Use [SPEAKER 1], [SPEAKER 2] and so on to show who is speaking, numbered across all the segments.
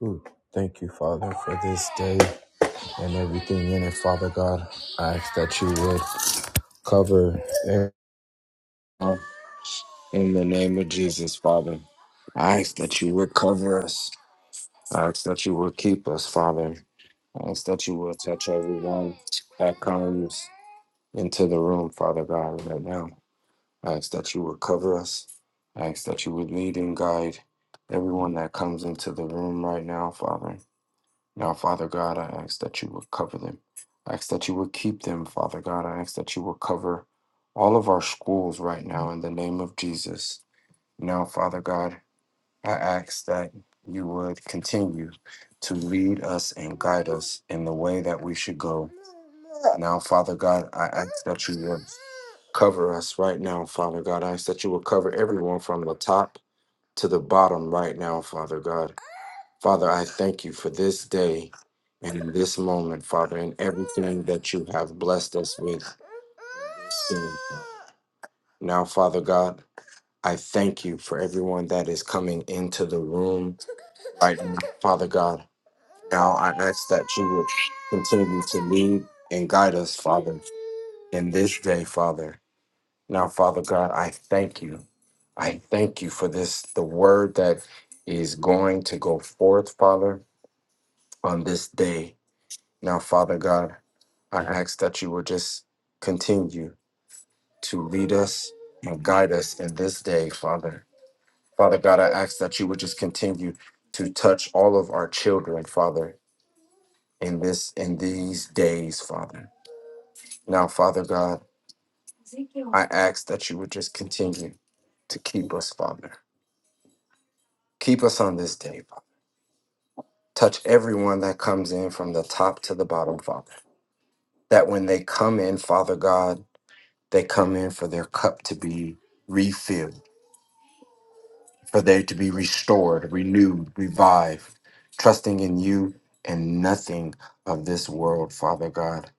[SPEAKER 1] Ooh, thank you, Father, for this day and everything in it. Father God, I ask that you would cover everyone in the name of Jesus, Father. I ask that you would cover us. I ask that you would keep us, Father. I ask that you would touch everyone that comes into the room, Father God, right now. I ask that you would cover us. I ask that you would lead and guide everyone that comes into the room right now, Father. Now, Father God, I ask that you would cover them. I ask that you would keep them, Father God. I ask that you would cover all of our schools right now in the name of Jesus. Now, Father God, I ask that you would continue to lead us and guide us in the way that we should go. Now, Father God, I ask that you would cover us right now, Father God. I ask that you would cover everyone from the top to the bottom right now, Father God. Father, I thank you for this day and in this moment, Father, and everything that you have blessed us with. Soon. Now, Father God, I thank you for everyone that is coming into the room right now, Father God. Now I ask that you would continue to lead and guide us, Father, in this day, Father. Now, Father God, I thank you. I thank you for this, the word that is going to go forth, Father, on this day. Now, Father God, I ask that you will just continue to lead us and guide us in this day, Father. Father God, I ask that you would just continue to touch all of our children, Father, in this in these days, Father. Now, Father God, I ask that you would just continue to keep us, Father. Keep us on this day, Father. Touch everyone that comes in from the top to the bottom, Father. That when they come in, Father God, They come in for their cup to be refilled, for they to be restored, renewed, revived, trusting in you and nothing of this world, Father God.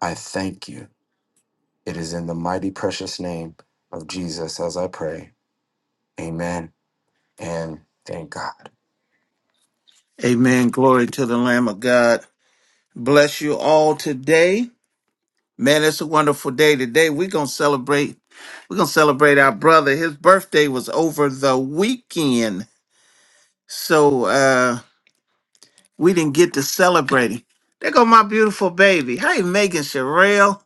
[SPEAKER 1] I thank you. It is in the mighty precious name of Jesus as I pray. Amen and thank God.
[SPEAKER 2] Amen. Glory to the Lamb of God. Bless you all today. Man, it's a wonderful day today. We're going to celebrate. We're going to celebrate our brother. His birthday was over the weekend. So uh we didn't get to celebrate him. There go my beautiful baby. Hey, Megan Sherrill.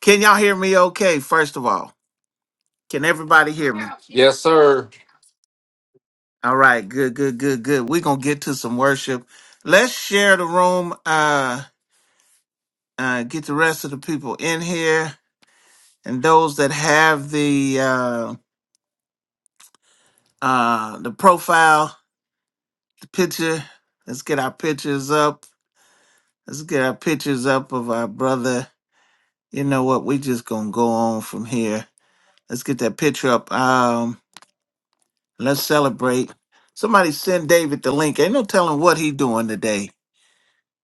[SPEAKER 2] Can y'all hear me okay, first of all? Can everybody hear me?
[SPEAKER 1] Yes, sir.
[SPEAKER 2] All right, good, good, good, good. We're going to get to some worship. Let's share the room. Uh, uh, get the rest of the people in here. and those that have the uh, uh, the profile, the picture. Let's get our pictures up. Let's get our pictures up of our brother. You know what? We just gonna go on from here. Let's get that picture up. Um, let's celebrate. Somebody send David the link. Ain't no telling what he doing today,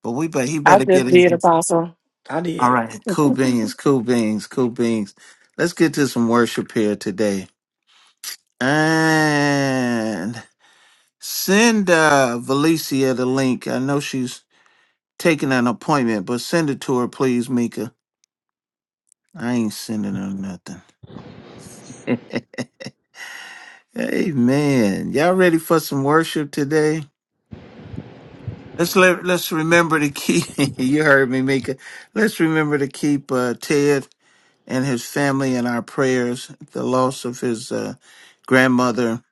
[SPEAKER 2] but we bet he
[SPEAKER 3] I
[SPEAKER 2] better get
[SPEAKER 3] just
[SPEAKER 2] in.
[SPEAKER 3] did
[SPEAKER 2] here.
[SPEAKER 3] apostle. I
[SPEAKER 2] All
[SPEAKER 3] did.
[SPEAKER 2] right, cool beans, cool beans, cool beans. Let's get to some worship here today. And Send uh, Valicia the link. I know she's taking an appointment, but send it to her, please, Mika. I ain't sending her nothing. Amen. Y'all ready for some worship today? Let's let, let's remember to keep. you heard me, Mika. Let's remember to keep uh, Ted and his family in our prayers. The loss of his uh, grandmother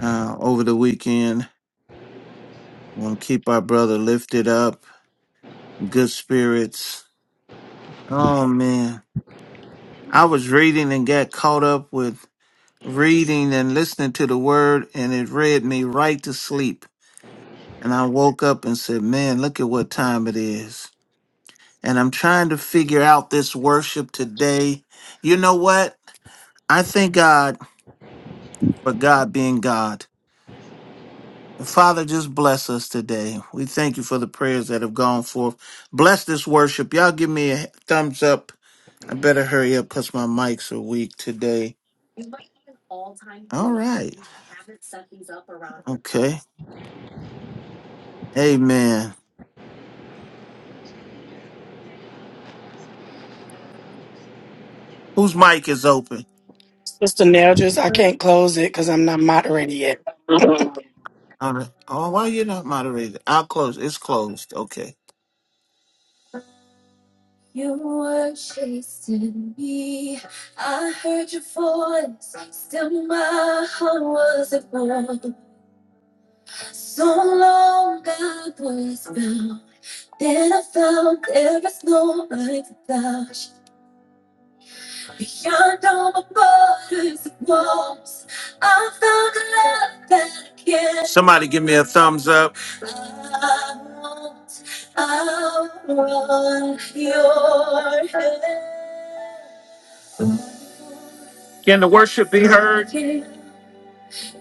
[SPEAKER 2] uh, over the weekend. We'll keep our brother lifted up, good spirits. Oh man. I was reading and got caught up with reading and listening to the word, and it read me right to sleep. And I woke up and said, Man, look at what time it is. And I'm trying to figure out this worship today. You know what? I thank God for God being God. Father, just bless us today. We thank you for the prayers that have gone forth. Bless this worship. Y'all give me a thumbs up I better hurry up because my mics are weak today. All right. Okay. Amen. Whose mic is open?
[SPEAKER 3] Sister Nell just I can't close Yeah.
[SPEAKER 2] All right. Oh, why you're not moderated? I'll close. It's closed. Okay. You were chasing me. I heard your voice. Still, my heart was at war. So long I was bound. Then I found there is no life without Beyond all the borders and walls, I found a love that I can't. Somebody give me a thumbs up. I want, I want your help. Be heard.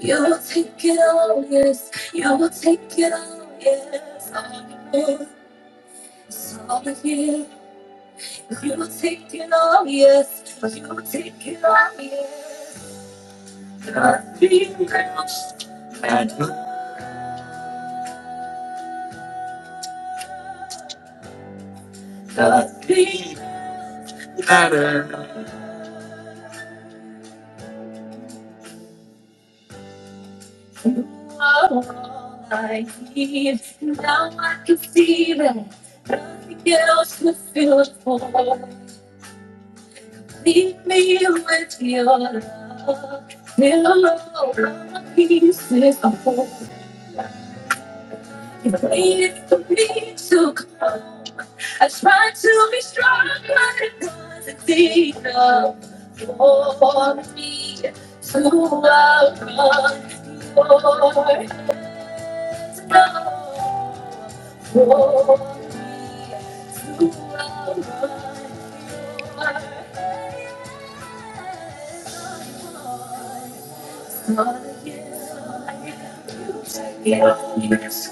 [SPEAKER 2] You will take it all, yes. You will take it all, yes. It's all in you. You will take it all, yes. You will take it all, yes. The people all I need. Now I can see that nothing else will fill it for. Leave me with your love. Fill all my pieces of hope. You pleaded for me to come. I tried to be strong, but it wasn't enough for me to outrun your love. For me to outrun your love. Yes, yes,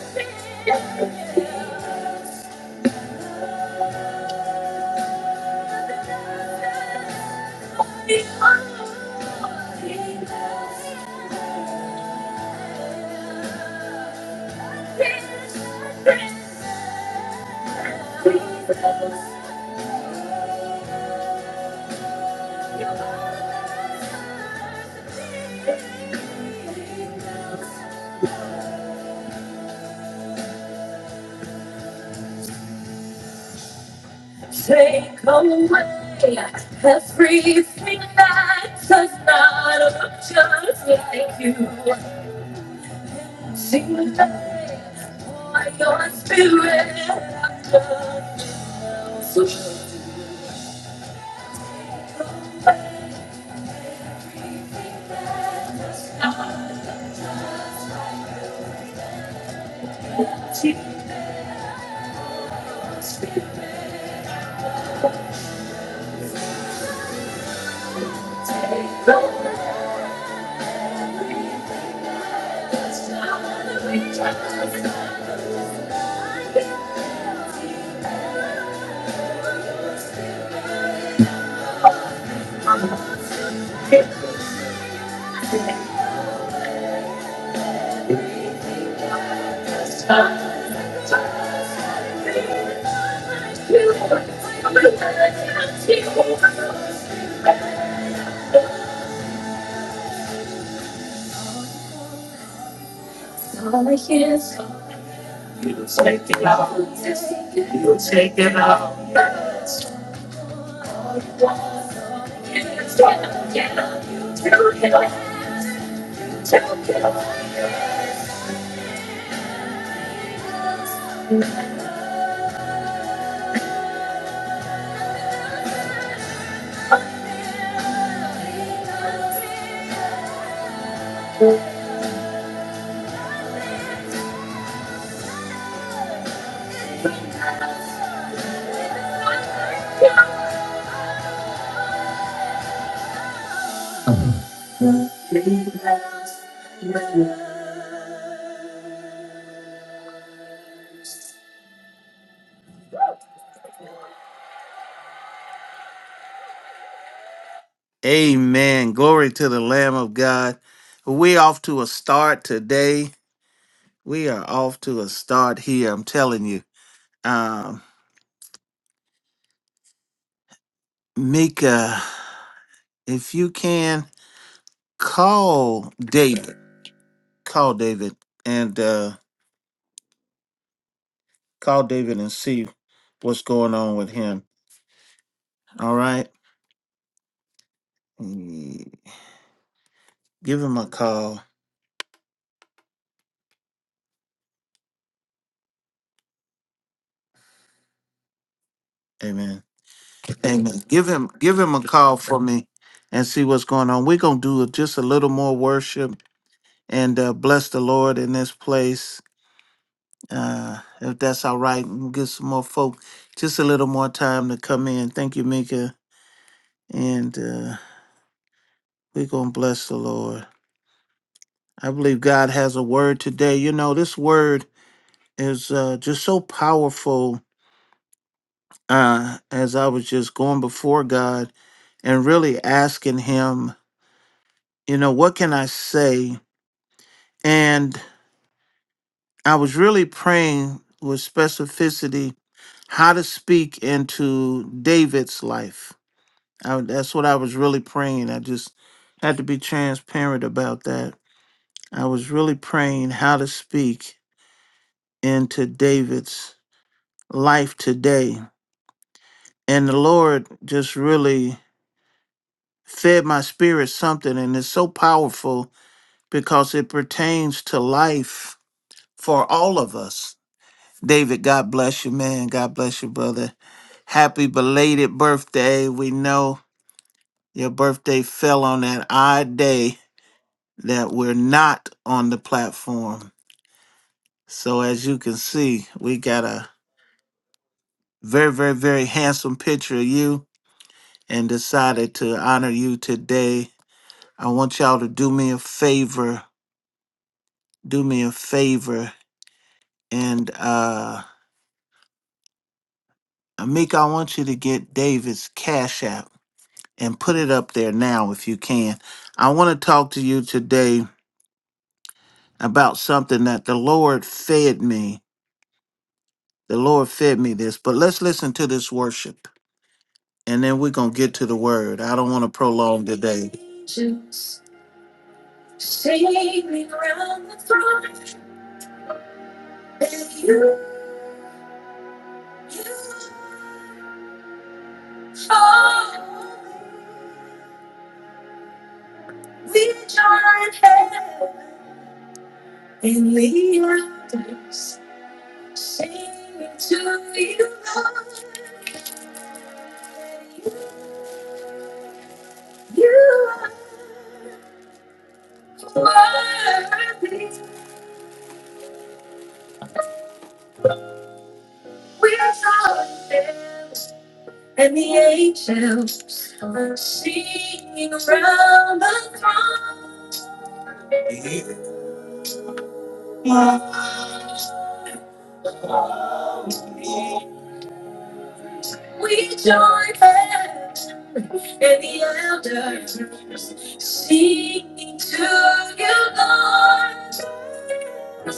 [SPEAKER 2] yes. Take away everything that does not look just like you. Sing by your spirit. So she goes on. All I hear is you take it out. You take it out. Amen. Glory to the Lamb of God. We off to a start today. We are off to a start here. I'm telling you. Um, Mika, if you can call David, call David, and. uh, Call David and see what's going on with him. All right. Mm, Give him a call. Amen. Amen. Give him give him a call for me and see what's going on. We're gonna do just a little more worship and uh, bless the Lord in this place. Uh, if that's all right, and get some more folk just a little more time to come in. Thank you, Mika. And uh, we're gonna bless the Lord. I believe God has a word today. You know, this word is uh, just so powerful uh, as I was just going before God and really asking Him, you know, what can I say? And I was really praying with specificity how to speak into David's life. I, that's what I was really praying. I just had to be transparent about that. I was really praying how to speak into David's life today. And the Lord just really fed my spirit something, and it's so powerful because it pertains to life for all of us. David, God bless you, man. God bless you, brother. Happy belated birthday. We know your birthday fell on that odd day that we're not on the platform. So, as you can see, we got a very, very, very handsome picture of you and decided to honor you today. I want y'all to do me a favor. Do me a favor and, uh, Amika, I want you to get David's Cash App and put it up there now if you can. I want to talk to you today about something that the Lord fed me. The Lord fed me this, but let's listen to this worship and then we're going to get to the word. I don't want to prolong today. And the waters, singing to you, Lord. You are worthy. We are angels, and the angels are singing around the throne. We join hands, and the elders singing to you, Lord.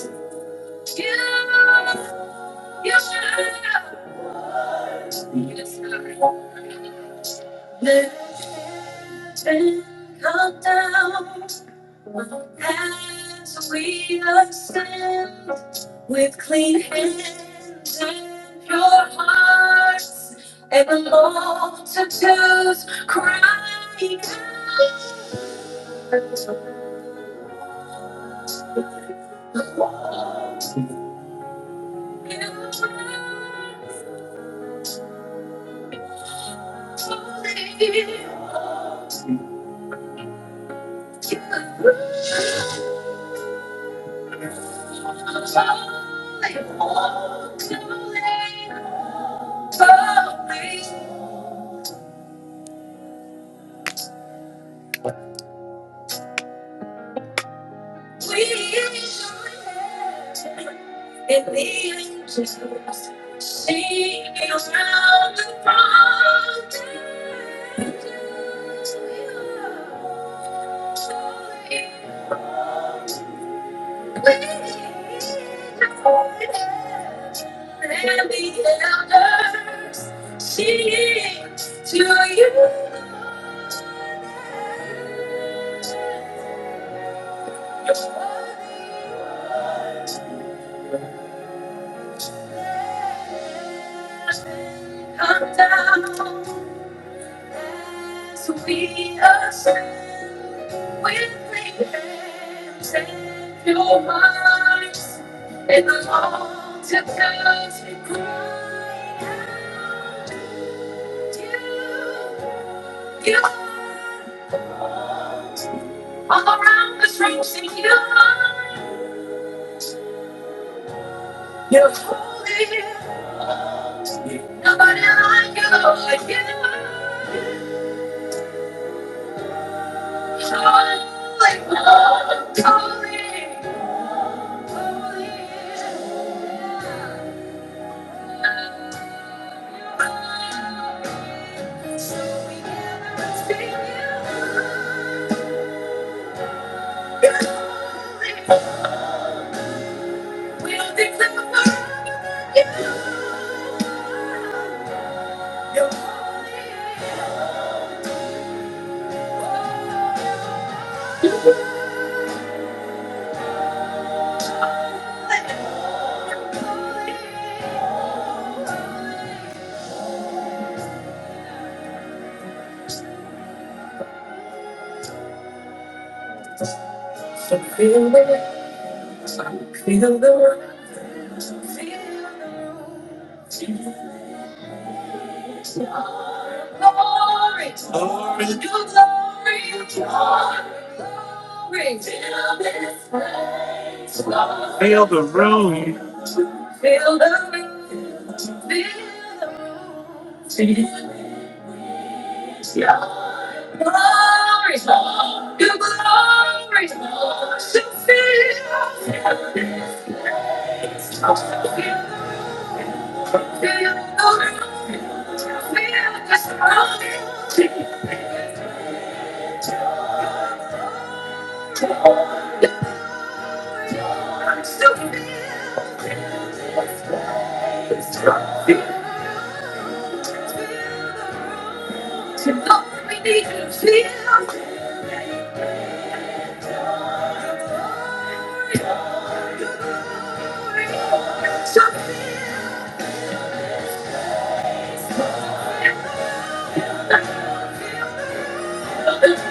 [SPEAKER 2] With clean hands and pure hearts, and the multitudes crying out, "You Thank you. are the and elders, sing to you. Lord. You're worthy, Lord. Come down as we ascend. We're living in two minds. It's hard to cut you out. You, you, you. All around the streets, you're holding on. Nobody like you like you. Calling, calling, calling, calling. Yeah. We'll declare you. You're holy. So feel the rush, feel the rush, feel the rush. Glory, to your glory, to your glory, till this place, Lord. Feel the room, Feel the room. Your glory, Lord, your glory, Lord. So fill, fill, Feel the room. feel the surrounding. So feel, feel, feel. Lord, we need you, feel the room. So feel the room.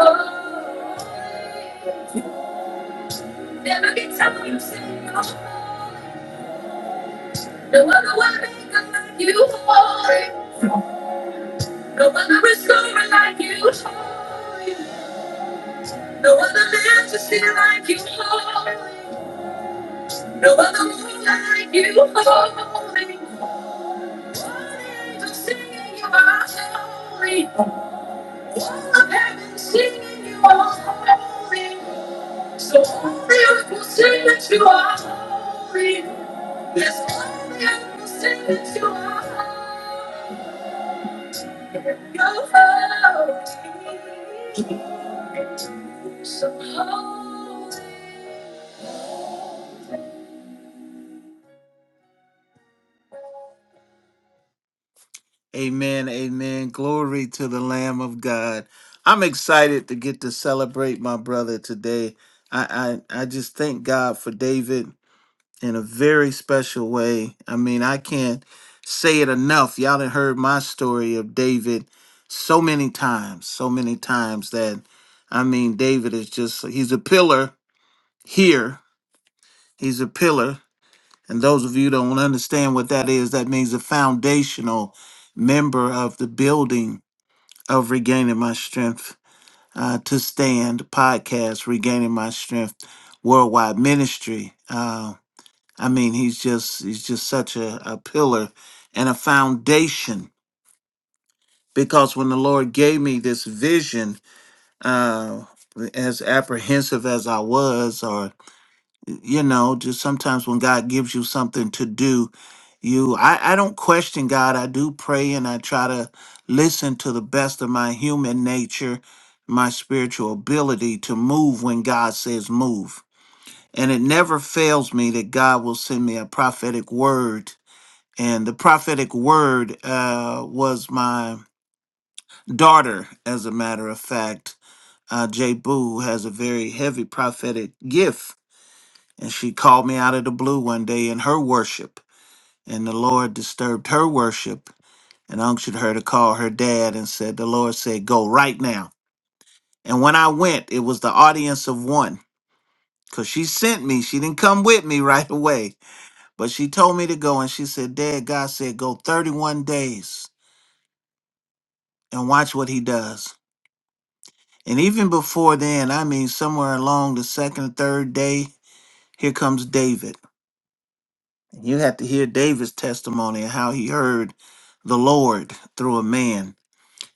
[SPEAKER 2] Oh. Never be times in your life. No other way like you, holy. No other restorer like you, holy. No other man to see like you, holy. No other moon like you, Lord. All the Angels singing you are holy. All of heaven singing you are holy. So all the earth will sing that you are holy. Yes, all the earth will sing that you are holy. Amen. Amen. Glory to the Lamb of God. I'm excited to get to celebrate my brother today. I, I, I just thank God for David in a very special way. I mean, I can't say it enough. Y'all done heard my story of David so many times, so many times that I mean, David is just, he's a pillar here. He's a pillar And those of you that don't understand what that is, that means a foundational member of the building of Regaining My Strength uh, to Stand podcast, Regaining My Strength Worldwide Ministry. Uh, I mean, he's just he's just such a, a pillar and a foundation. Because when the Lord gave me this vision, uh, as apprehensive as I was, or. you know just sometimes when god gives you something to do you I, I don't question god i do pray and i try to listen to the best of my human nature my spiritual ability to move when god says move and it never fails me that god will send me a prophetic word and the prophetic word uh, was my daughter as a matter of fact uh, jay boo has a very heavy prophetic gift and she called me out of the blue one day in her worship. And the Lord disturbed her worship and unctioned her to call her dad and said, The Lord said, Go right now. And when I went, it was the audience of one because she sent me. She didn't come with me right away, but she told me to go. And she said, Dad, God said, Go 31 days and watch what he does. And even before then, I mean, somewhere along the second, third day, here comes David. You have to hear David's testimony and how he heard the Lord through a man.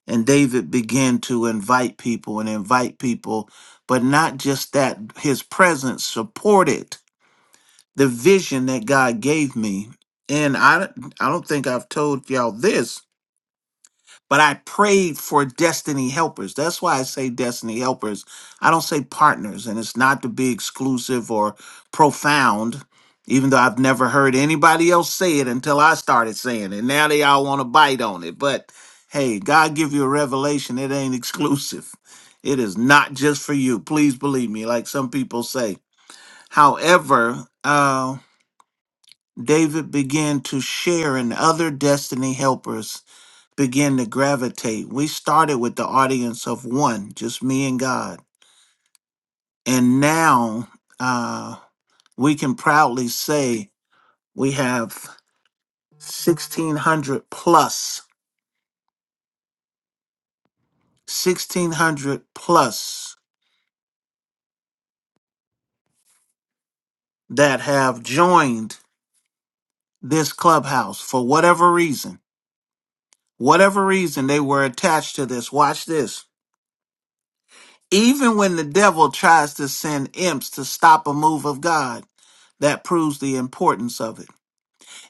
[SPEAKER 2] And David began to invite people and invite people, but not just that, his presence supported the vision that God gave me. And I, I don't think I've told y'all this, but I prayed for destiny helpers. That's why I say destiny helpers. I don't say partners, and it's not to be exclusive or profound, even though I've never heard anybody else say it until I started saying it. Now they all want to bite on it. But hey, God give you a revelation, it ain't exclusive. It is not just for you. Please believe me, like some people say. However, uh, David began to share in other destiny helpers begin to gravitate. We started with the audience of one, just me and God. And now uh, we can proudly say we have 1,600 plus, 1,600 plus that have joined this clubhouse for whatever reason. Whatever reason they were attached to this. Watch this. Even when the devil tries to send imps to stop a move of God, that proves the importance of it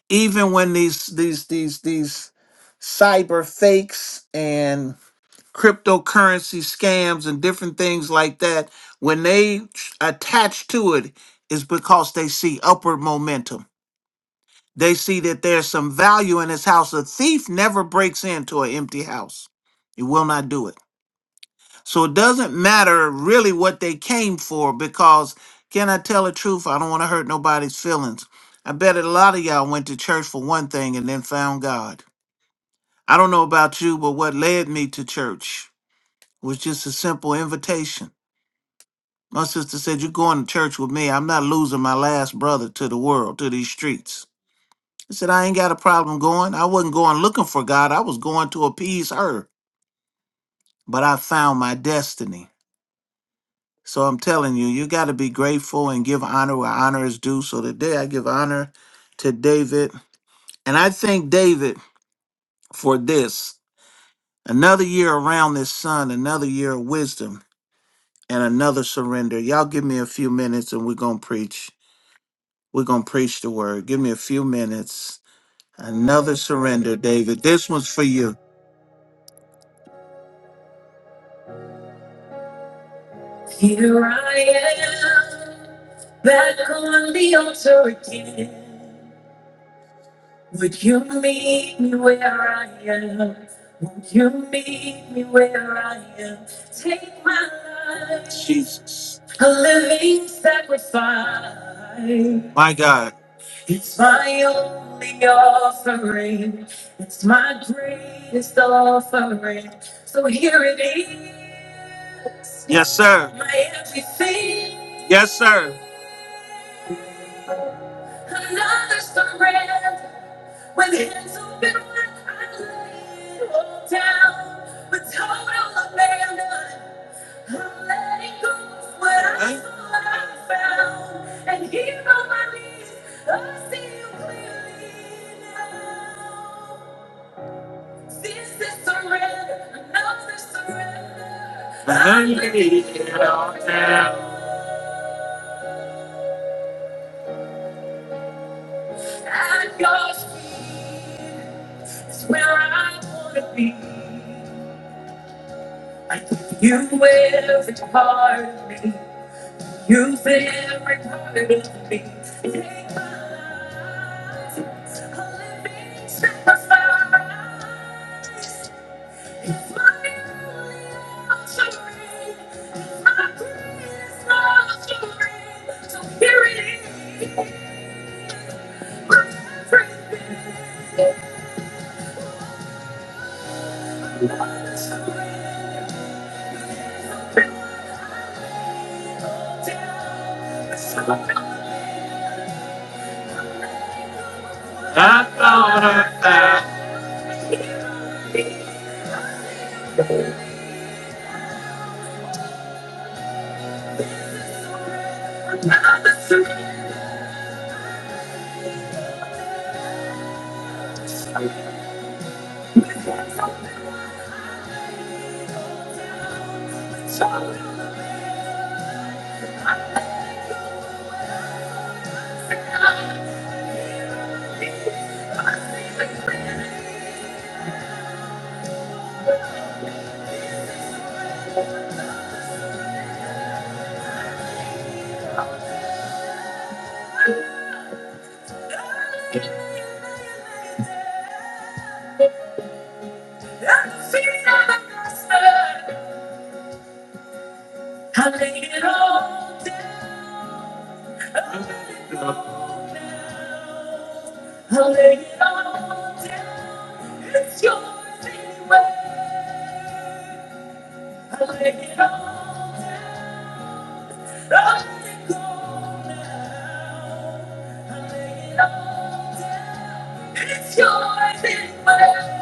[SPEAKER 2] even when these these these these cyber fakes and cryptocurrency scams and different things like that when they attach to it is because they see upward momentum they see that there's some value in this house a thief never breaks into an empty house he will not do it so it doesn't matter really what they came for because can I tell the truth? I don't want to hurt nobody's feelings. I bet a lot of y'all went to church for one thing and then found God. I don't know about you, but what led me to church was just a simple invitation. My sister said, You're going to church with me. I'm not losing my last brother to the world, to these streets. I said, I ain't got a problem going. I wasn't going looking for God. I was going to appease her. But I found my destiny. So I'm telling you, you got to be grateful and give honor where honor is due. So today I give honor to David. And I thank David for this another year around this sun, another year of wisdom, and another surrender. Y'all give me a few minutes and we're going to preach. We're going to preach the word. Give me a few minutes. Another surrender, David. This one's for you. Here I am, back on the altar again. Would you meet me where I am? Would you meet me where I am? Take my life. Jesus. A living sacrifice. My God. It's my only offering. It's my greatest offering. So here it is. Yes, sir. My everything. Yes, sir. Another surrender. With hands open wide, I lay it all down. With total abandon, I'm letting go of what I Huh? thought I found. And here on my knees, I see you clearly now. This is surrender, another surrender. I lay it all down. At your feet is where I wanna be. You will retard me. You will retard me. Take my life, a living sacrifice. My only offering, my greatest offering. So here it is, my praise to I thought I found. I feel like I'll lay it all down. I lay it all down. It's your anyway. I lay it all down. I let it go now. I lay it all down. It's yours anyway.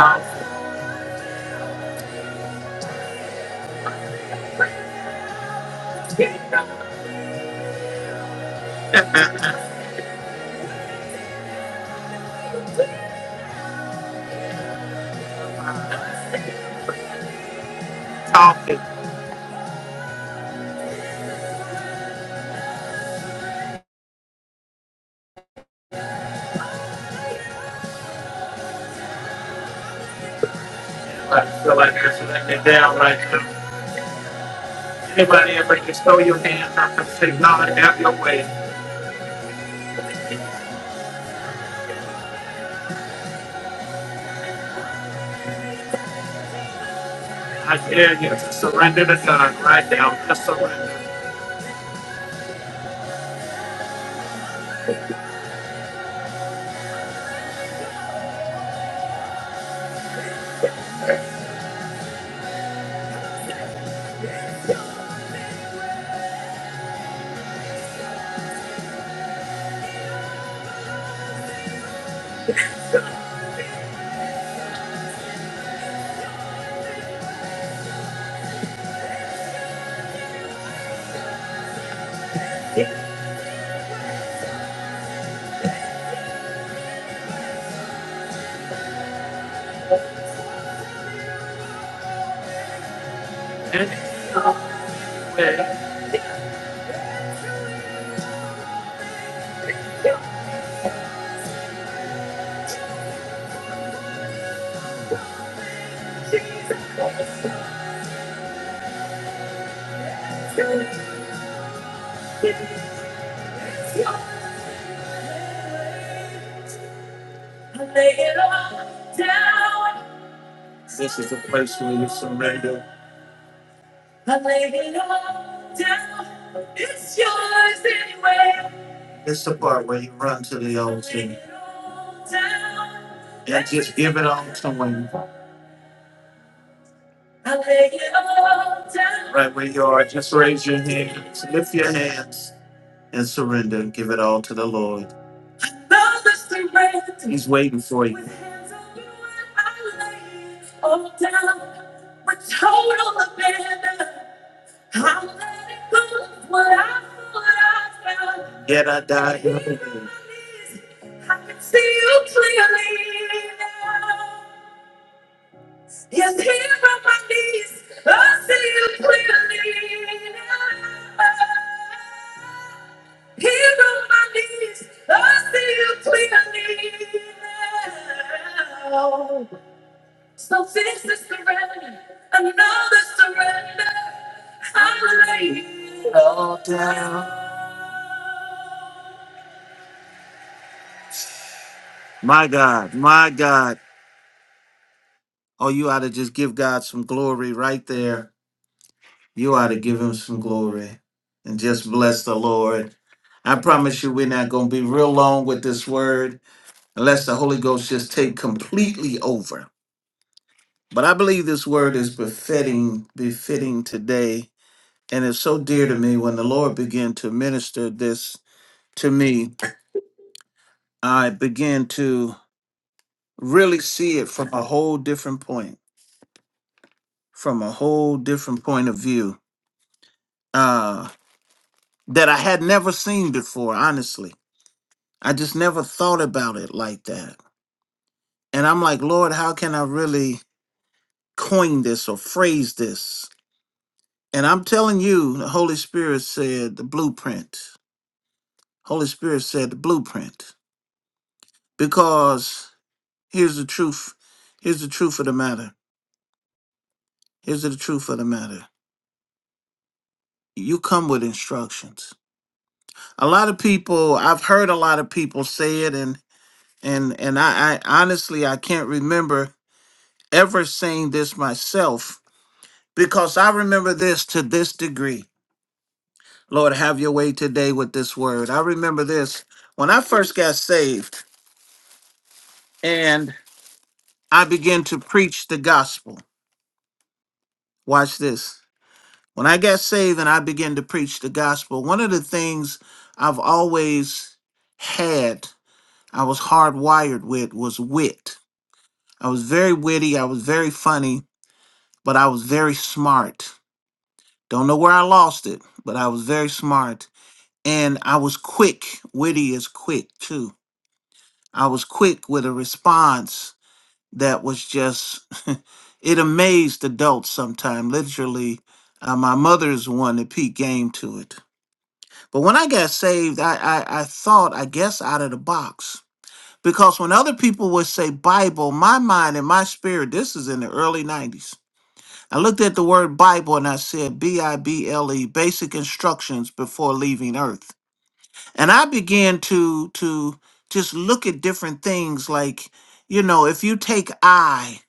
[SPEAKER 2] I'm talking. I feel like that's letting it down right now. Anybody ever just throw your hands up and say, "Lord, have your way." I dare you to surrender to God right now. Just surrender. And His way. This is a place where you surrender. It's yours anyway. It's the part where you run to the altar and just give it all to Him. I lay it all down. Right where you are, just raise your hands, lift your hands, and surrender. Give it all to the Lord. Lord, I surrender. He's waiting for you. With hands on you, I lay it all down. With total abandon, I'm letting go of what I thought I'd done. Yet I died. Here it is. I can see you clearly now. Yes, here on my knees, I see you clearly. now. Here on my knees, I see you clearly now. So this is surrender, another surrender. I lay it all down. My God, my God. Oh, you ought to just give God some glory right there. You ought to give him some glory and just bless the Lord. I promise you, we're not going to be real long with this word unless the Holy Ghost just take completely over. But I believe this word is befitting, befitting today, and it's so dear to me. When the Lord began to minister this to me, I began to really see it from a whole different point, from a whole different point of view uh, that I had never seen before. Honestly, I just never thought about it like that. And I'm like, Lord, how can I really coin this or phrase this? And I'm telling you, the Holy Spirit said the blueprint. Holy Spirit said the blueprint. Because here's the truth. Here's the truth of the matter. Here's the truth of the matter. You come with instructions. A lot of people, I've heard a lot of people say it, and and and I, I honestly I can't remember ever saying this myself because I remember this to this degree. Lord, have your way today with this word. I remember this when I first got saved and I began to preach the gospel. Watch this. When I got saved and I began to preach the gospel, one of the things I've always had, I was hardwired with, was wit. I was very witty, I was very funny, but I was very smart. Don't know where I lost it, but I was very smart and I was quick. Witty is quick too. I was quick with a response that was just, it amazed adults sometimes. Literally, uh, my mother's one that peak game to it. But when I got saved, I, I, I thought, I guess, out of the box. Because when other people would say Bible, my mind and my spirit, this is in the early 90s. I looked at the word Bible and I said B I B L E, basic instructions before leaving earth. and i began to to just look at different things like you know if you take i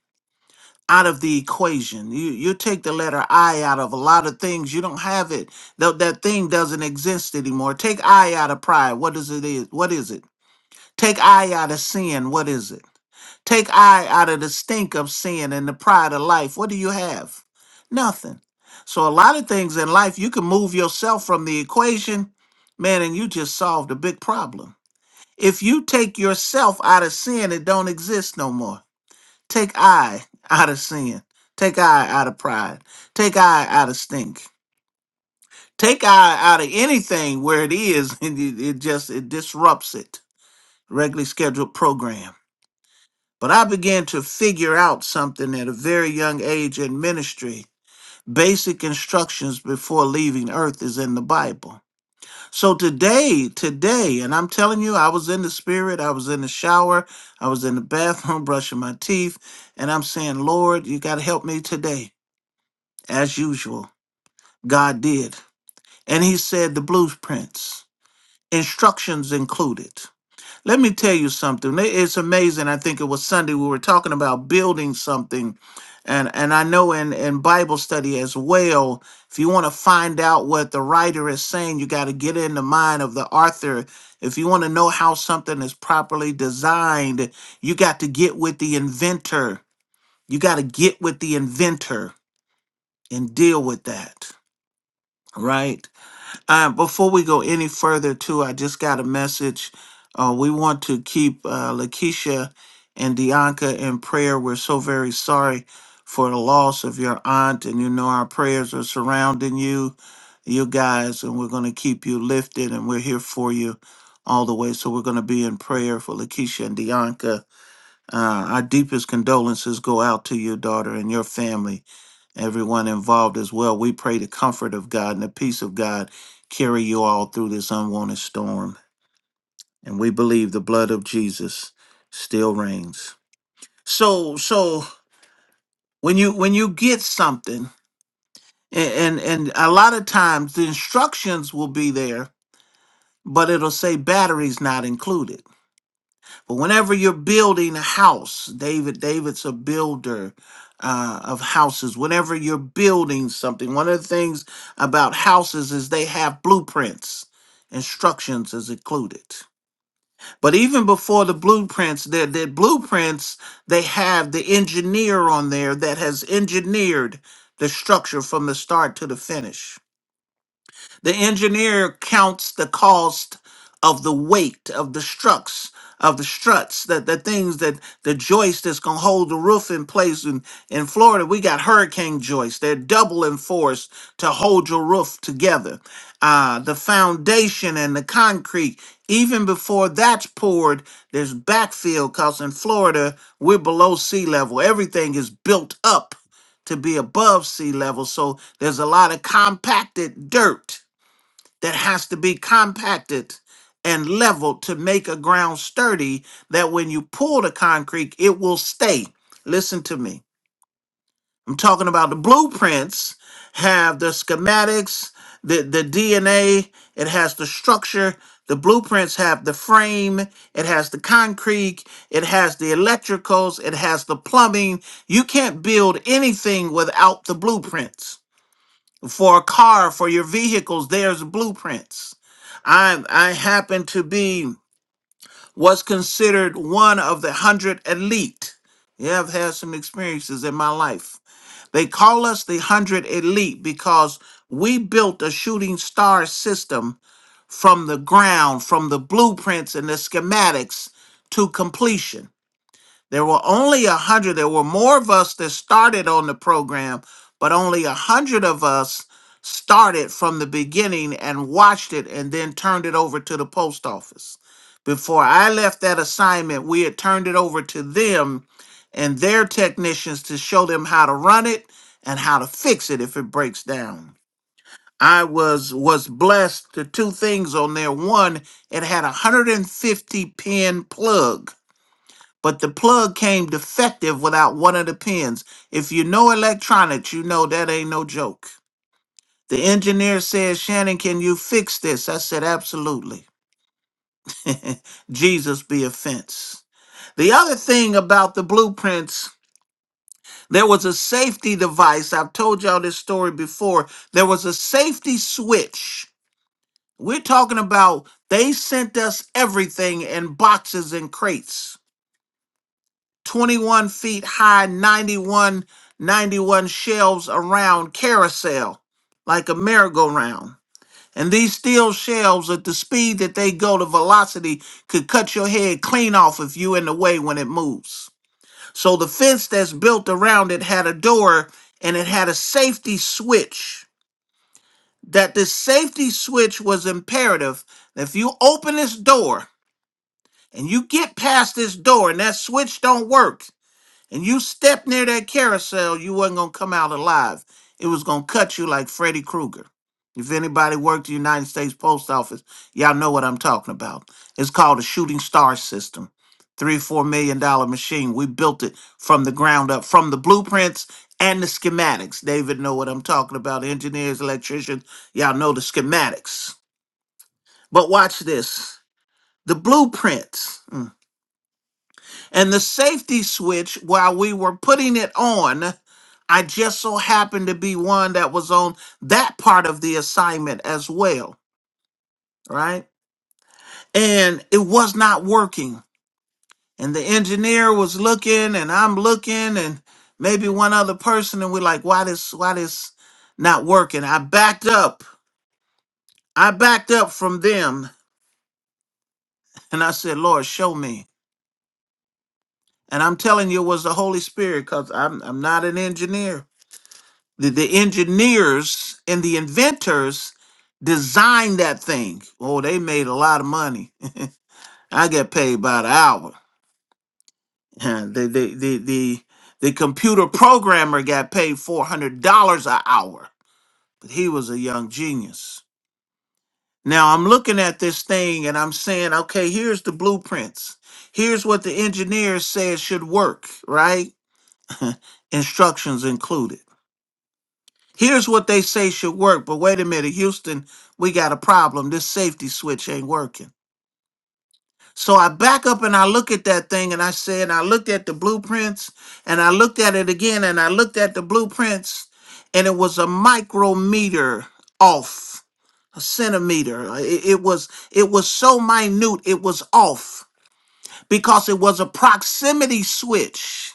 [SPEAKER 2] out of the equation you you take the letter i out of a lot of things you don't have it that that thing doesn't exist anymore take i out of pride what is it is what is it Take I out of sin. What is it? Take I out of the stink of sin and the pride of life. What do you have? Nothing. So a lot of things in life you can move yourself from the equation, man, and you just solved a big problem. If you take yourself out of sin, it don't exist no more. Take I out of sin. Take I out of pride. Take I out of stink. Take I out of anything where it is, and it, it just it disrupts it. Regularly scheduled program. But I began to figure out something at a very young age in ministry. Basic instructions before leaving earth is in the Bible. So today, today, and I'm telling you, I was in the spirit, I was in the shower, I was in the bathroom brushing my teeth, and I'm saying, Lord, you got to help me today. As usual, God did. And He said the blueprints, instructions included. Let me tell you something. It- It's amazing. I think it was Sunday we were talking about building something. And and I know in, in Bible study as well, if you want to find out what the writer is saying, you got to get in the mind of the author. If you want to know how something is properly designed, you got to get with the inventor. You got to get with the inventor and deal with that, right? Uh, before we go any further, too, I just got a message. Uh, we want to keep uh, Lakeisha and Dianca in prayer. We're so very sorry for the loss of your aunt, and you know our prayers are surrounding you, you guys, and we're going to keep you lifted, and we're here for you all the way. So we're going to be in prayer for Lakeisha and Dianca uh, our deepest condolences go out to your daughter and your family, everyone involved as well. We pray the comfort of God and the peace of God carry you all through this unwanted storm. And we believe the blood of Jesus still reigns. So, so when you when you get something, and and, and a lot of times the instructions will be there, but it'll say batteries not included. But whenever you're building a house, David, David's a builder uh, of houses. Whenever you're building something, one of the things about houses is they have blueprints. Instructions is included. But even before the blueprints, their, their blueprints, they have the engineer on there that has engineered the structure from the start to the finish. The engineer counts the cost of the weight of the struts, of the struts, that the things that the joist that's gonna hold the roof in place. In in Florida, we got hurricane joists. They're double enforced to hold your roof together. Uh, the foundation and the concrete. Even before that's poured, there's backfill because in Florida, we're below sea level. Everything is built up to be above sea level. So there's a lot of compacted dirt that has to be compacted and leveled to make a ground sturdy that when you pull the concrete, it will stay. Listen to me. I'm talking about the blueprints have the schematics, the, the DNA, it has the structure. The blueprints have the frame, it has the concrete, it has the electricals, it has the plumbing. You can't build anything without the blueprints. For a car, for your vehicles, there's blueprints. I I happen to be what's considered one of the hundred elite. Yeah, I've had some experiences in my life. They call us the hundred elite because we built a shooting star system from the ground, from the blueprints and the schematics to completion. There were only a hundred. There were more of us that started on the program, but only a hundred of us started from the beginning and watched it and then turned it over to the post office. Before I left that assignment, we had turned it over to them and their technicians to show them how to run it and how to fix it if it breaks down. I was was blessed to two things on there. One, it had a 150 pin plug but the plug came defective without one of the pins. If you know electronics, you know that ain't no joke. The engineer said, Shannon, can you fix this? I said, absolutely. Jesus be a fence. The other thing about the blueprints, there was a safety device. I've told y'all this story before. There was a safety switch. We're talking about they sent us everything in boxes and crates. 21 feet high, 91, 91 shelves around carousel, like a merry-go-round. And these steel shelves, at the speed that they go, the velocity could cut your head clean off if you in the way when it moves. So the fence that's built around it had a door and it had a safety switch. That this safety switch was imperative. If you open this door and you get past this door and that switch don't work, and you stepped near that carousel, you wasn't gonna come out alive. It was gonna cut you like Freddy Krueger. If anybody worked at the United States Post Office, y'all know what I'm talking about. It's called a shooting star system. Three, four million dollar machine. We built it from the ground up, from the blueprints and the schematics. David know what I'm talking about. Engineers, electricians, y'all know the schematics. But watch this. The blueprints. mm, and the safety switch, while we were putting it on, I just so happened to be one that was on that part of the assignment as well, right? And it was not working. And the engineer was looking and I'm looking and maybe one other person and we're like, why this why this not working? I backed up. I backed up from them and I said, Lord, show me. And I'm telling you it was the Holy Spirit because I'm I'm not an engineer. The, the engineers and the inventors designed that thing. Oh, they made a lot of money. I get paid by the hour. The, the, the, the, the computer programmer got paid $400 an hour, but he was a young genius. Now I'm looking at this thing and I'm saying, okay, here's the blueprints. Here's what the engineer says should work, right? Instructions included. Here's what they say should work, but wait a minute, Houston, we got a problem. This safety switch ain't working. So I back up and I look at that thing and I said, I looked at the blueprints and I looked at it again and I looked at the blueprints and it was a micrometer off, a centimeter. It, it was it was so minute, it was off because it was a proximity switch.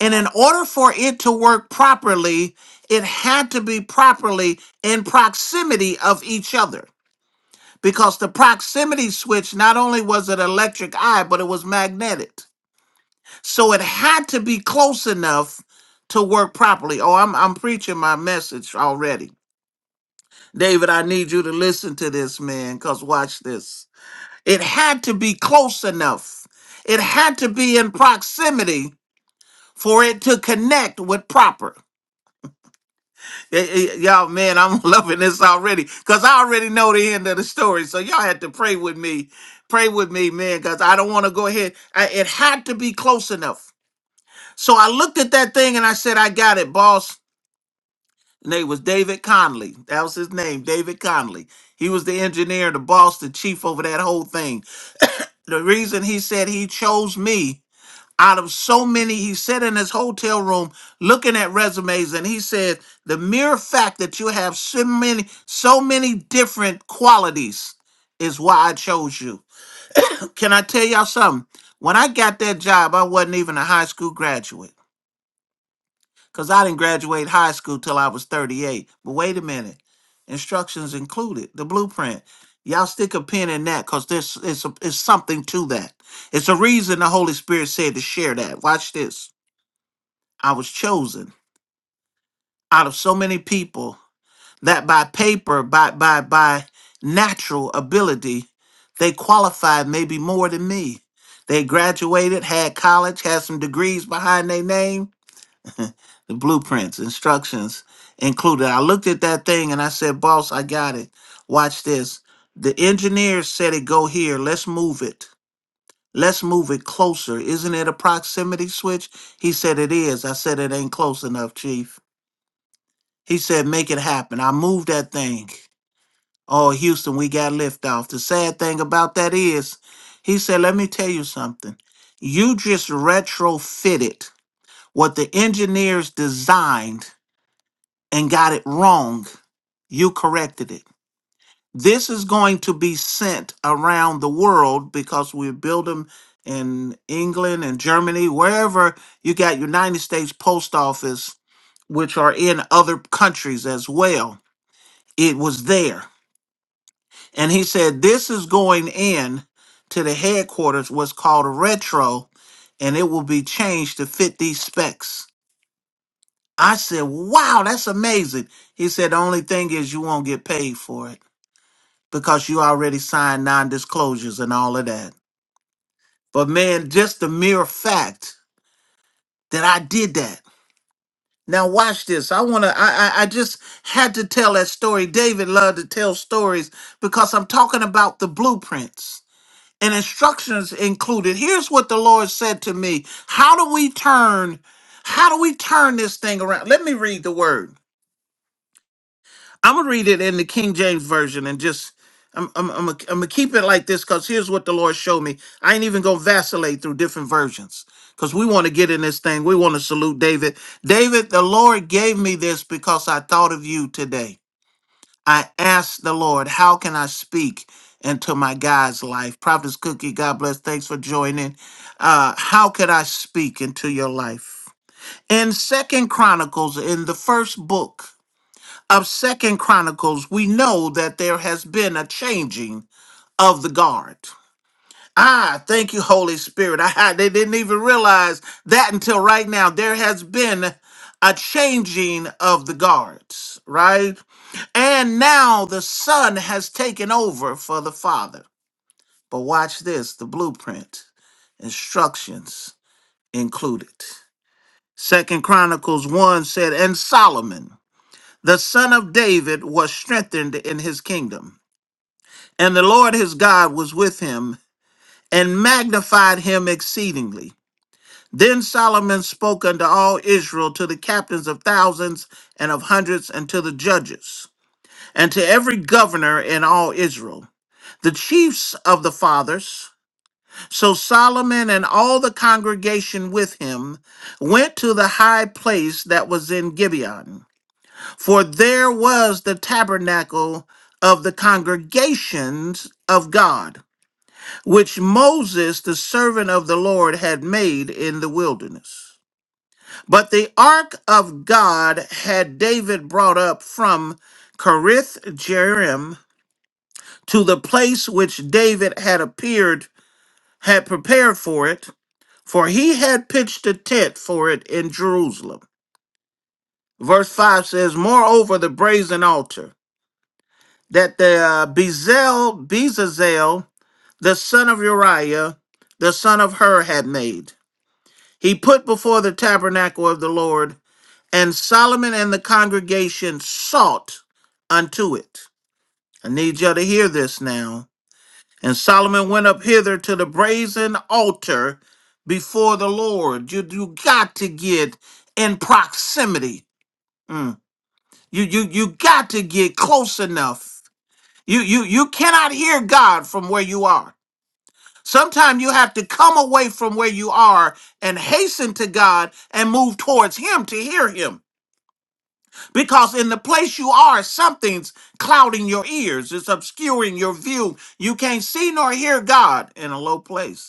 [SPEAKER 2] And in order for it to work properly, it had to be properly in proximity of each other because the proximity switch not only was it electric eye, but it was magnetic. So it had to be close enough to work properly. Oh, I'm I'm preaching my message already. David, I need you to listen to this, man, because watch this. It had to be close enough. It had to be in proximity for it to connect with proper. Eh, eh, Y'all, man, I'm loving this already because I already know the end of the story. So y'all had to pray with me, pray with me, man, because I don't want to go ahead. I, it had to be close enough. So I looked at that thing and I said, I got it, boss. And it was David Conley. That was his name, David Conley. He was the engineer, the boss, the chief over that whole thing. The reason he said he chose me out of so many. He sat in his hotel room looking at resumes, and he said, "The mere fact that you have so many, so many different qualities is why I chose you." Can I tell y'all something? When I got that job, I wasn't even a high school graduate because I didn't graduate high school till I was 38. But wait a minute, instructions included the blueprint. Y'all stick a pin in that because there's it's, a, it's something to that. It's a reason the Holy Spirit said to share that. Watch this. I was chosen out of so many people that by paper, by by by natural ability, they qualified maybe more than me. They graduated, had college, had some degrees behind their name. The blueprints, instructions included. I looked at that thing and I said, "Boss, I got it. Watch this." The engineer said it go here. Let's move it. Let's move it closer. Isn't it a proximity switch? He said it is. I said it ain't close enough, chief. He said, make it happen. I moved that thing. Oh, Houston, we got liftoff. The sad thing about that is, he said, let me tell you something. You just retrofitted what the engineers designed and got it wrong. You corrected it. This is going to be sent around the world because we build them in England and Germany, wherever you got United States Post Office, which are in other countries as well. It was there And he said, This is going in to the headquarters, what's called a retro, and it will be changed to fit these specs. I said, Wow, that's amazing. He said, The only thing is you won't get paid for it because you already signed non disclosures and all of that. But man, just the mere fact that I did that. Now watch this. I wanna I, I I just had to tell that story. David loved to tell stories because I'm talking about the blueprints. and instructions included. Here's what the Lord said to me. How do we turn how do we turn this thing around? Let me read the word. I'm going to read it in the King James version and just I'm I'm I'm gonna I'm gonna keep it like this cuz here's what the Lord showed me. I ain't even going to vacillate through different versions cuz we want to get in this thing. We want to salute David. David, the Lord gave me this because I thought of you today. I asked the Lord, how can I speak into my guy's life? Prophetess Cookie, God bless. Thanks for joining. Uh, how could I speak into your life? In Second Chronicles, in the first book of Second Chronicles, we know that there has been a changing of the guard. Ah, thank you, Holy Spirit. I I- they didn't even realize that until right now. There has been a changing of the guards, right? And now the son has taken over for the father. But watch this the blueprint, instructions included. Second Chronicles 1 said, And Solomon, the son of David, was strengthened in his kingdom. And the Lord his God was with him and magnified him exceedingly. Then Solomon spoke unto all Israel, to the captains of thousands and of hundreds, and to the judges, and to every governor in all Israel. the chiefs of the fathers. So Solomon and all the congregation with him went to the high place that was in Gibeon, for there was the tabernacle of the congregations of God, which Moses, the servant of the Lord, had made in the wilderness. But the ark of God had David brought up from Kerith Jearim to the place which David had appeared had prepared for it, for he had pitched a tent for it in Jerusalem. Verse 5 says, Moreover, the brazen altar, that the uh, Bezel, Bezazel, the son of Uriah, the son of Hur, had made, he put before the tabernacle of the Lord, and Solomon and the congregation sought unto it. I need y'all to hear this now And Solomon went up hither to the brazen altar before the Lord. You you got to get in proximity. Mm. You you you got to get close enough. You you you cannot hear God from where you are. Sometimes you have to come away from where you are and hasten to God and move towards Him to hear Him. Because in the place you are, something's clouding your ears, it's obscuring your view. You can't see nor hear God in a low place.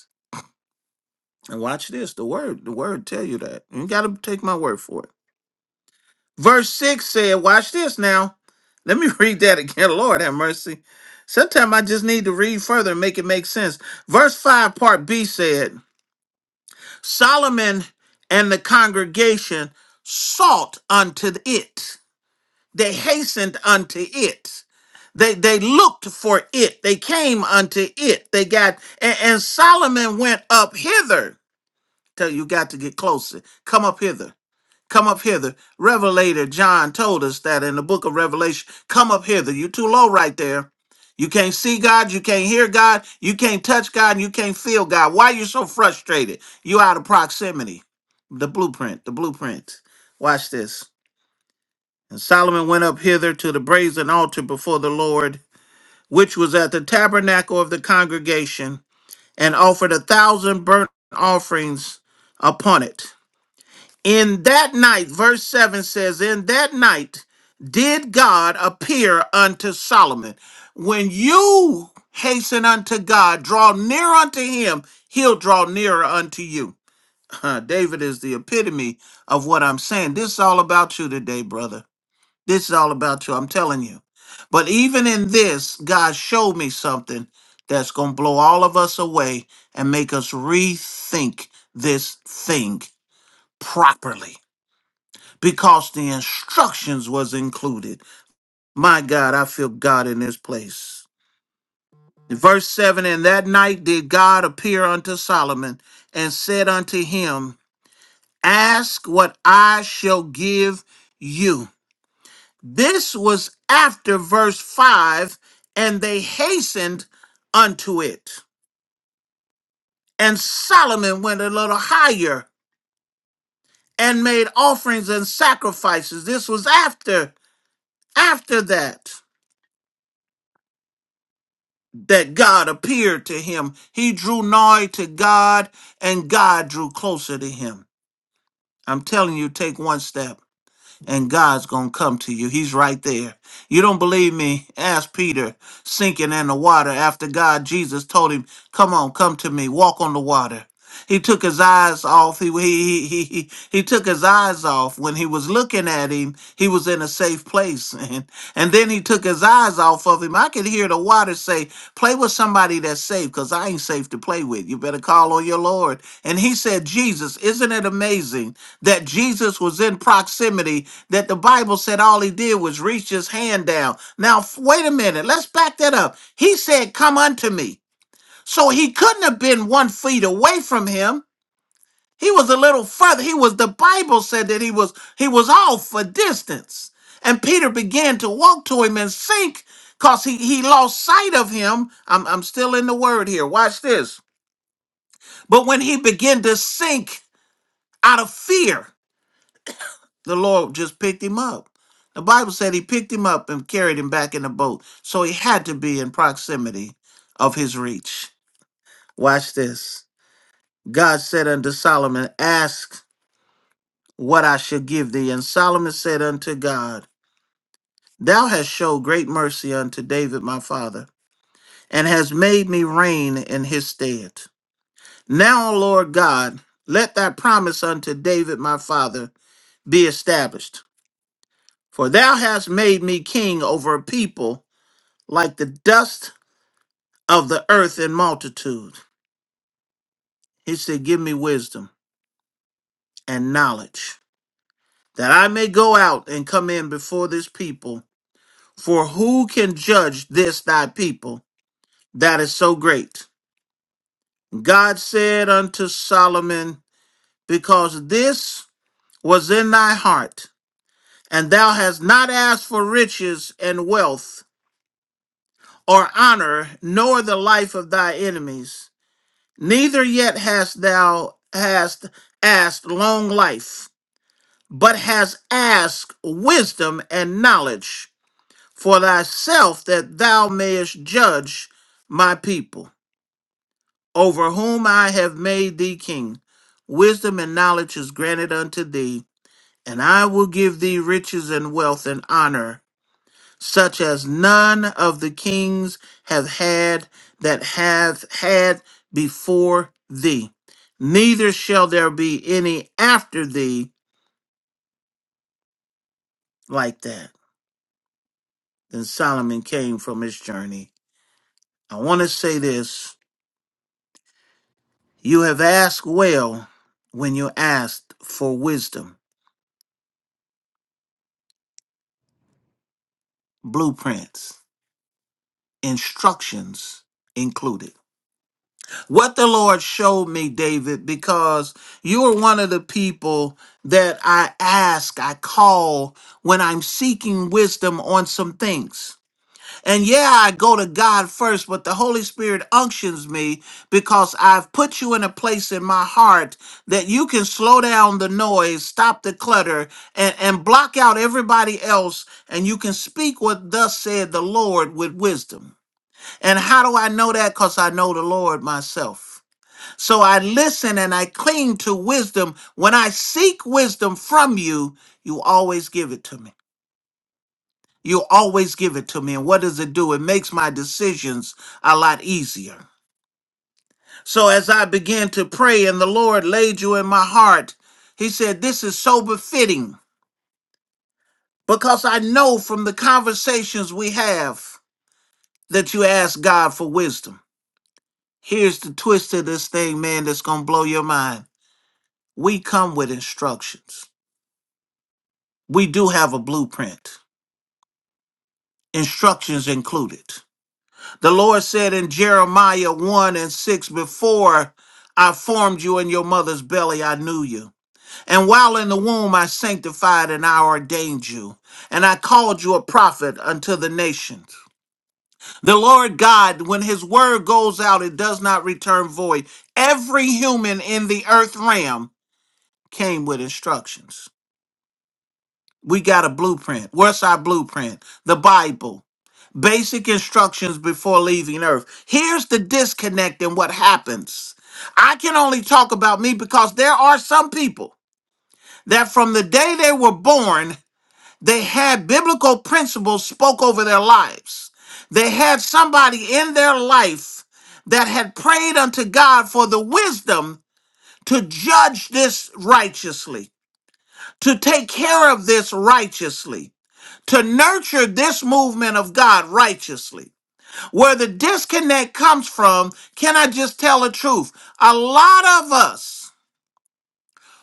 [SPEAKER 2] And watch this. The word, the word tell you that. You gotta take my word for it. Verse 6 said, watch this now. Let me read that again. Lord have mercy. Sometimes I just need to read further and make it make sense. Verse 5, part B said, Solomon and the congregation sought unto it. They hastened unto it. They they looked for it. They came unto it. They got and, and Solomon went up hither. Tell you you got to get closer. Come up hither Come up hither. Revelator John told us that in the book of Revelation. Come up hither. You're too low right there. You can't see God, you can't hear God, you can't touch God, and you can't feel God. Why are you so frustrated? You out of proximity. The blueprint, the blueprint. Watch this. And Solomon went up hither to the brazen altar before the Lord, which was at the tabernacle of the congregation, and offered a thousand burnt offerings upon it. In that night, verse 7 says, In that night did God appear unto Solomon. When you hasten unto God, draw near unto him, he'll draw nearer unto you. Huh, David is the epitome of what I'm saying. This is all about you today, brother. This is all about you. I'm telling you. But even in this, God showed me something that's going to blow all of us away and make us rethink this thing properly because the instructions was included. My God, I feel God in this place. Verse 7 And that night did God appear unto Solomon and said unto him, Ask what I shall give you. This was after verse 5 And they hastened unto it. And Solomon went a little higher and made offerings and sacrifices. This was after after that. that God appeared to him. He drew nigh to God, and God drew closer to him. I'm telling you, take one step, and God's going to come to you. He's right there. You don't believe me? Ask Peter, sinking in the water after God, Jesus told him, Come on, come to me, walk on the water. He took his eyes off. He, he, he, he, he took his eyes off. When he was looking at him, he was in a safe place. And, and then he took his eyes off of him. I could hear the water say, Play with somebody that's safe, because I ain't safe to play with. You better call on your Lord. And he said, Jesus, isn't it amazing that Jesus was in proximity, that the Bible said all he did was reach his hand down? Now, f- wait a minute. Let's back that up. He said, Come unto me. So he couldn't have been one feet away from him. He was a little further. He was the Bible said that he was he was off a distance. And Peter began to walk to him and sink because he, he lost sight of him. I'm, I'm still in the word here. Watch this. But when he began to sink out of fear, the Lord just picked him up. The Bible said he picked him up and carried him back in the boat. So he had to be in proximity of his reach. Watch this. God said unto Solomon, Ask what I shall give thee. And Solomon said unto God, Thou hast showed great mercy unto David my father, and hast made me reign in his stead. Now, O Lord God, let thy promise unto David my father be established. For thou hast made me king over a people like the dust of the earth in multitude. He said, Give me wisdom and knowledge, that I may go out and come in before this people. For who can judge this thy people? That is so great. God said unto Solomon, Because this was in thy heart, and thou hast not asked for riches and wealth, or honor, nor the life of thy enemies, neither yet hast thou hast asked long life, but hast asked wisdom and knowledge for thyself that thou mayest judge my people. over whom I have made thee king. Wisdom and knowledge is granted unto thee, and I will give thee riches and wealth and honor, such as none of the kings have had that have had before thee. Neither shall there be any after thee like that. Then Solomon came from his journey. I want to say this. You have asked well when you asked for wisdom, blueprints. instructions included. What the Lord showed me, David, because you are one of the people that I ask, I call when I'm seeking wisdom on some things. And yeah, I go to God first, but the Holy Spirit unctions me because I've put you in a place in my heart that you can slow down the noise, stop the clutter, and, and block out everybody else, and you can speak what thus said the Lord with wisdom. And how do I know that? Because I know the Lord myself. So I listen and I cling to wisdom. When I seek wisdom from you, you always give it to me. You always give it to me. And what does it do? It makes my decisions a lot easier. So as I began to pray and the Lord laid you in my heart, he said, This is so befitting because I know from the conversations we have that you ask God for wisdom. Here's the twist of this thing, man, that's going to blow your mind. we come with instructions. We do have a blueprint, instructions included. The Lord said in Jeremiah 1 and 6, Before I formed you in your mother's belly, I knew you. And while in the womb, I sanctified and I ordained you. And I called you a prophet unto the nations. The Lord God, when his word goes out, it does not return void. Every human in the earth realm came with instructions. We got a blueprint. What's our blueprint? The Bible. Basic instructions before leaving earth. Here's the disconnect and what happens. I can only talk about me because there are some people that from the day they were born, they had biblical principles spoke over their lives. They had somebody in their life that had prayed unto God for the wisdom to judge this righteously, to take care of this righteously to nurture this movement of God righteously. Where the disconnect comes from, can I just tell the truth? A lot of us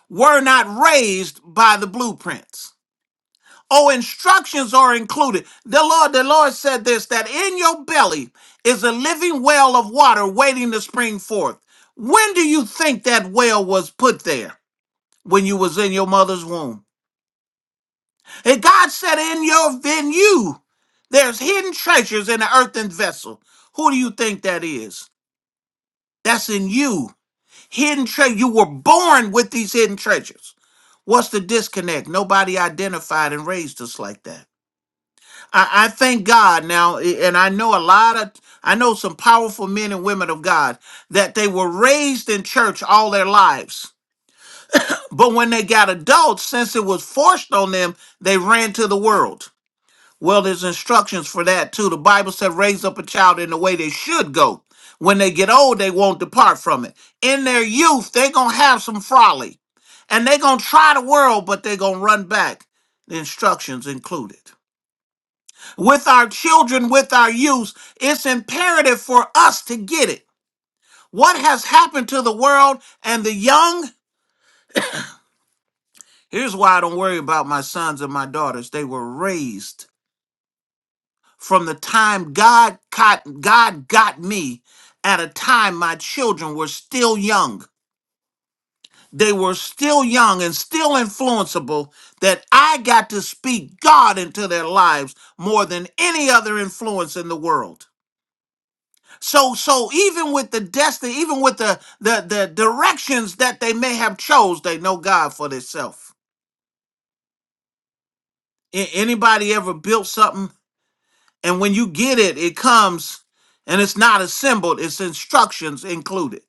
[SPEAKER 2] were not raised by the blueprints. Oh, instructions are included. The Lord, the Lord said this that in your belly is a living well of water waiting to spring forth. When do you think that well was put there? When you was in your mother's womb. And God said, In your venue, there's hidden treasures in an earthen vessel. Who do you think that is? That's in you. Hidden treasure. You were born with these hidden treasures. What's the disconnect? Nobody identified and raised us like that. I, I thank God now, eh, and I know a lot of, I know some powerful men and women of God that they were raised in church all their lives. But when they got adults, since it was forced on them, they ran to the world Well, there's instructions for that too. The Bible said, raise up a child in the way they should go. When they get old, they won't depart from it. In their youth, they're going to have some folly and they're going to try the world, but they're going to run back. The instructions included. With our children, with our youth, it's imperative for us to get it. What has happened to the world and the young? Here's why I don't worry about my sons and my daughters. They were raised from the time God got God got me at a time my children were still young. They were still young and still influenceable that I got to speak God into their lives more than any other influence in the world. So so even with the destiny, even with the the, the directions that they may have chose, they know God for themselves. Anybody ever built something And when you get it, it comes and it's not assembled, it's instructions included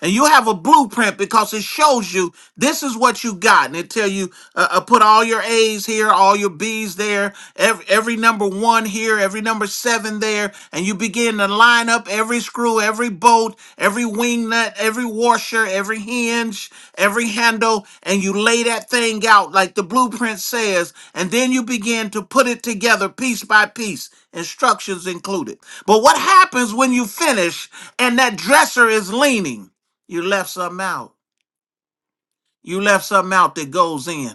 [SPEAKER 2] and you have a blueprint because it shows you this is what you got and it tell you uh, uh, put all your a's here all your b's there every, every number one here every number seven there and you begin to line up every screw every bolt every wing nut every washer every hinge every handle and you lay that thing out like the blueprint says and then you begin to put it together piece by piece instructions included but what happens when you finish and that dresser is leaning you left something out. You left something out that goes in.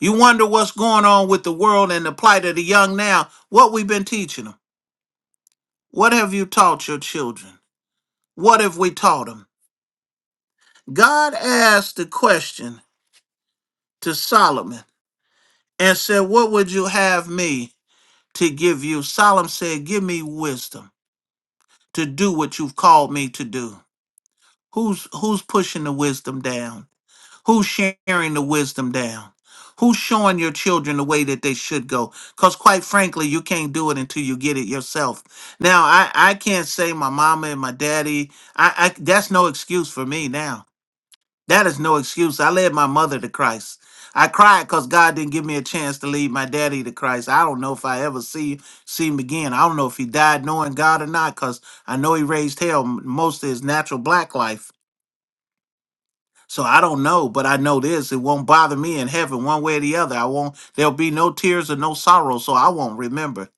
[SPEAKER 2] You wonder what's going on with the world and the plight of the young now. What we've been teaching them. What have you taught your children? What have we taught them? God asked the question to Solomon and said, What would you have me to give you? Solomon said, Give me wisdom to do what you've called me to do. Who's who's pushing the wisdom down? Who's sharing the wisdom down? Who's showing your children the way that they should go? Because quite frankly, you can't do it until you get it yourself. Now, I, I can't say my mama and my daddy, I, I that's no excuse for me now. That is no excuse. I led my mother to Christ. I cried because God didn't give me a chance to lead my daddy to Christ. I don't know if I ever see see him again. I don't know if he died knowing God or not, because I know he raised hell m- most of his natural black life. So I don't know, but I know this. It won't bother me in heaven one way or the other. I won't there'll be no tears or no sorrow, so I won't remember.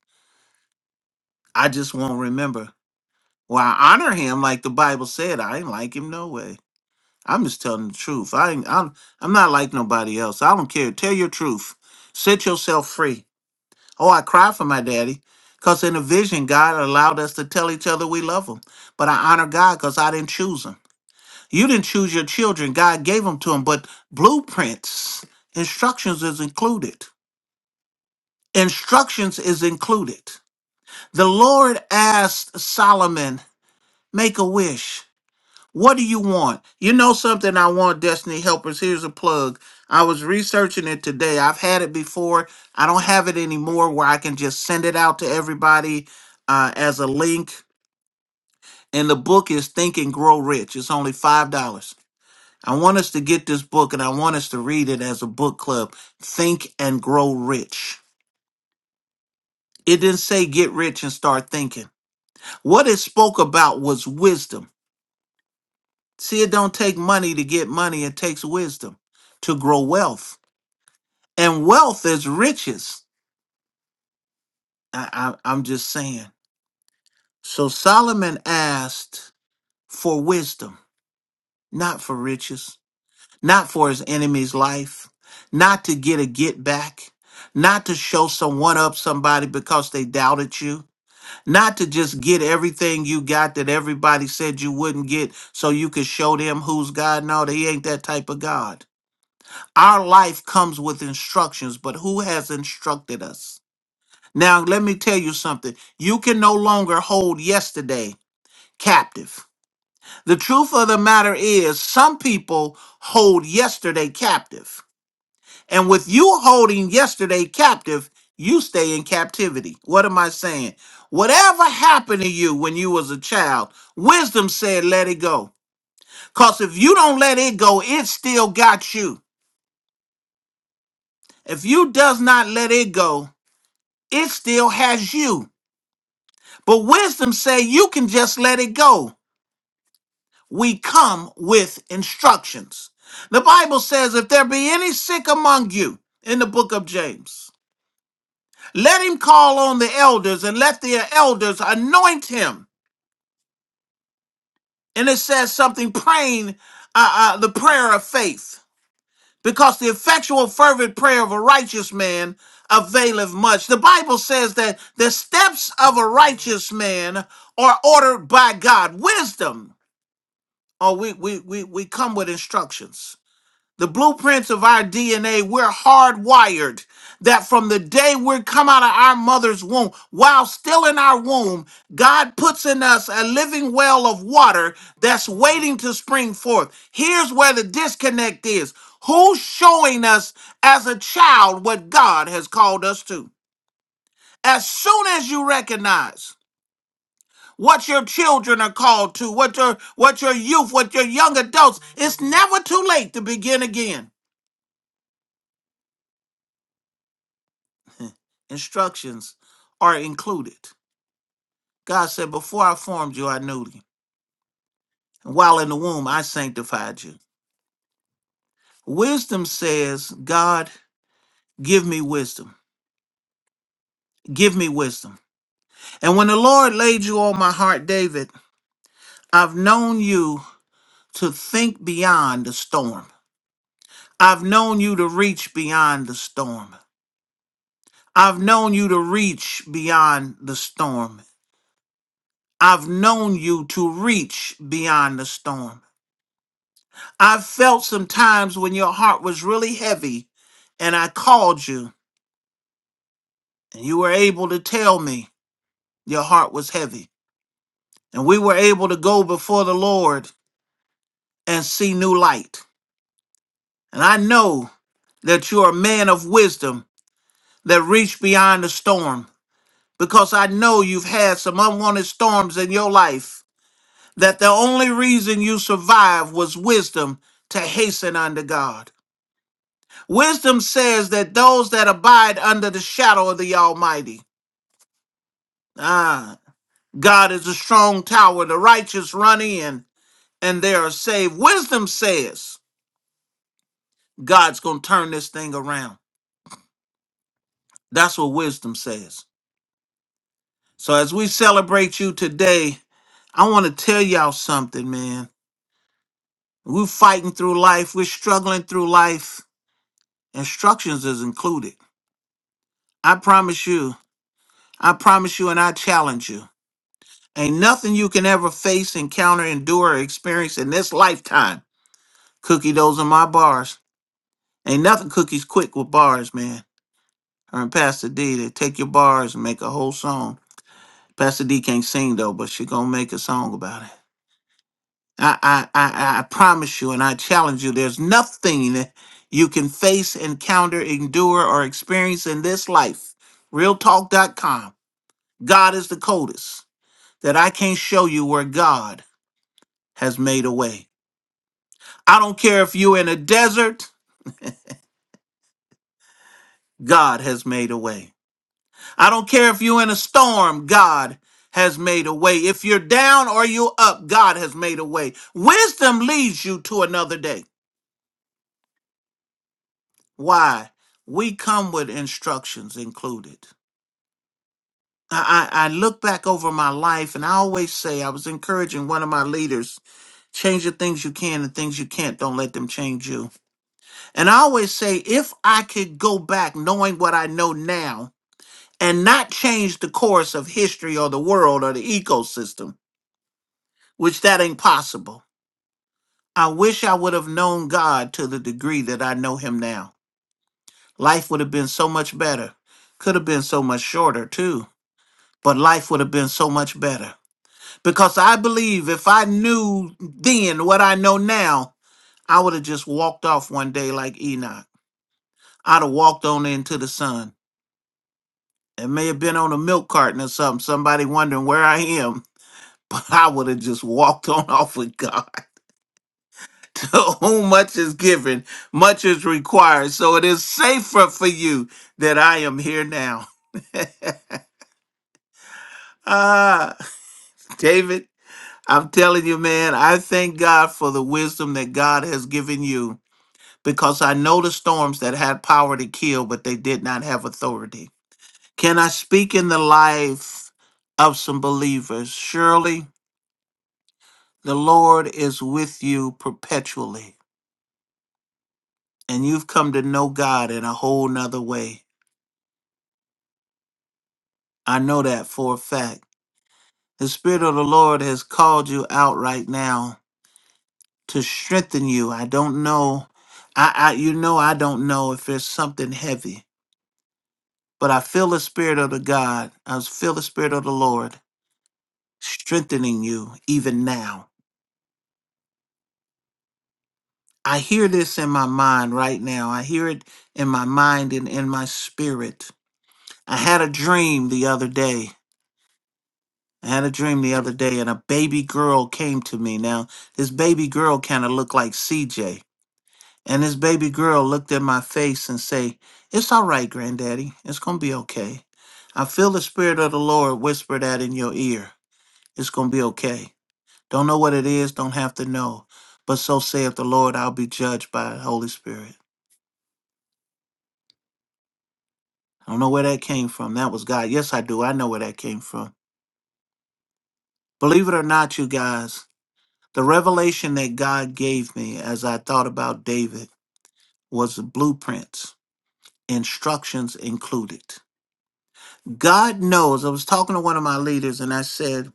[SPEAKER 2] I just won't remember. Well, I honor him like the Bible said. I ain't like him no way. I'm just telling the truth. I ain't I'm I'm not like nobody else. I don't care. Tell your truth. Set yourself free. Oh, I cry for my daddy. Cause in a vision, God allowed us to tell each other we love him. But I honor God because I didn't choose him. You didn't choose your children. God gave them to them, but blueprints, instructions is included. Instructions is included. The Lord asked Solomon, make a wish. What do you want? You know something I want, Destiny Helpers. Here's a plug. I was researching it today. I've had it before. I don't have it anymore where I can just send it out to everybody uh, as a link. And the book is Think and Grow Rich. It's only $5. I want us to get this book and I want us to read it as a book club. Think and grow rich. It didn't say get rich and start thinking. What it spoke about was wisdom. See, it don't take money to get money, it takes wisdom to grow wealth. And wealth is riches. I, I, I'm just saying. So Solomon asked for wisdom, not for riches. not for his enemy's life, not to get a get back, not to show someone up somebody because they doubted you, not to just get everything you got that everybody said you wouldn't get so you could show them who's God. No, they ain't that type of God. Our life comes with instructions, but who has instructed us? Now, let me tell you something. You can no longer hold yesterday captive. The truth of the matter is, some people hold yesterday captive. And with you holding yesterday captive, you stay in captivity. What am I saying? Whatever happened to you when you was a child, wisdom said let it go. Cause if you don't let it go, it still got you. If you does not let it go, it still has you. But wisdom say you can just let it go. We come with instructions. The Bible says if there be any sick among you in the book of James, Let him call on the elders and let the elders anoint him. And it says something praying uh, uh, the prayer of faith. Because the effectual, fervent prayer of a righteous man availeth much. The Bible says that the steps of a righteous man are ordered by God. Wisdom. Oh, we, we, we, we come with instructions The blueprints of our DNA, we're hardwired that from the day we come out of our mother's womb, while still in our womb, God puts in us a living well of water that's waiting to spring forth. Here's where the disconnect is who's showing us as a child what God has called us to? As soon as you recognize what your children are called to, what your what your youth, what your young adults, it's never too late to begin again. Mm. instructions are included. God said, Before I formed you, I knew you. And while in the womb, I sanctified you. Wisdom says, God, give me wisdom. Give me wisdom. And when the Lord laid you on my heart, David, I've known you to think beyond the storm. I've known you to reach beyond the storm. I've known you to reach beyond the storm. I've known you to reach beyond the storm. I felt some times when your heart was really heavy and I called you and you were able to tell me your heart was heavy. And we were able to go before the Lord and see new light. And I know that you're a man of wisdom that reached beyond the storm because I know you've had some unwanted storms in your life that the only reason you survived was wisdom to hasten unto God. Wisdom says that those that abide under the shadow of the Almighty Ah, God is a strong tower. The righteous run in and they are saved. Wisdom says God's going to turn this thing around. That's what wisdom says. So as we celebrate you today, I want to tell y'all something, man. We're fighting through life. We're struggling through life. Instructions is included. I promise you. I promise you and I challenge you. Ain't nothing you can ever face, encounter, endure, or experience in this lifetime. Cookie, those are my bars Ain't nothing cookies quick with bars, man. Her and Pastor D, they take your bars and make a whole song. Pastor D can't sing though, but she gonna make a song about it. I I I, I promise you, and I challenge you. There's nothing that you can face, encounter, endure, or experience in this life. RealTalk.com. God is the coldest that I can't show you where God has made a way. I don't care if you're in a desert. God has made a way. I don't care if you're in a storm, God has made a way. If you're down or you're up, God has made a way. Wisdom leads you to another day. Why? We come with instructions included. I, I, I look back over my life and I always say, I was encouraging one of my leaders change the things you can and things you can't, don't let them change you. And I always say, if I could go back knowing what I know now and not change the course of history or the world or the ecosystem, which that ain't possible. I wish I would have known God to the degree that I know him now. Life would have been so much better. Could have been so much shorter too, but life would have been so much better. Because I believe if I knew then what I know now, I would have just walked off one day like Enoch. I'd have walked on into the sun. It may have been on a milk carton or something, somebody wondering where I am, but I would have just walked on off with God. whom much is given, much is required. So it is safer for you that I am here now. ah, David, I'm telling you, man, I thank God for the wisdom that God has given you because I know the storms that had power to kill, but they did not have authority. Can I speak in the life of some believers? Surely the Lord is with you perpetually, and you've come to know God in a whole nother way. I know that for a fact. The Spirit of the Lord has called you out right now to strengthen you. I don't know. I, I you know I don't know if there's something heavy, but I feel the Spirit of the God. I feel the Spirit of the Lord strengthening you even now. I hear this in my mind right now. I hear it in my mind and in my spirit. I had a dream the other day I had a dream the other day, and a baby girl came to me. Now, this baby girl kind of looked like CJ. And this baby girl looked at my face and say, It's all right, granddaddy. It's going to be okay. I feel the spirit of the Lord whisper that in your ear. It's going to be okay. Don't know what it is, don't have to know. But so saith the Lord, I'll be judged by the Holy Spirit. I don't know where that came from. That was God. Yes, I do. I know where that came from. Believe it or not, you guys, The revelation that God gave me as I thought about David was the blueprints, instructions included. God knows. I was talking to one of my leaders and I said,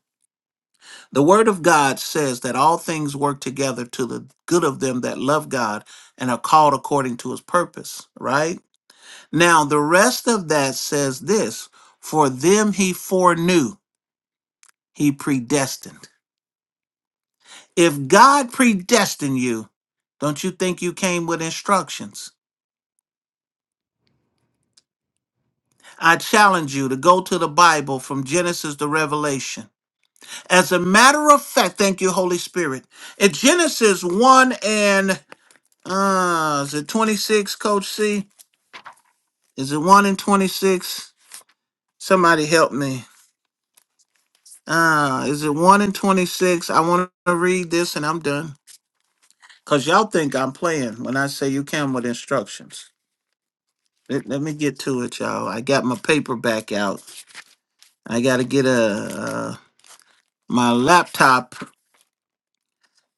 [SPEAKER 2] The word of God says that all things work together to the good of them that love God and are called according to his purpose, right? Now, the rest of that says this For them he foreknew, he predestined. If God predestined you, don't you think you came with instructions? I challenge you to go to the Bible from Genesis to Revelation. As a matter of fact, thank you, Holy Spirit. In Genesis 1 and, uh, is it 26, Coach C? Is it 1 and 26? Somebody help me. Uh, is it 1 and 26? I want to read this and I'm done. Because y'all think I'm playing when I say you can with instructions. Let, let me get to it, y'all. I got my paper back out. I got to get a, uh, my laptop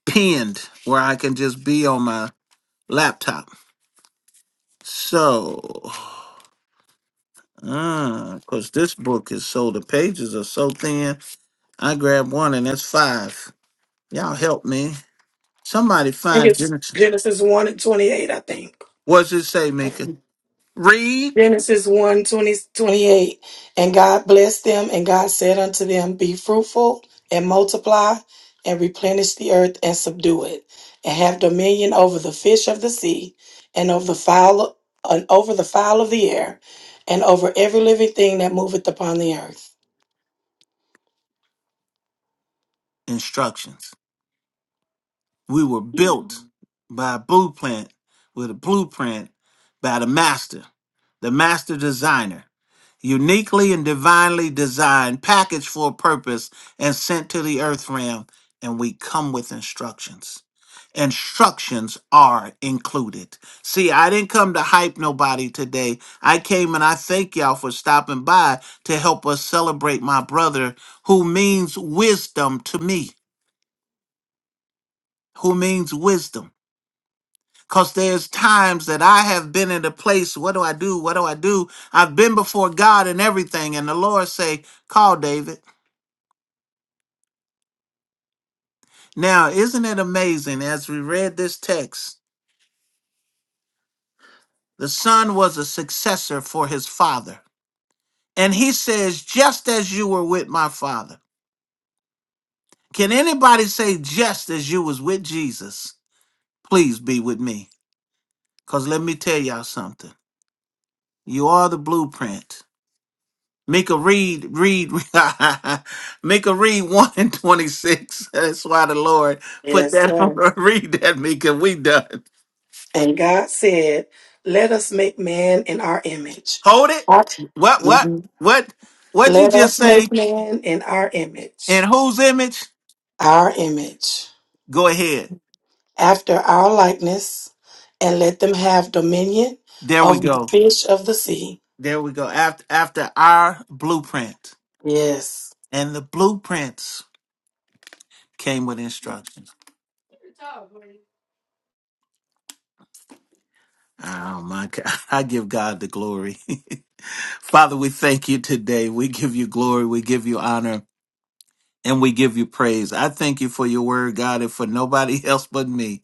[SPEAKER 2] pinned where I can just be on my laptop. So, because this book is so, the pages are so thin, I grabbed one and that's five. Y'all help me. Somebody
[SPEAKER 3] I think
[SPEAKER 2] find
[SPEAKER 3] it's
[SPEAKER 2] Genesis.
[SPEAKER 3] Genesis 1 and 28, I think.
[SPEAKER 2] What's it say, Mika? Read
[SPEAKER 3] Genesis one 20 28. And God blessed them, and God said unto them, Be fruitful and multiply and replenish the earth and subdue it, and have dominion over the fish of the sea, and over the fowl and over the fowl of the air, and over every living thing that moveth upon the earth.
[SPEAKER 2] instructions. We were built by a blueprint, with a blueprint by the master, the master designer. uniquely and divinely designed, packaged for a purpose, and sent to the earth realm. And we come with instructions. Instructions are included. See, I didn't come to hype nobody today. I came and I thank y'all for stopping by to help us celebrate my brother who means wisdom to me, who means wisdom. Because there's times that I have been in a place, what do I do? What do I do? I've been before God and everything. And the Lord say, call David Now, isn't it amazing as we read this text? The son was a successor for his father. And he says, just as you were with my father. Can anybody say, just as you was with Jesus, please be with me? Because let me tell y'all something. You are the blueprint. Mika read, read, Mika read 1 and 26. That's why the Lord put
[SPEAKER 3] Yes,
[SPEAKER 2] that on
[SPEAKER 3] sir.
[SPEAKER 2] her. Read that, Mika. We done.
[SPEAKER 3] And God said, Let us make man in our image.
[SPEAKER 2] Hold it.
[SPEAKER 3] Our-
[SPEAKER 2] What, what,
[SPEAKER 3] Mhm.
[SPEAKER 2] what, what'd you
[SPEAKER 3] Let
[SPEAKER 2] just
[SPEAKER 3] us
[SPEAKER 2] say?
[SPEAKER 3] make man in our
[SPEAKER 2] In
[SPEAKER 3] image,
[SPEAKER 2] whose image?
[SPEAKER 3] our image,
[SPEAKER 2] Go ahead.
[SPEAKER 3] after our likeness, and let them have dominion
[SPEAKER 2] There we
[SPEAKER 3] of the
[SPEAKER 2] go.
[SPEAKER 3] fish of the sea.
[SPEAKER 2] There we go. After after our blueprint.
[SPEAKER 3] Yes.
[SPEAKER 2] And the blueprints came with instructions. Oh my God. I give God the glory. Father, we thank you today. We give you glory. We give you honor. and we give you praise. I thank you for your word, God, and for nobody else but me.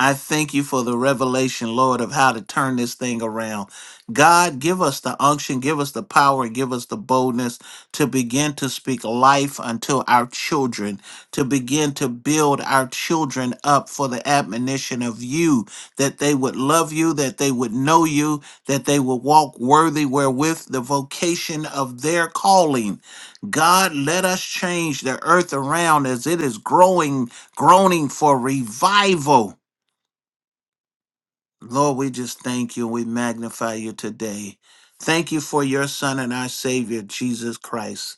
[SPEAKER 2] I thank you for the revelation, Lord, of how to turn this thing around. God, give us the unction, give us the power, and give us the boldness to begin to speak life unto our children, to begin to build our children up for the admonition of you, that they would love you, that they would know you, that they would walk worthy wherewith the vocation of their calling. God, let us change the earth around as it is growing, groaning for revival. Lord, we just thank you. We magnify you today. Thank you for your Son and our Savior, Jesus Christ.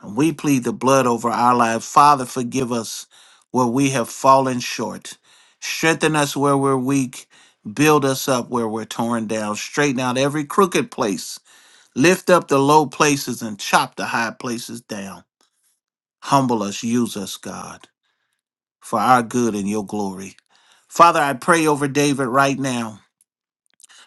[SPEAKER 2] And we plead the blood over our lives. Father, forgive us where we have fallen short. Strengthen us where we're weak. Build us up where we're torn down. Straighten out every crooked place. Lift up the low places and chop the high places down. Humble us, use us, God, for our good and your glory. Father, I pray over David right now.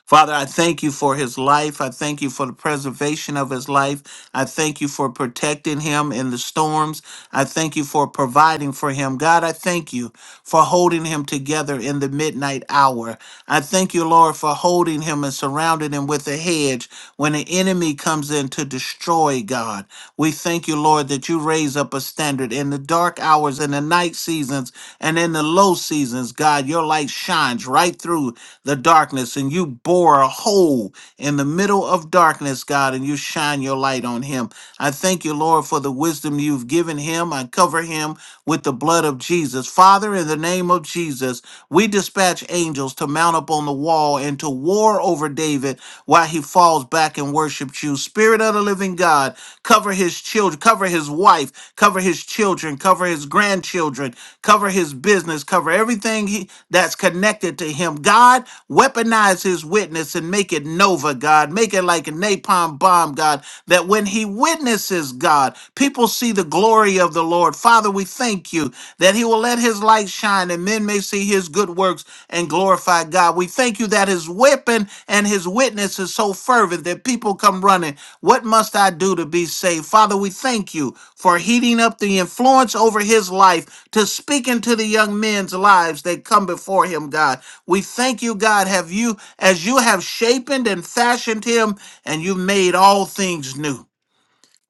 [SPEAKER 2] Father, I thank you for his life. I thank you for the preservation of his life. I thank you for protecting him in the storms. I thank you for providing for him. God, I thank you for holding him together in the midnight hour. I thank you, Lord, for holding him and surrounding him with a hedge when the enemy comes in to destroy God. We thank you, Lord, that you raise up a standard in the dark hours, in the night seasons, and in the low seasons. God, your light shines right through the darkness, and you bore a hole in the middle of darkness, God, and you shine your light on him. I thank you, Lord, for the wisdom you've given him. I cover him with the blood of Jesus. Father, in the name of Jesus, we dispatch angels to mount up on the wall and to war over David while he falls back and worships you. Spirit of the living God, cover his children, cover his wife, cover his children, cover his grandchildren, cover his business, cover everything he, that's connected to him. God, weaponize his witness and make it nova, God. Make it like a napalm bomb, God, that when he witnesses, God, people will see the glory of the Lord. Father, we thank you that he will let his light shine and men may see his good works and glorify God. We thank you that his weapon and his witness is so fervent that people come running. What must I do to be saved? Father, we thank you for heating up the influence over his life to speak into the young men's lives that come before him, God. We thank you, God, have you as you have shapened and fashioned him and you made all things new.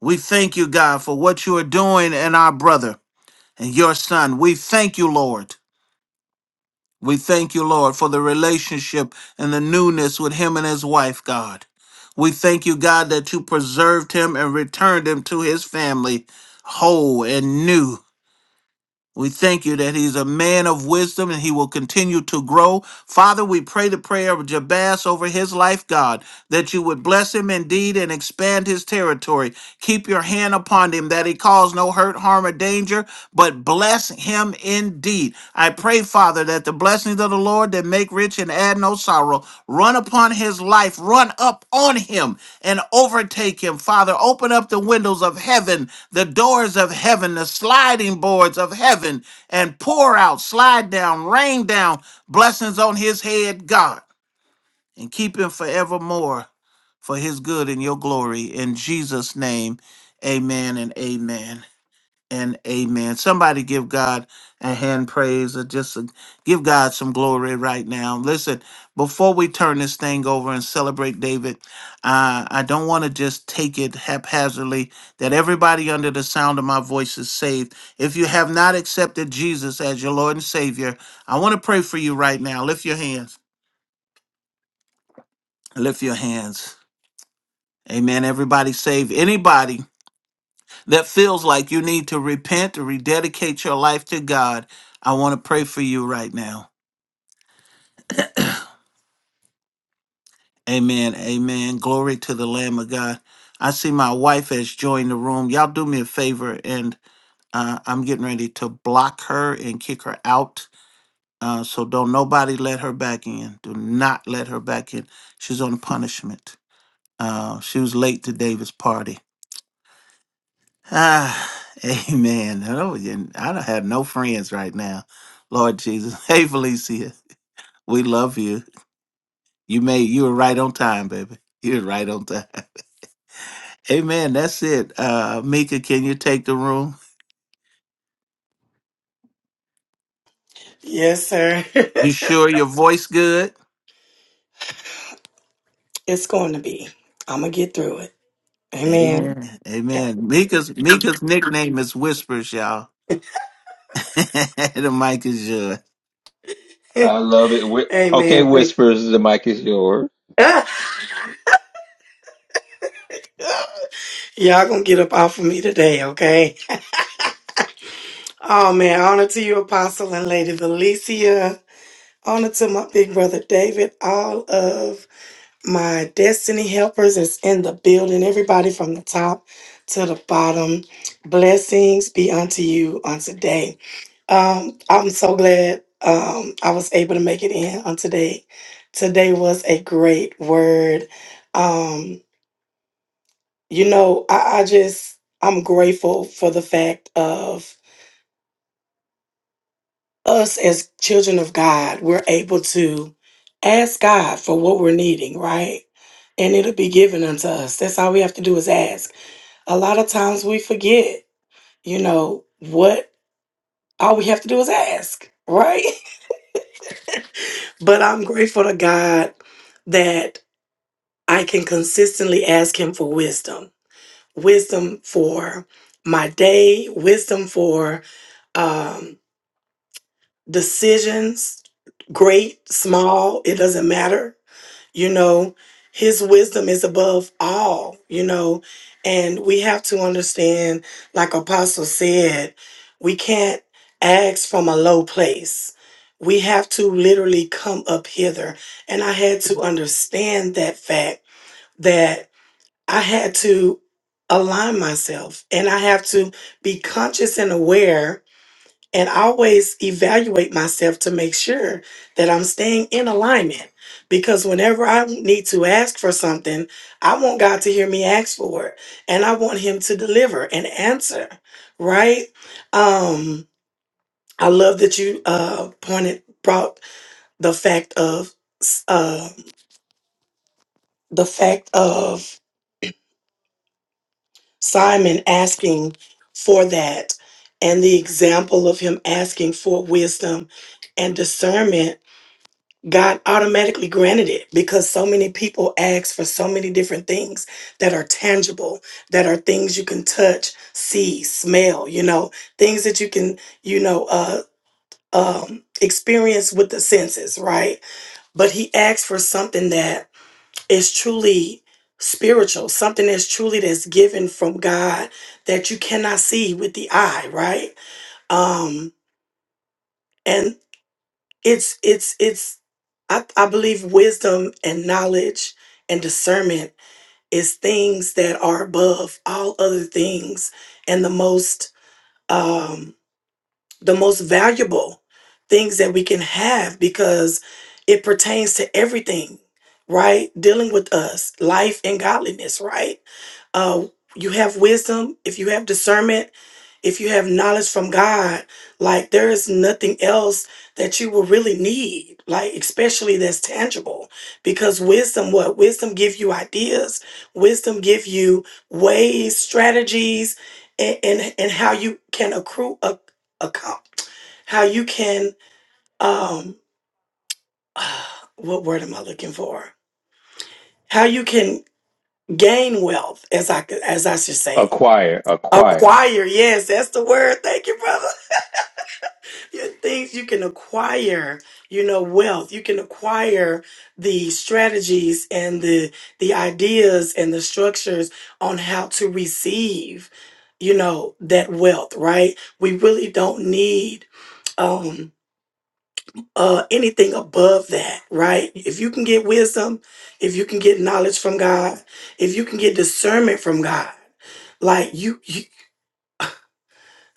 [SPEAKER 2] We thank you, God, for what you are doing in our brother and your son. We thank you, Lord. We thank you, Lord, for the relationship and the newness with him and his wife, God. We thank you, God, that you preserved him and returned him to his family whole and new. We thank you that he's a man of wisdom and he will continue to grow. Father, we pray the prayer of Jabaz over his life, God, that you would bless him indeed and expand his territory. Keep your hand upon him that he cause no hurt, harm, or danger, but bless him indeed. I pray, Father, that the blessings of the Lord that make rich and add no sorrow run upon his life, run up on him and overtake him. Father, open up the windows of heaven, the doors of heaven, the sliding boards of heaven, and pour out, slide down, rain down blessings on his head, God, and keep him forevermore for his good and your glory. In Jesus' name, amen and amen and amen. Somebody give God a hand praise or just uh, give God some glory right now. Listen, before we turn this thing over and celebrate David, uh, I don't want to just take it haphazardly that everybody under the sound of my voice is saved. If you have not accepted Jesus as your Lord and Savior, I want to pray for you right now. Lift your hands. Lift your hands. Amen. Everybody saved. Anybody that feels like you need to repent or rededicate your life to God, I want to pray for you right now. Amen. Amen. Glory to the Lamb of God. I see my wife has joined the room. Y'all do me a favor, and uh, I'm getting ready to block her and kick her out. Uh, so don't nobody let her back in. Do not let her back in. She's on punishment. Uh, she was late to David's party. Ah, amen. Oh, yeah, I don't have no friends right now. Lord Jesus. Hey, Felicia, we love you. You made you were right on time, baby. you were right on time. Amen. That's it. Uh, Mika, can you take the room?
[SPEAKER 3] Yes, sir.
[SPEAKER 2] You sure your voice good?
[SPEAKER 3] it's going to be. I'm going to get through it. Amen.
[SPEAKER 2] Amen. Amen. Mika's Mika's nickname is Whispers, y'all. the mic is yours.
[SPEAKER 4] I love it. Whi- Okay,
[SPEAKER 3] Amen. Thank
[SPEAKER 4] whispers. The mic is yours.
[SPEAKER 3] you. Y'all going to get up off of me today, okay? Oh man, honor to you, Apostle and Lady Valencia. Honor to my big brother David. All of my destiny helpers is in the building. Everybody from the top to the bottom. Blessings be unto you on today. Um, I'm so glad um, I was able to make it in on today. Today was a great word. Um, you know, I, I just I'm grateful for the fact of us as children of God, we're able to ask God for what we're needing, right? And it'll be given unto us. That's all we have to do is ask. A lot of times we forget, you know, what all we have to do is ask, right? But I'm grateful to God that I can consistently ask Him for wisdom, wisdom for my day, wisdom for um, decisions, great, small, it doesn't matter you know his wisdom is above all you know and we have to understand like apostle said we can't ask from a low place we have to literally come up hither and i had to understand that fact that i had to align myself and i have to be conscious and aware and I always evaluate myself to make sure that I'm staying in alignment. Because whenever I need to ask for something, I want God to hear me ask for it, and I want Him to deliver and answer. Right? Um, I love that you uh, pointed brought the fact of uh, the fact of Simon asking for that, and the example of him asking for wisdom and discernment God automatically granted it because so many people ask for so many different things that are tangible, that are things you can touch, see, smell, you know, things that you can, you know, uh, um, experience with the senses, right? But he asked for something that is truly spiritual, something that's truly that's given from God that you cannot see with the eye, right? Um, it's it's it's I, I believe wisdom and knowledge and discernment is things that are above all other things and the most um, the most valuable things that we can have because it pertains to everything, right? Dealing with us, life and godliness, right? Uh, you have wisdom, if you have discernment, if you have knowledge from God, like there is nothing else that you will really need, like especially that's tangible. Because wisdom, what wisdom give you ideas, wisdom give you ways, strategies, and and, and how you can accrue account how you can um uh, what word am i looking for how you can gain wealth as i as i should say
[SPEAKER 4] Acquire, acquire.
[SPEAKER 3] acquire yes that's the word thank you brother Your things you can acquire you know wealth you can acquire the strategies and the the ideas and the structures on how to receive you know that wealth right we really don't need um uh anything above that right if you can get wisdom if you can get knowledge from god if you can get discernment from god like you, you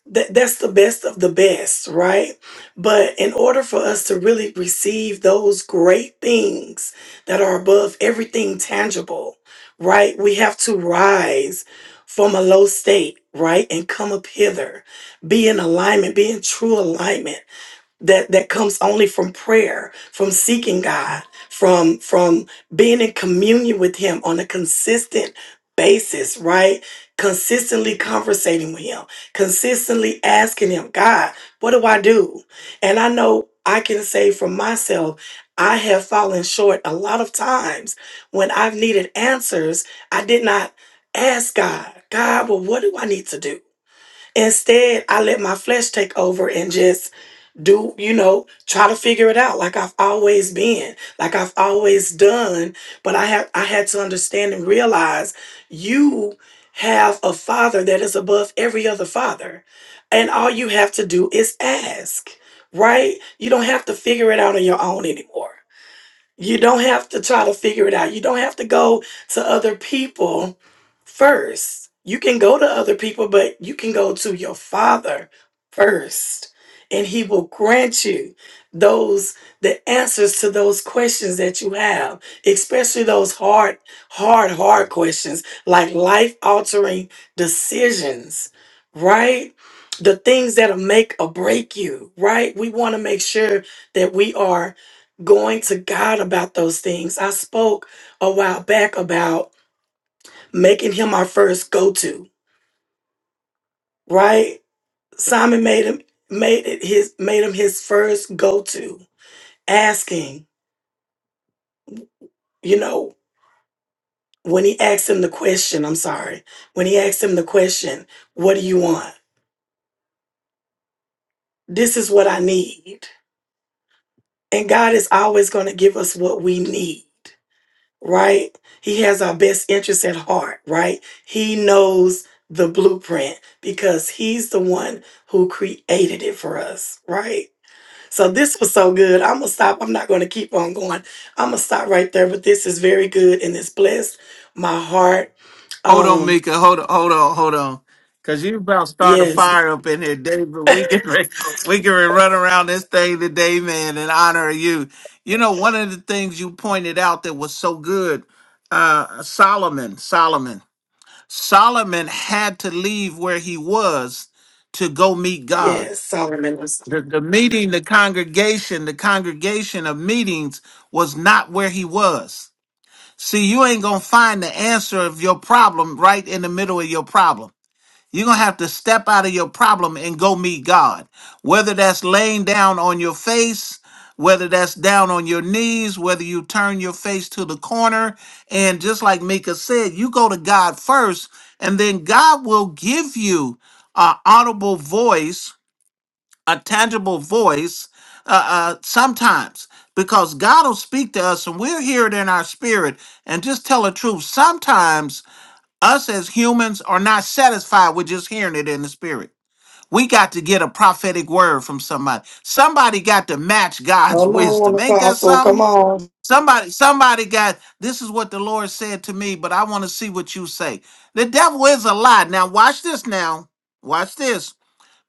[SPEAKER 3] that, that's the best of the best right but in order for us to really receive those great things that are above everything tangible right we have to rise from a low state right and come up hither be in alignment be in true alignment that that comes only from prayer from seeking god from from being in communion with him on a consistent basis right consistently conversating with him consistently asking him god what do i do and i know i can say for myself i have fallen short a lot of times when i've needed answers i did not ask god god well what do i need to do instead i let my flesh take over and just do you know try to figure it out like i've always been like i've always done but i have i had to understand and realize you have a father that is above every other father and all you have to do is ask right you don't have to figure it out on your own anymore you don't have to try to figure it out. You don't have to go to other people first. You can go to other people, but you can go to your father first, and he will grant you those the answers to those questions that you have, especially those hard, hard, hard questions like life altering decisions, right? The things that'll make or break you, right? We want to make sure that we are going to God about those things. I spoke a while back about making him our first go-to, right? Simon made him made it his made him his first go-to, asking, you know, when he asked him the question, I'm sorry, when he asked him the question, what do you want? This is what I need. And God is always going to give us what we need. right? He has our best interests at heart, right? He knows the blueprint because he's the one who created it for us, right? So this was so good. I'm gonna stop. I'm not gonna keep on going. I'm gonna stop right there, but this is very good and it's blessed my heart.
[SPEAKER 2] Hold on,
[SPEAKER 3] Um,
[SPEAKER 2] Mika. Hold on, hold on, hold on. Cause you about to start a
[SPEAKER 3] yes,
[SPEAKER 2] fire up in here, David. We can re- we can re- run around this thing today, man, in honor of you. You know, one of the things you pointed out that was so good, uh, Solomon, Solomon, Solomon had to leave where he was to go meet God.
[SPEAKER 3] yes, Solomon. was-
[SPEAKER 2] The, the meeting, the congregation, the congregation of meetings was not where he was. See, you ain't going to find the answer of your problem right in the middle of your problem. You're going to have to step out of your problem and go meet God. Whether that's laying down on your face, whether that's down on your knees, whether you turn your face to the corner. And just like Mika said, you go to God first, and then God will give you an audible voice a tangible voice uh, uh, sometimes because God will speak to us and we'll hear it in our spirit and just tell the truth. Sometimes us as humans are not satisfied with just hearing it in the spirit. We got to get a prophetic word from somebody. Somebody got to match God's
[SPEAKER 3] Come on,
[SPEAKER 2] wisdom. Ain't that
[SPEAKER 3] Apostle. Come
[SPEAKER 2] something?
[SPEAKER 3] on.
[SPEAKER 2] Somebody, somebody got this is what the Lord said to me, but I want to see what you say. The devil is a lie. Now watch this now. Watch this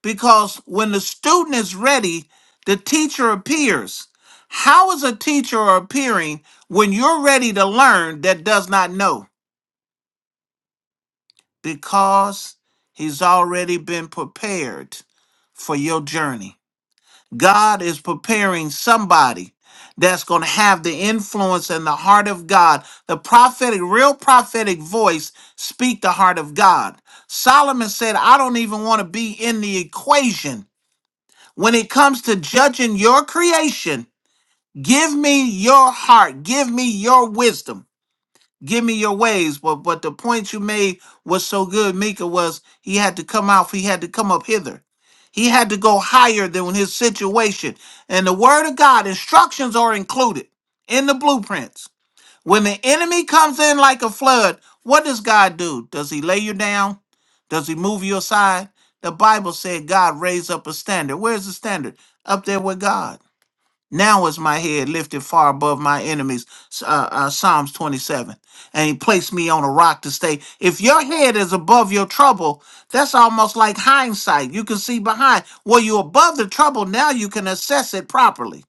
[SPEAKER 2] because when the student is ready, the teacher appears. How is a teacher appearing when you're ready to learn that does not know? Because he's already been prepared for your journey. God is preparing somebody that's going to have the influence and the heart of God. The prophetic, real prophetic voice speak the heart of God. Solomon said, I don't even want to be in the equation when it comes to judging your creation, give me your heart, give me your wisdom, give me your ways. But but the point you made was so good, Mika, was he had to come out, he had to come up hither. He had to go higher than his situation. And the word of God, instructions are included in the blueprints. When the enemy comes in like a flood, what does God do? Does he lay you down? Does he move you aside? The Bible said God raised up a standard. Where's the standard? Up there with God. Now is my head lifted far above my enemies. Uh, uh, Psalms 27. And he placed me on a rock to stay. If your head is above your trouble, that's almost like hindsight. You can see behind. Well, you're above the trouble. Now you can assess it properly.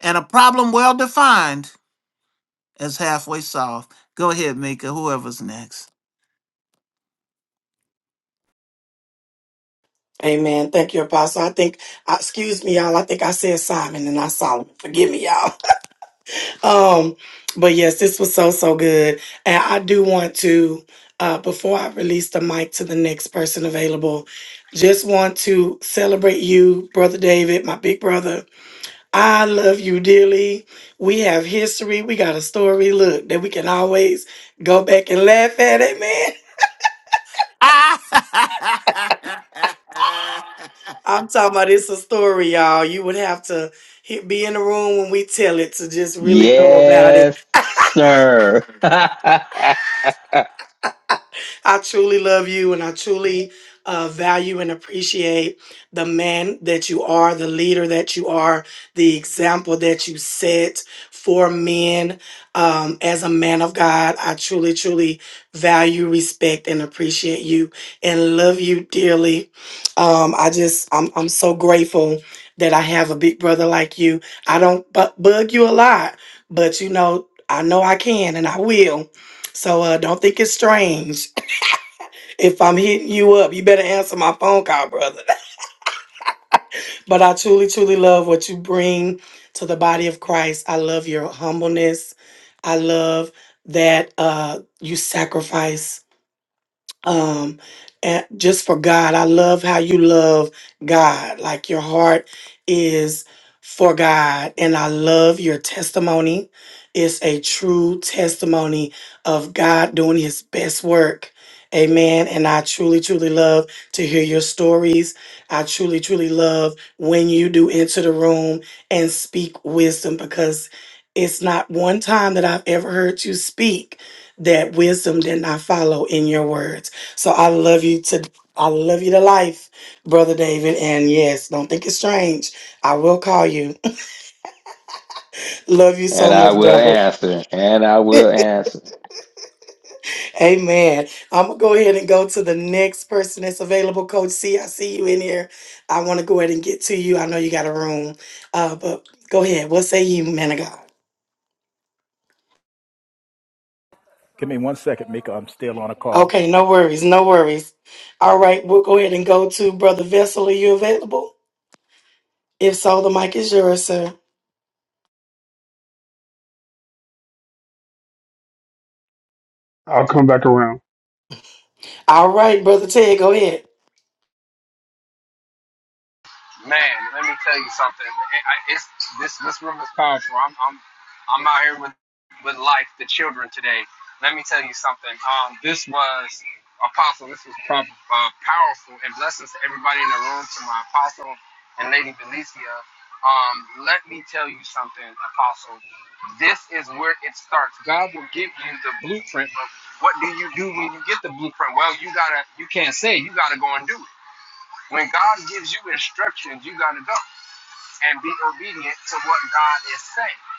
[SPEAKER 2] And a problem well defined that's halfway soft. Go ahead, Mika. Whoever's next.
[SPEAKER 3] Amen. Thank you, Apostle. I think, uh, excuse me, y'all. I think I said Simon and not Solomon. Forgive me, y'all. Um, but yes, this was so so good, and I do want to, uh, before I release the mic to the next person available, just want to celebrate you, brother David, my big brother. I love you dearly. We have history. We got a story. Look that we can always go back and laugh at. Amen. I'm talking about it's a story, y'all. You would have to he- be in the room when we tell it to just really know about it
[SPEAKER 4] Yes, sir. and I
[SPEAKER 3] I truly love you and I truly uh, value and appreciate the man that you are, the leader that you are, the example that you set for men um, as a man of God. I truly, truly value, respect, and appreciate you and love you dearly. Um, I just, I'm, I'm so grateful that I have a big brother like you. I don't bu- bug you a lot, but you know, I know I can and I will. So uh, don't think it's strange if I'm hitting you up, you better answer my phone call, brother. But I truly, truly love what you bring to the body of Christ. I love your humbleness. I love that uh, you sacrifice um and just for God. I love how you love God. Like your heart is for God and I love your testimony. It's a true testimony of God doing his best work. Amen. And I truly, truly love to hear your stories. I truly, truly love when you do enter the room and speak wisdom because it's not one time that I've ever heard you speak that wisdom did not follow in your words. So I love you to I love you to life, brother David. And yes, don't think it's strange. I will call you. love you so much,
[SPEAKER 4] will
[SPEAKER 3] brother.
[SPEAKER 4] answer. And I will answer.
[SPEAKER 3] Amen. I'm gonna go ahead and go to the next person that's available. Coach C, I see you in here. I want to go ahead and get to you. I know you got a room, uh, but go ahead. What say you, man of God?
[SPEAKER 5] Give me one second, Mika. I'm still on a call.
[SPEAKER 3] Okay, no worries, no worries. All right, we'll go ahead and go to brother Vessel. Are you available? If so, the mic is yours, sir.
[SPEAKER 6] I'll come back around.
[SPEAKER 3] All right, brother Ted, go ahead.
[SPEAKER 1] Man, let me tell you something. It- I- It's this this room is powerful. I'm I'm I'm out here with with life, the children today. Let me tell you something. Um, this was apostle. This was prob- uh, powerful and blessings to everybody in the room, to my apostle and Lady Benicia. Um, let me tell you something, apostle. This is where it starts. God will give you the blueprint, but what do you do when you get the blueprint? Well, you gotta you can't say you gotta go and do it. When God gives you instructions, you got to go and be obedient to what God is saying.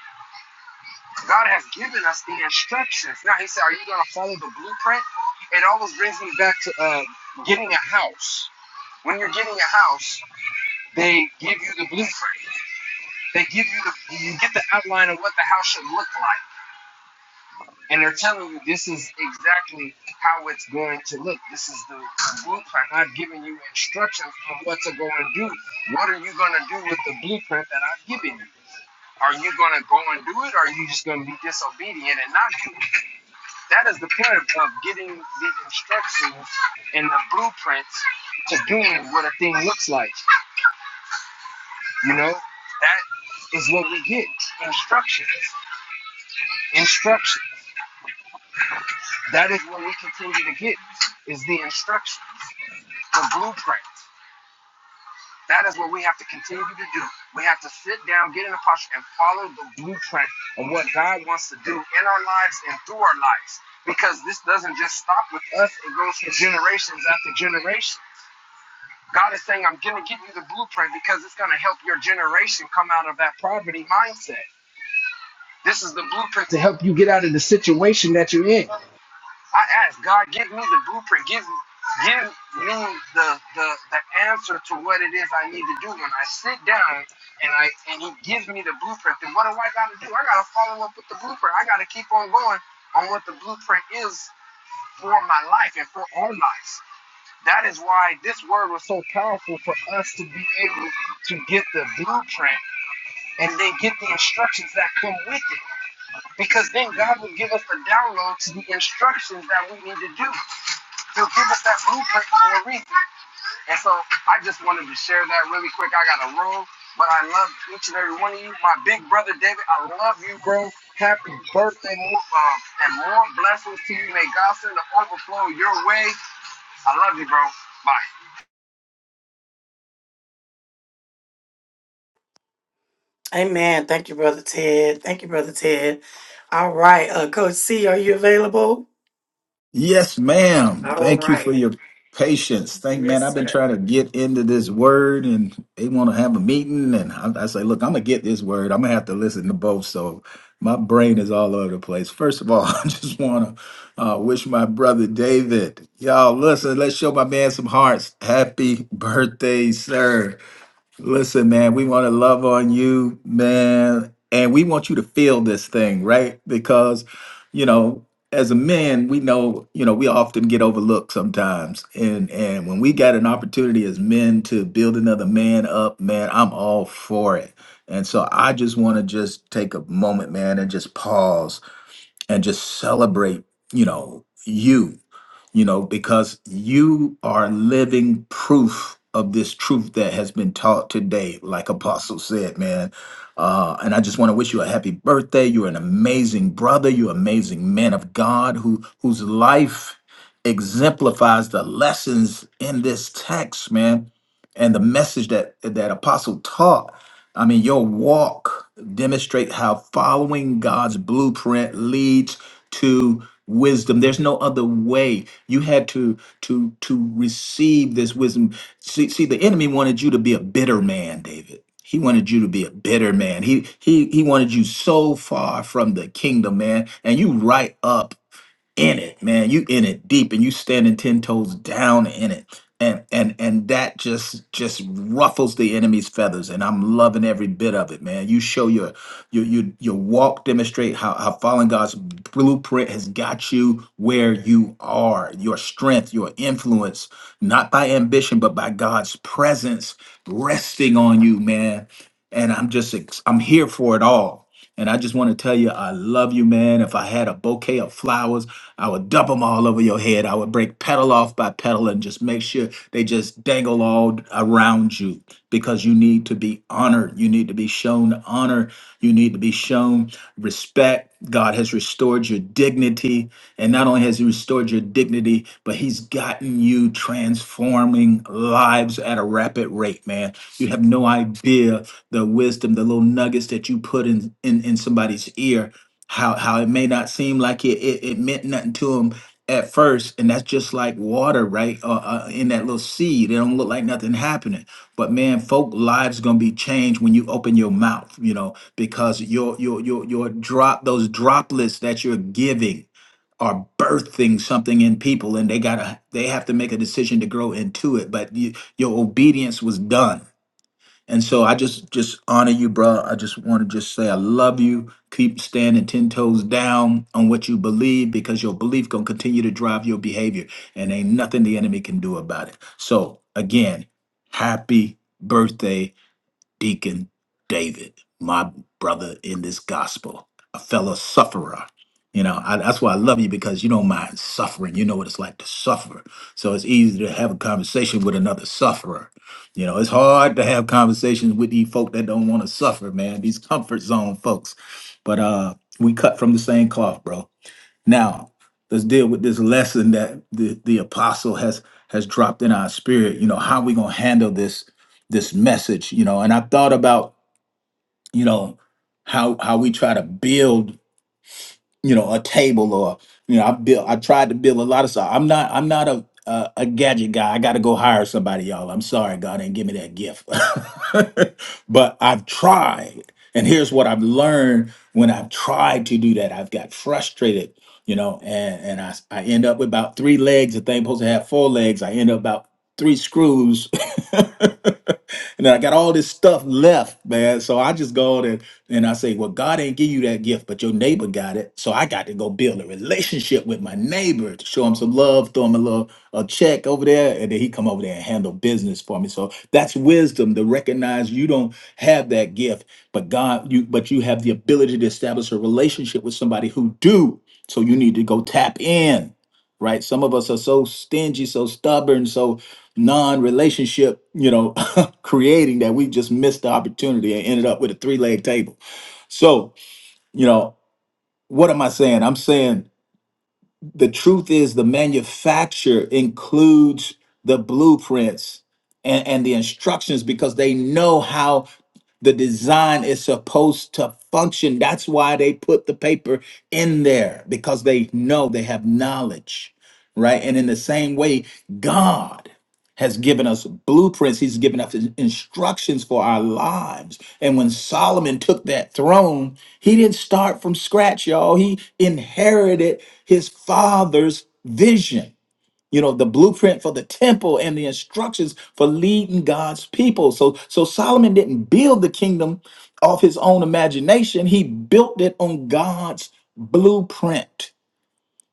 [SPEAKER 1] God has given us the instructions. Now, He said, Are you going to follow the blueprint? It always brings me back to uh, getting a house. When you're getting a house, they give you the blueprint, they give you the, you get the outline of what the house should look like. And they're telling you this is exactly how it's going to look. This is the blueprint. I've given you instructions on what to go and do. What are you going to do with the blueprint that I've given you? Are you going to go and do it, or are you just going to be disobedient and not do it? That is the point of, getting the instructions and the blueprints to doing what a thing looks like. You know, that is what we get instructions. Instruction. That is what we continue to get is the instructions. the blueprint. That is what we have to continue to do. We have to sit down, get in a posture, and follow the blueprint of what God wants to do in our lives and through our lives. Because this doesn't just stop with us, it goes for generations after generation. God is saying, I'm going to give you the blueprint because it's going to help your generation come out of that poverty mindset. This is the blueprint to help you get out of the situation that you're in. I ask God, give me the blueprint, give me give me the, the the answer to what it is I need to do. When I sit down and I and He gives me the blueprint, then what do I got to do? I got to follow up with the blueprint. I got to keep on going on what the blueprint is for my life and for our lives. That is why this word was so powerful for us to be able to get the blueprint and then get the instructions that come with it. Because then God will give us the download to the instructions that we need to do. You give us that blueprint for a reason. And so I just wanted to share that really quick. I got a roll, but I love each and every one of you. My big brother David, I love you, bro. Happy birthday, more, um, and more blessings to you. May God send the overflow your way. I love you, bro. Bye.
[SPEAKER 3] Amen. Thank you, Brother Ted. Thank you, Brother Ted. All right. Uh, Coach C, are you available?
[SPEAKER 5] Yes, ma'am.
[SPEAKER 3] Oh,
[SPEAKER 5] Thank you for your patience. Thank
[SPEAKER 3] yeah.
[SPEAKER 5] man, I've been trying to get into this word and they want to have a meeting and I, I say, look, I'm gonna get this word. I'm gonna have to listen to both. So my brain is all over the place. First of all, I just want to uh, wish my brother David, y'all listen, let's show my man some hearts. Happy birthday, sir. Listen, man, we want to love on you, man, and we want you to feel this thing, right? Because, you know, as a man, we know, you know, we often get overlooked sometimes. And and when we got an opportunity as men to build another man up, man, I'm all for it. And so I just want to just take a moment, man, and just pause and just celebrate, you know, you you know, because you are living proof of this truth that has been taught today, like Apostle said, man. Uh, and I just want to wish you a happy birthday. You're an amazing brother. You're an amazing man of God who whose life exemplifies the lessons in this text, man, and the message that that Apostle taught. I mean, your walk demonstrate how following God's blueprint leads to wisdom. There's no other way. You had to to to receive this wisdom. See, see, the enemy wanted you to be a bitter man, David. He wanted you to be a bitter man. He he he wanted you so far from the kingdom, man, and you right up in it, man. You in it deep and you standing ten toes down in it. And and and that just just ruffles the enemy's feathers. And I'm loving every bit of it, man. You show your your your, your walk demonstrate how, how following God's blueprint has got you where you are, your strength, your influence, not by ambition, but by God's presence resting on you, man. And I'm just ex- I'm here for it all. And I just want to tell you, I love you, man. If I had a bouquet of flowers, I would dump them all over your head. I would break petal off by petal and just make sure they just dangle all around you because you need to be honored. You need to be shown honor. You need to be shown respect back. God has restored your dignity. And not only has He restored your dignity, but He's gotten you transforming lives at a rapid rate, man. You have no idea the wisdom, the little nuggets that you put in, in, in somebody's ear, how, how it may not seem like it, it, it meant nothing to them at first. And that's just like water, right? Uh, uh, in that little seed, it don't look like nothing happening. But man, folk lives going to be changed when you open your mouth, you know because your your your your drop those droplets that you're giving are birthing something in people and they gotta they have to make a decision to grow into it but you, your obedience was done and so i just just honor you bro i just want to just say i love you keep standing 10 toes down on what you believe because your belief gonna continue to drive your behavior and ain't nothing the enemy can do about it so again happy birthday Deacon David, my brother in this gospel, a fellow sufferer. You know, I, that's why I love you because you don't mind suffering. You know what it's like to suffer. So it's easy to have a conversation with another sufferer. You know, it's hard to have conversations with these folk that don't want to suffer, man, these comfort zone folks. But uh we cut from the same cloth, bro now, let's deal with this lesson that the, the apostle has has dropped in our spirit. You know, how we gonna handle this this message, you know, and i thought about, you know, how how we try to build you know a table or you know i built i tried to build a lot of stuff i'm not i'm not a a, a gadget guy i gotta go hire somebody y'all i'm sorry god didn't give me that gift but i've tried and here's what i've learned when i've tried to do that i've got frustrated you know and and I I end up with about three legs the thing supposed to have four legs i end up about three screws. and I got all this stuff left, man. So I just go out and, and I say, Well, God ain't give you that gift, but your neighbor got it. So I got to go build a relationship with my neighbor to show him some love, throw him a little a check over there, and then he come over there and handle business for me. So that's wisdom to recognize you don't have that gift, but God, you but you have the ability to establish a relationship with somebody who do. So you need to go tap in right? Some of us are so stingy, so stubborn, so non-relationship, you know, creating that we just missed the opportunity and ended up with a three-leg table. So, you know, what am I saying? I'm saying the truth is the manufacturer includes the blueprints and, and the instructions because they know how the design is supposed to function. That's why they put the paper in there because they know they have knowledge, right? And in the same way, God has given us blueprints. He's given us instructions for our lives. And when Solomon took that throne, he didn't start from scratch, y'all. He inherited his father's vision. You know, the blueprint for the temple and the instructions for leading God's people. So so Solomon didn't build the kingdom off his own imagination. He built it on God's blueprint.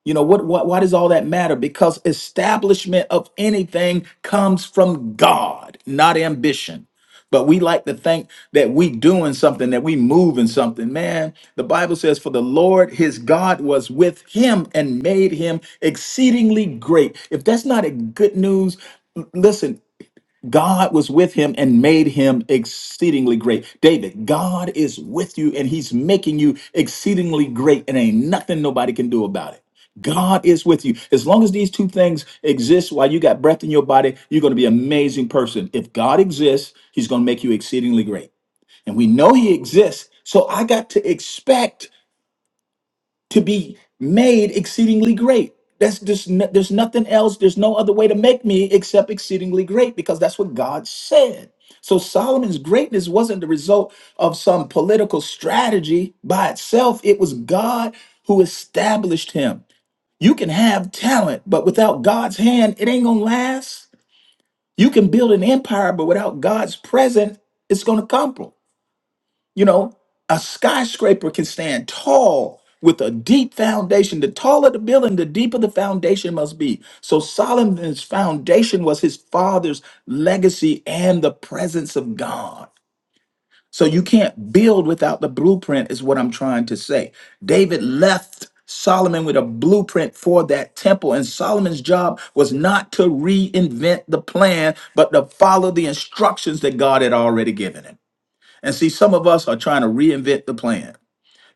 [SPEAKER 5] You know what, what? Why does all that matter? Because establishment of anything comes from God, not ambition. But we like to think that we doing something, that we moving something. Man, the Bible says, "For the Lord, His God, was with him and made him exceedingly great." If that's not a good news, l- listen. God was with him and made him exceedingly great. David, God is with you and he's making you exceedingly great, and ain't nothing nobody can do about it. God is with you. As long as these two things exist while you got breath in your body, you're going to be an amazing person. If God exists, he's going to make you exceedingly great. And we know he exists. So I got to expect to be made exceedingly great. That's just n- there's nothing else. There's no other way to make me except exceedingly great because that's what God said. So Solomon's greatness wasn't the result of some political strategy by itself. It was God who established him. You can have talent, but without God's hand, it ain't gonna last. You can build an empire, but without God's presence, it's gonna crumble. You know, a skyscraper can stand tall with a deep foundation. The taller the building, the deeper the foundation must be. So Solomon's foundation was his father's legacy and the presence of God. So you can't build without the blueprint, is what I'm trying to say. David left Solomon with a blueprint for that temple, and Solomon's job was not to reinvent the plan, but to follow the instructions that God had already given him. And see, some of us are trying to reinvent the plan.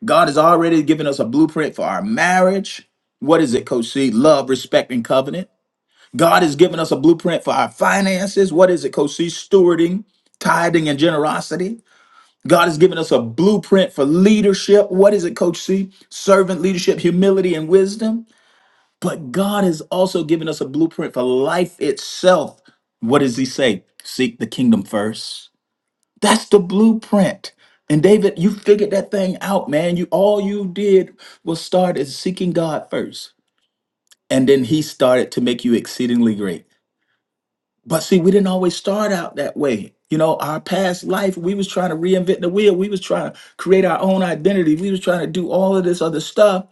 [SPEAKER 5] God has already given us a blueprint for our marriage. What is it, Coach C? Love, respect, and covenant. God has given us a blueprint for our finances. What is it, Coach C? Stewarding, tithing, and generosity. God has given us a blueprint for leadership. What is it, Coach C? Servant leadership, humility, and wisdom. But God has also given us a blueprint for life itself. What does He say? Seek the kingdom first that's the blueprint. And David, you figured that thing out, man. You all you did was start as seeking God first. And then he started to make you exceedingly great. But see, we didn't always start out that way. You know, our past life, we was trying to reinvent the wheel. We was trying to create our own identity. We was trying to do all of this other stuff.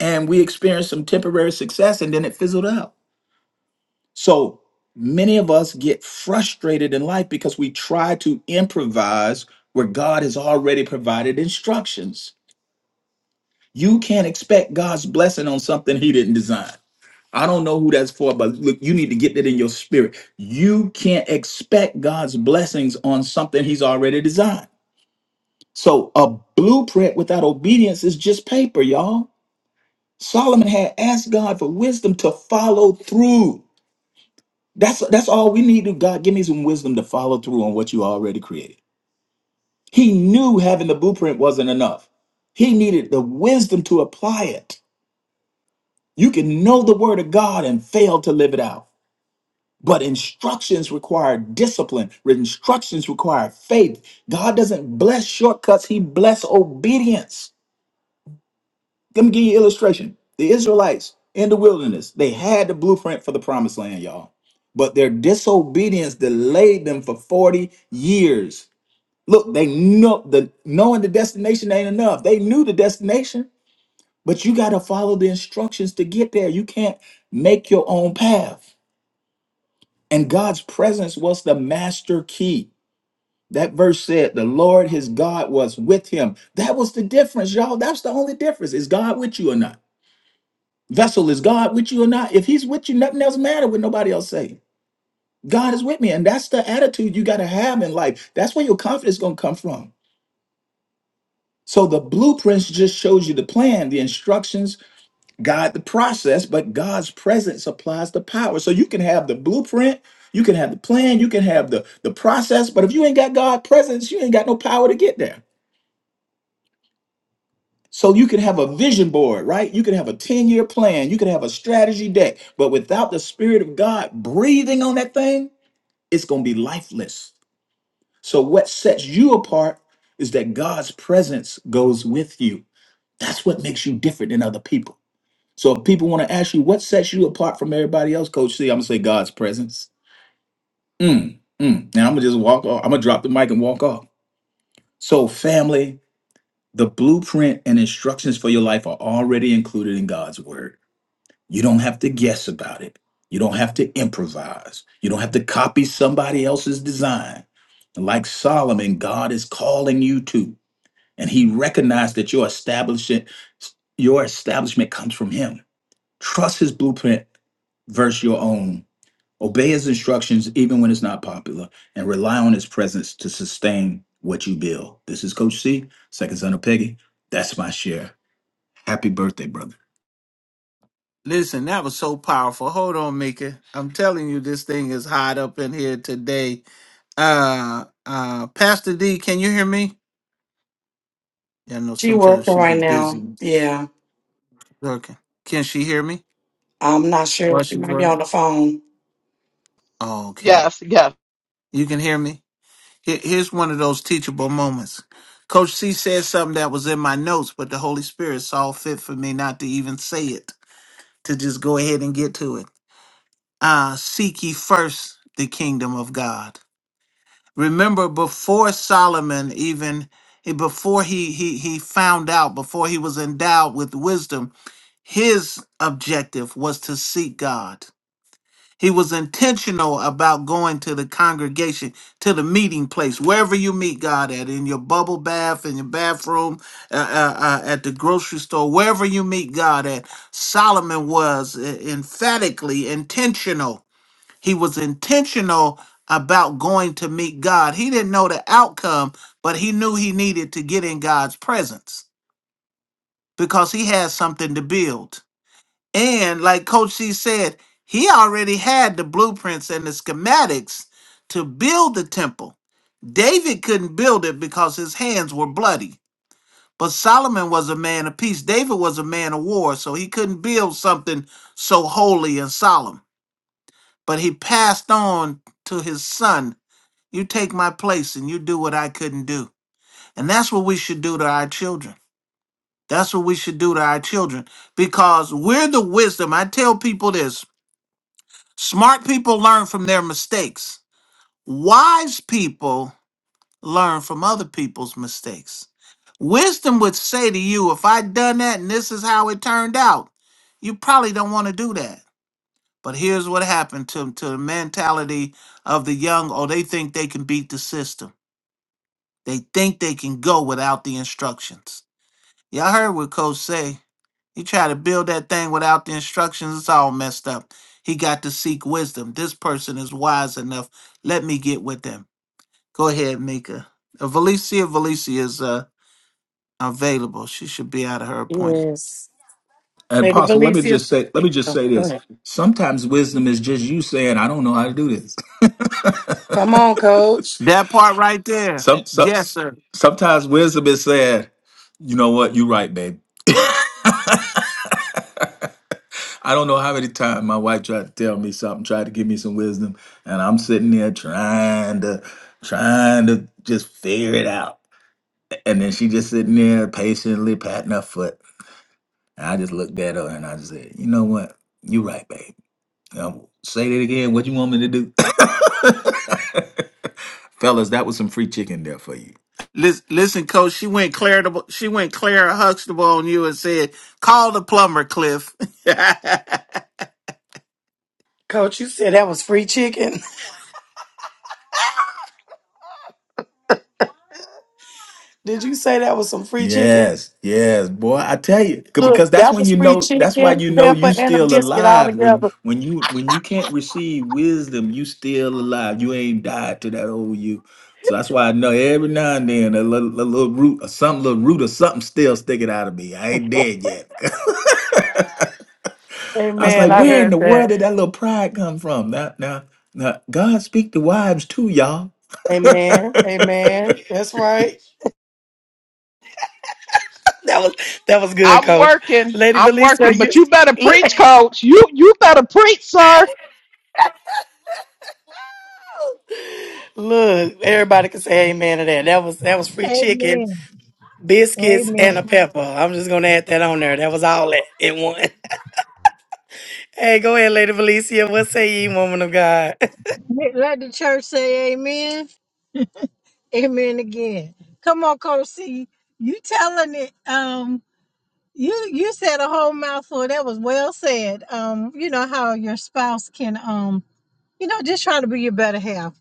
[SPEAKER 5] And we experienced some temporary success and then it fizzled out. So many of us get frustrated in life because we try to improvise where God has already provided instructions. You can't expect God's blessing on something He didn't design. I don't know who that's for, but look, you need to get that in your spirit. You can't expect God's blessings on something He's already designed. So a blueprint without obedience is just paper, y'all. Solomon had asked God for wisdom to follow through That's that's all we need to God. Give me some wisdom to follow through on what you already created. He knew having the blueprint wasn't enough. He needed the wisdom to apply it. You can know the word of God and fail to live it out. But instructions require discipline. Instructions require faith. God doesn't bless shortcuts, he bless obedience. Let me give you an illustration. The Israelites in the wilderness, they had the blueprint for the promised land, y'all. But their disobedience delayed them for 40 years. Look, they know the knowing the destination ain't enough. They knew the destination, but you got to follow the instructions to get there. You can't make your own path. And God's presence was the master key. That verse said, the Lord his God was with him. That was the difference, y'all. That's the only difference. Is God with you or not? Vessel, is God with you or not? If he's with you, nothing else matter what nobody else say. God is with me. And that's the attitude you got to have in life. That's where your confidence going to come from. So the blueprints just shows you the plan, the instructions, guide the process, but God's presence applies the power. So you can have the blueprint, you can have the plan, you can have the, the process, but if you ain't got God presence, you ain't got no power to get there. So you can have a vision board, right? You can have a 10-year plan, you can have a strategy deck, but without the spirit of God breathing on that thing, it's going to be lifeless. So what sets you apart is that God's presence goes with you. That's what makes you different than other people. So if people want to ask you what sets you apart from everybody else, Coach C, I'm gonna say God's presence. Mm, mm. Now I'm gonna just walk off. I'm gonna drop the mic and walk off. So family, the blueprint and instructions for your life are already included in God's word. You don't have to guess about it. You don't have to improvise. You don't have to copy somebody else's design. And like Solomon, God is calling you to, and he recognized that your establishment, your establishment comes from him. Trust his blueprint versus your own. Obey his instructions even when it's not popular, and rely on his presence to sustain what you build. This is Coach C, second son of Peggy. That's my share. Happy birthday, brother.
[SPEAKER 2] Listen, that was so powerful. Hold on, Mika. I'm telling you, this thing is hot up in here today. Uh, uh, Pastor D, can you hear me? Yeah, I know
[SPEAKER 3] She
[SPEAKER 2] sometimes
[SPEAKER 3] working
[SPEAKER 2] she be
[SPEAKER 3] right
[SPEAKER 2] busy
[SPEAKER 3] now. Yeah.
[SPEAKER 2] working. Can she hear me
[SPEAKER 3] I'm not sure.
[SPEAKER 2] while
[SPEAKER 3] She
[SPEAKER 2] she's
[SPEAKER 3] might be on
[SPEAKER 2] working?
[SPEAKER 3] the phone.
[SPEAKER 2] Oh, okay.
[SPEAKER 7] Yes, yes.
[SPEAKER 2] You can hear me? Here- Here's one of those teachable moments. Coach C said something that was in my notes, but the Holy Spirit saw fit for me not to even say it, to just go ahead and get to it. Uh, seek ye first the kingdom of God. Remember, before Solomon even eh, before he, he he found out, before he was endowed with wisdom, his objective was to seek God. He was intentional about going to the congregation, to the meeting place, wherever you meet God at, in your bubble bath, in your bathroom, uh, uh, uh, at the grocery store, wherever you meet God at. Solomon was uh, emphatically intentional. He was intentional about going to meet God. He didn't know the outcome, but he knew he needed to get in God's presence because he had something to build. And like Coach C said, he already had the blueprints and the schematics to build the temple. David couldn't build it because his hands were bloody. But Solomon was a man of peace. David was a man of war, so he couldn't build something so holy and solemn. But he passed on to his son, You take my place and you do what I couldn't do. And that's what we should do to our children. That's what we should do to our children because we're the wisdom. I tell people this Smart people learn from their mistakes. Wise people learn from other people's mistakes. Wisdom would say to you, if I'd done that and this is how it turned out, you probably don't want to do that. But here's what happened to, to the mentality of the young. Oh, they think they can beat the system. They think they can go without the instructions. Y'all heard what Coach say. You try to build that thing without the instructions, it's all messed up. He got to seek wisdom. This person is wise enough. Let me get with them. Go ahead, Mika. Uh, Valicia, Valicia is uh, available. She should be out of her appointment.
[SPEAKER 3] Yes.
[SPEAKER 5] And
[SPEAKER 3] Lady
[SPEAKER 5] Apostle, let me
[SPEAKER 3] Valencia.
[SPEAKER 5] just say, let me just
[SPEAKER 3] Oh,
[SPEAKER 5] say
[SPEAKER 3] go
[SPEAKER 5] this.
[SPEAKER 3] ahead.
[SPEAKER 5] Sometimes wisdom is just you saying, "I don't know how to do this."
[SPEAKER 3] Come on, Coach.
[SPEAKER 2] That part right there.
[SPEAKER 5] some, some
[SPEAKER 2] Yes, sir.
[SPEAKER 5] sometimes wisdom is saying, "You know what? You're right, babe." I don't know how many times my wife tried to tell me something, tried to give me some wisdom, and I'm sitting there trying to, trying to just figure it out. And then she just sitting there patiently patting her foot, and I just looked at her and I just said, "You know what? You're right, babe." Um, say that again. What you want me to do? Fellas, that was some free chicken there for you.
[SPEAKER 2] Lis- Listen, coach, she went Claire To, she went Claire Huxtable on you and said, call the plumber, Cliff.
[SPEAKER 3] Coach, you said that was free chicken. Did you say that was some free chicken?
[SPEAKER 5] Yes, yes, boy. I tell you, c-
[SPEAKER 3] Look,
[SPEAKER 5] because that's
[SPEAKER 3] that
[SPEAKER 5] when
[SPEAKER 3] was
[SPEAKER 5] you
[SPEAKER 3] free
[SPEAKER 5] know. That's why
[SPEAKER 3] chicken,
[SPEAKER 5] you know you
[SPEAKER 3] pepper, and a
[SPEAKER 5] still
[SPEAKER 3] biscuit all
[SPEAKER 5] alive. When
[SPEAKER 3] together.
[SPEAKER 5] when you when you can't receive wisdom, you still alive. You ain't died to that old you. So that's why I know every now and then a little, a little root or something, little root or something still sticking out of me. I ain't dead yet. I was
[SPEAKER 3] Amen.
[SPEAKER 5] like,
[SPEAKER 3] I
[SPEAKER 5] where in
[SPEAKER 3] heard
[SPEAKER 5] the world
[SPEAKER 3] that.
[SPEAKER 5] did that little pride come from? Now, now, now God speak to wives too, y'all.
[SPEAKER 3] Amen. Amen. That's right. That was that was good,
[SPEAKER 7] I'm
[SPEAKER 3] Coach.
[SPEAKER 7] working.
[SPEAKER 3] Lady
[SPEAKER 7] I'm
[SPEAKER 3] Valisa,
[SPEAKER 7] working,
[SPEAKER 3] you
[SPEAKER 7] but you better
[SPEAKER 3] look
[SPEAKER 7] preach, coach. You you better preach, sir.
[SPEAKER 3] look. Everybody can say amen to that. That was that was free chicken,
[SPEAKER 8] Amen.
[SPEAKER 3] biscuits, and a
[SPEAKER 8] Amen.
[SPEAKER 3] pepper. I'm just gonna add that on there. That was all that in one. Hey, go ahead, Lady Valicia. What say ye, woman of God?
[SPEAKER 8] Let the church say amen. Amen again. Come on, Coach C. You telling it. Um, you you said a whole mouthful. That was well said. Um, you know how your spouse can um, you know, just try to be your better half.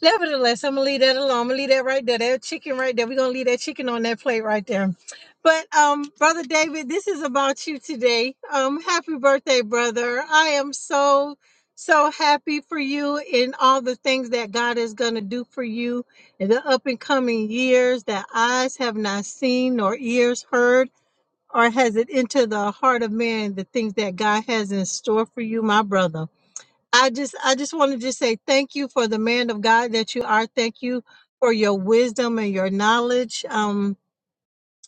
[SPEAKER 8] Nevertheless, I'm gonna leave that alone. I'm gonna leave that right there. That chicken right there. We're gonna leave that chicken on that plate right there. But um, brother David, this is about you today. Um, happy birthday, brother. I am so so happy for you in all the things that God is gonna do for you in the up and coming years that eyes have not seen nor ears heard, or has it entered the heart of man the things that God has in store for you, my brother. I just I just wanted to just say thank you for the man of God that you are. Thank you for your wisdom and your knowledge. Um,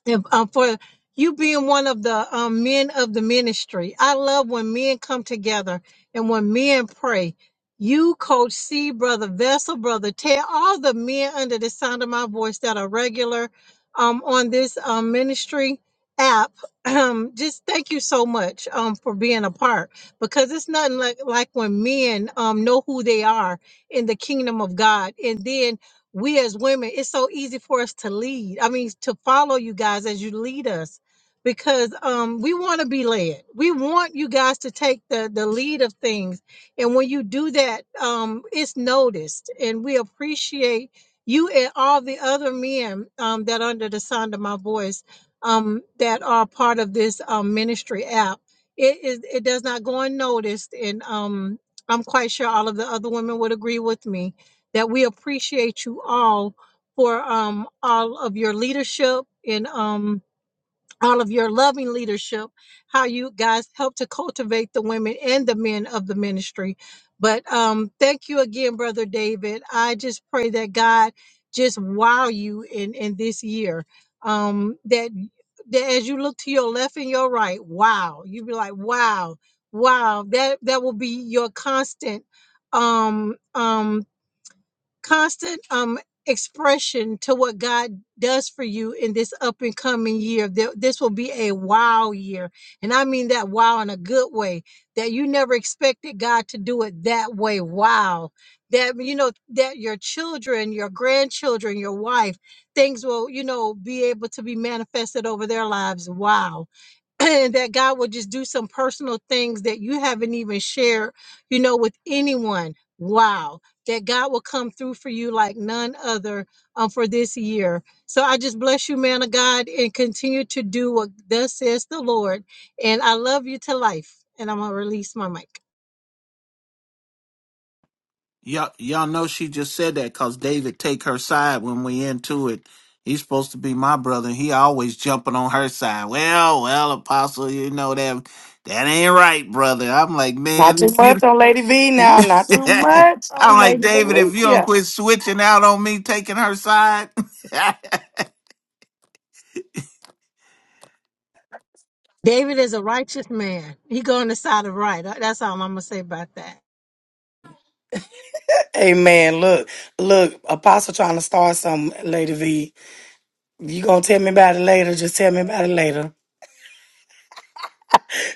[SPEAKER 8] if, um, for you being one of the um, men of the ministry. I love when men come together and when men pray. You, Coach C, Brother Vessel, Brother Ted, all the men under the sound of my voice that are regular um, on this um, ministry app, um, just thank you so much um, for being a part because it's nothing like, like when men um, know who they are in the kingdom of God. And then we as women, it's so easy for us to lead. I mean, to follow you guys as you lead us because um we want to be led. We want you guys to take the the lead of things. And when you do that, um it's noticed and we appreciate you and all the other men um that are under the sound of my voice um that are part of this um ministry app. It is it does not go unnoticed and um I'm quite sure all of the other women would agree with me that we appreciate you all for um, all of your leadership and um, all of your loving leadership, how you guys help to cultivate the women and the men of the ministry. But um, thank you again, Brother David. I just pray that God just wow you in, in this year. Um, that, that as you look to your left and your right, wow, you be like, wow, wow, that, that will be your constant um, um, constant um expression to what God does for you in this up and coming year. Th- This will be a wow year. And I mean that wow in a good way that you never expected God to do it that way. Wow. That you know that your children, your grandchildren, your wife, things will, you know, be able to be manifested over their lives. Wow that God will just do some personal things that you haven't even shared, you know, with anyone. Wow. That God will come through for you like none other um, for this year. So I just bless you, man of God, and continue to do what thus says the Lord. And I love you to life. And I'm going to release my mic.
[SPEAKER 2] Y'all, y'all know she just said that because David take her side when we into it. He's supposed to be my brother. He always jumping on her side. Well, well, Apostle, you know that that ain't right, brother. I'm like,
[SPEAKER 3] Not
[SPEAKER 2] man,
[SPEAKER 3] too
[SPEAKER 2] if you,
[SPEAKER 3] much on Lady V now. Not too much
[SPEAKER 2] I'm
[SPEAKER 3] on
[SPEAKER 2] like
[SPEAKER 3] Lady
[SPEAKER 2] David, if you don't
[SPEAKER 3] Valicia.
[SPEAKER 2] quit switching out on me, taking her side,
[SPEAKER 8] David is a righteous man. He go on the side of right. That's all I'm going to say about that.
[SPEAKER 3] Amen. Look, look, Apostle trying to start some Lady V. You gonna tell me about it later? Just tell me about it later.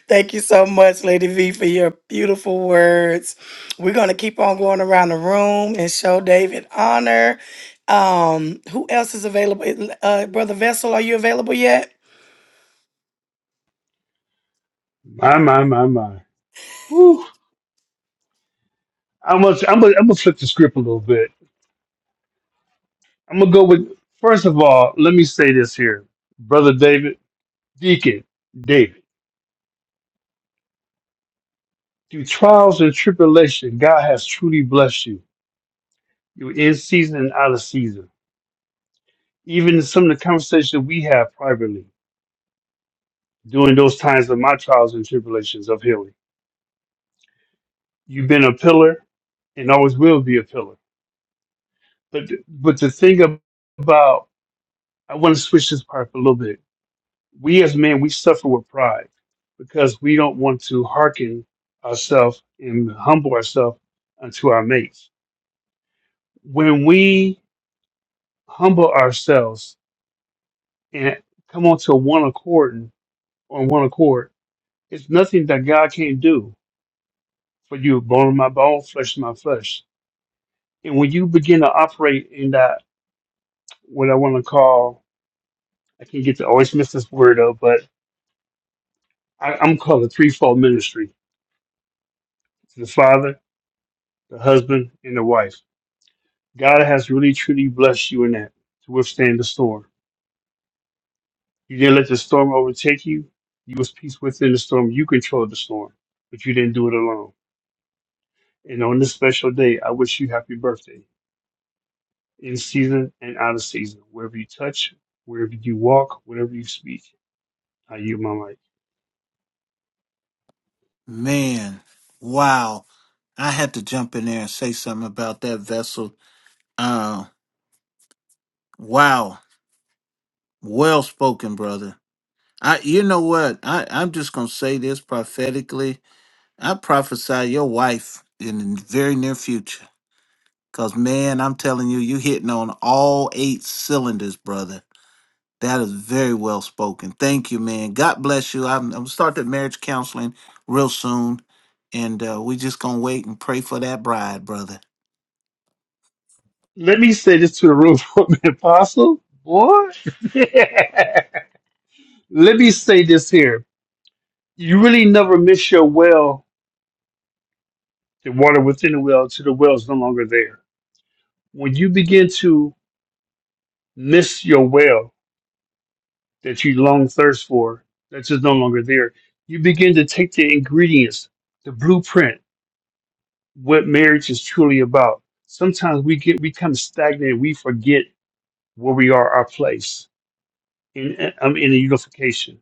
[SPEAKER 3] Thank you so much, Lady V, for your beautiful words. We're going to keep on going around the room and show David honor. Um, who else is available? Uh, Brother Vessel, are you available yet?
[SPEAKER 6] My, my, my, my. Woo. I'm gonna, I'm gonna, I'm gonna flip the script a little bit. I'm gonna go with first of all. Let me say this here, brother David, Deacon David. Through trials and tribulation, God has truly blessed you. You're in season and out of season. Even in some of the conversations we have privately during those times of my trials and tribulations of healing, you've been a pillar and always will be a pillar. But but the thing ab- about I want to switch this part for a little bit we as men we suffer with pride because we don't want to hearken ourselves and humble ourselves unto our mates when we humble ourselves and come onto one accord and- on one accord it's nothing that god can't do for you bone of my bone flesh of my flesh and when you begin to operate in that what i want to call i can't get to always miss this word though but I, i'm called a threefold ministry to the father the husband and the wife God has really truly blessed you in that to withstand the storm. You didn't let the storm overtake you. You was peace within the storm. You controlled the storm, but you didn't do it alone. And on this special day, I wish you happy birthday in season and out of season, wherever you touch, wherever you walk, whenever you speak. I yield my mic.
[SPEAKER 2] man, wow. I had to jump in there and say something about that vessel. Uh, wow, well spoken, brother I, you know what? I, I'm just gonna say this prophetically. I prophesy your wife in the very near future. Cause man, I'm telling you, you hitting on all eight cylinders, brother. That is very well spoken. Thank you, man. God bless you. I'm, I'm gonna start that marriage counseling real soon, and uh, we just gonna wait and pray for that bride, brother.
[SPEAKER 6] Let me say this to the room, Apostle. Boy, let me say this here. You really never miss your well, the water within the well, till the well is no longer there When you begin to miss your well that you long thirst for, that's just no longer there, you begin to take the ingredients, the blueprint, what marriage is truly about. Sometimes we get we become stagnant. We forget where we are, our place in um, in the unification.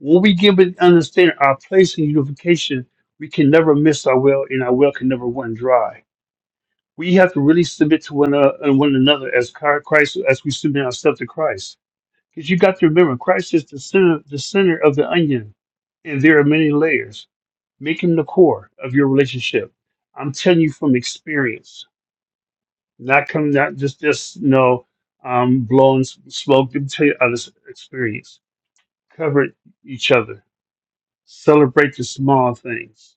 [SPEAKER 6] When we give it understanding our place in unification, we can never miss our well, and our well can never run dry we have to really submit to one, uh, one another as Christ, as we submit ourselves to Christ. Because you got to remember, Christ is the center, the center of the onion, and there are many layers. Make him the core of your relationship. I'm telling you from experience, not coming, not just just you know, um, blowing s- smoke. Let me tell you out of experience. Cover each other. Celebrate the small things,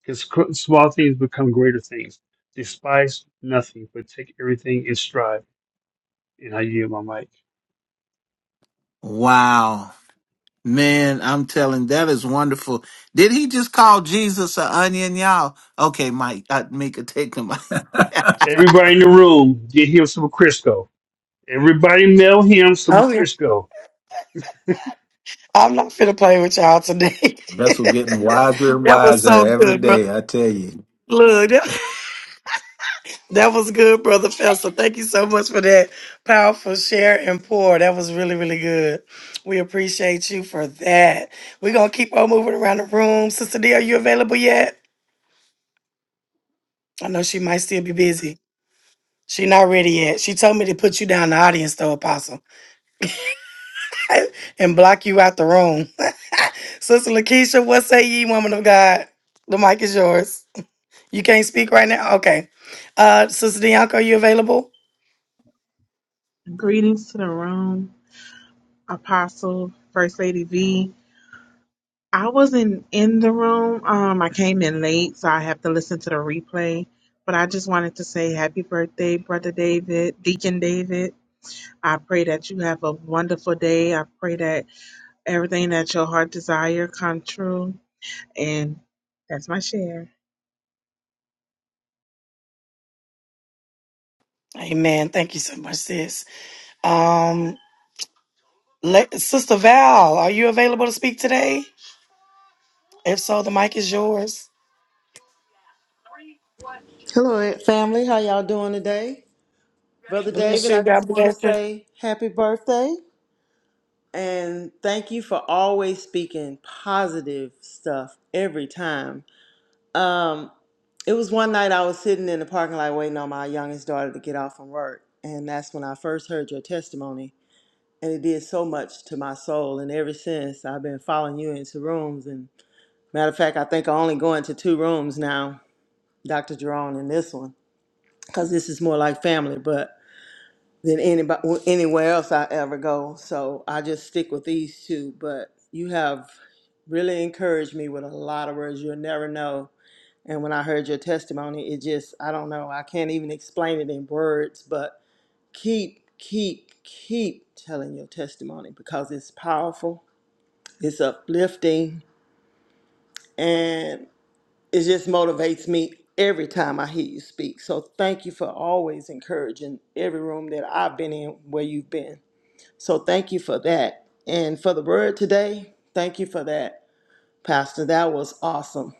[SPEAKER 6] because small things become greater things. Despise nothing, but take everything in stride. And I yield my mic.
[SPEAKER 2] Wow, man, I'm telling that is wonderful. Did he just call Jesus an onion, y'all? Okay, Mike, I, Mika, take him.
[SPEAKER 6] Everybody in the room, get here with some Crisco. Everybody mail him some
[SPEAKER 3] Oh, yeah.
[SPEAKER 6] Crisco.
[SPEAKER 3] I'm not finna play with y'all today.
[SPEAKER 5] Vessel getting wiser and
[SPEAKER 3] that was
[SPEAKER 5] wiser
[SPEAKER 3] so
[SPEAKER 5] every
[SPEAKER 3] good, bro.
[SPEAKER 5] day, I tell you.
[SPEAKER 3] Look, That was good, Brother Fester. Thank you so much for that powerful share and pour. That was really, really good. We appreciate you for that. We're going to keep on moving around the room. Sister D, are you available yet? I know she might still be busy. She not ready yet. She told me to put you down in the audience, though, Apostle, and block you out the room. Sister Lakeisha, what say ye, woman of God? The mic is yours. You can't speak right now? Okay. Uh, Sister Bianca, are you available?
[SPEAKER 9] Greetings to the room, Apostle, First Lady V. I wasn't in the room. Um, I came in late, so I have to listen to the replay. But I just wanted to say happy birthday, Brother David, Deacon David. I pray that you have a wonderful day. I pray that everything that your heart desire come true. And that's my share.
[SPEAKER 3] Amen. Thank you so much, sis. Um, Le- Sister Val, are you available to speak today? If so, the mic is yours.
[SPEAKER 10] Hello, family. How y'all doing today? Brother
[SPEAKER 3] Bless
[SPEAKER 10] David, I
[SPEAKER 3] you.
[SPEAKER 10] just
[SPEAKER 3] God
[SPEAKER 10] want to
[SPEAKER 3] bless you.
[SPEAKER 10] say happy birthday and thank you for always speaking positive stuff every time. Um, it was one night I was sitting in the parking lot waiting on my youngest daughter to get off from work, and that's when I first heard your testimony. And it did so much to my soul. And ever since, I've been following you into rooms. And matter of fact, I think I only go into two rooms now, Dr. Jerome, and this one because this is more like family. But than anybody anywhere else I ever go. So I just stick with these two. But you have really encouraged me with a lot of words. You'll never know. And when I heard your testimony, it just I don't know. I can't even explain it in words. But keep, keep, keep telling your testimony because it's powerful. It's uplifting, and it just motivates me every time I hear you speak. So thank you for always encouraging every room that I've been in where you've been. So thank you for that. And for the word today, thank you for that, Pastor. That was awesome.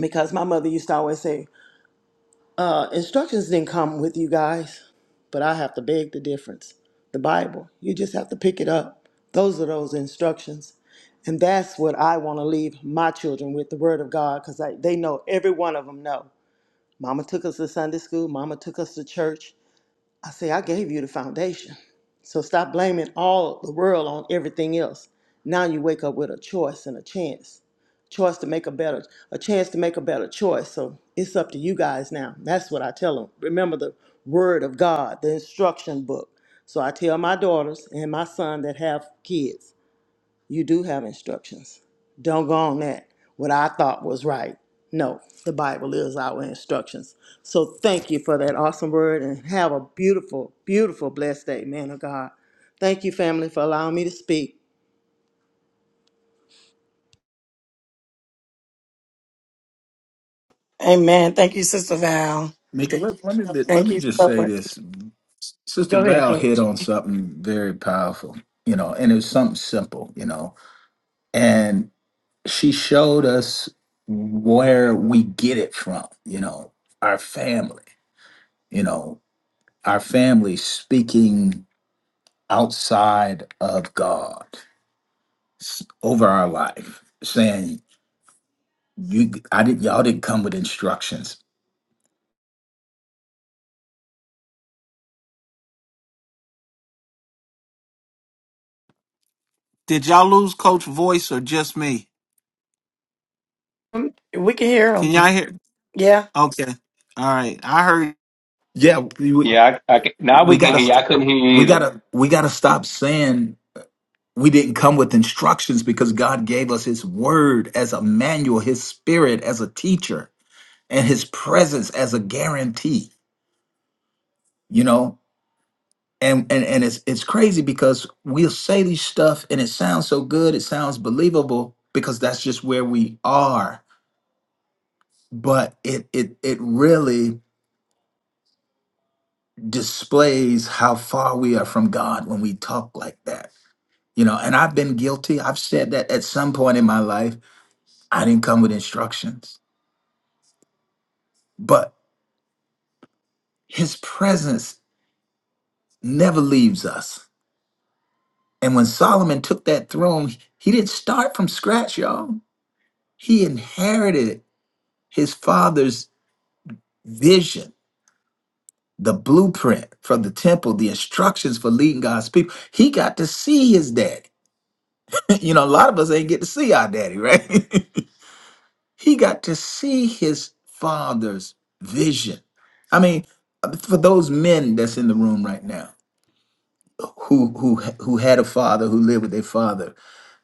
[SPEAKER 10] Because my mother used to always say, uh, instructions didn't come with you guys, but I have to beg the difference. The Bible, you just have to pick it up. Those are those instructions. And that's what I want to leave my children with the word of God because they know every one of them know. Mama took us to Sunday school, mama took us to church, I say, I gave you the foundation. So stop blaming all the world on everything else. Now you wake up with a choice and a chance. Choice to make a better, a chance to make a better choice. So it's up to you guys now. That's what I tell them. Remember the word of God, the instruction book. So I tell my daughters and my son that have kids you do have instructions. Don't go on that. What I thought was right. No, the Bible is our instructions. So thank you for that awesome word and have a beautiful, beautiful, blessed day, man of God. Thank you, family, for allowing me to speak.
[SPEAKER 3] Amen. Thank you, Sister Val.
[SPEAKER 5] Mika, let, let me bit- let
[SPEAKER 3] Thank
[SPEAKER 5] me
[SPEAKER 3] you
[SPEAKER 5] just
[SPEAKER 3] so
[SPEAKER 5] say
[SPEAKER 3] much.
[SPEAKER 5] this. Sister
[SPEAKER 3] Go ahead,
[SPEAKER 5] Val hit
[SPEAKER 3] Coach.
[SPEAKER 5] on something very powerful, you know, and it was something simple, you know, and she showed us where we get it from, you know, our family, you know, our family speaking outside of God. s- over our life, saying you, I did, y'all didn't come with instructions.
[SPEAKER 2] Did y'all lose coach voice or just me?
[SPEAKER 3] Um, We can hear
[SPEAKER 2] Can
[SPEAKER 3] him.
[SPEAKER 2] y'all hear?
[SPEAKER 3] Yeah.
[SPEAKER 2] Okay. All right. I heard.
[SPEAKER 5] Yeah, we we
[SPEAKER 4] Yeah, I, I can, now we
[SPEAKER 5] we
[SPEAKER 4] can
[SPEAKER 5] gotta
[SPEAKER 4] hear you. I
[SPEAKER 5] stop.
[SPEAKER 4] couldn't hear you
[SPEAKER 5] We
[SPEAKER 4] either.
[SPEAKER 5] gotta we gotta stop saying we didn't come with instructions because God gave us His Word as a manual, His Spirit as a teacher, and His presence as a guarantee. You know, and and and it's it's crazy because we'll say these stuff and it sounds so good, it sounds believable because that's just where we are. But it it it really displays how far we are from God when we talk like that. You know, and I've been guilty. I've said that at some point in my life, I didn't come with instructions, but his presence never leaves us. And when Solomon took that throne, he didn't start from scratch, y'all. He inherited his father's vision, the blueprint for the temple, the instructions for leading God's people. He got to see his daddy. You know, a lot of us ain't get to see our daddy, right? He got to see his father's vision. I mean, uh, for those men that's in the room right now who who who had a father who lived with their father,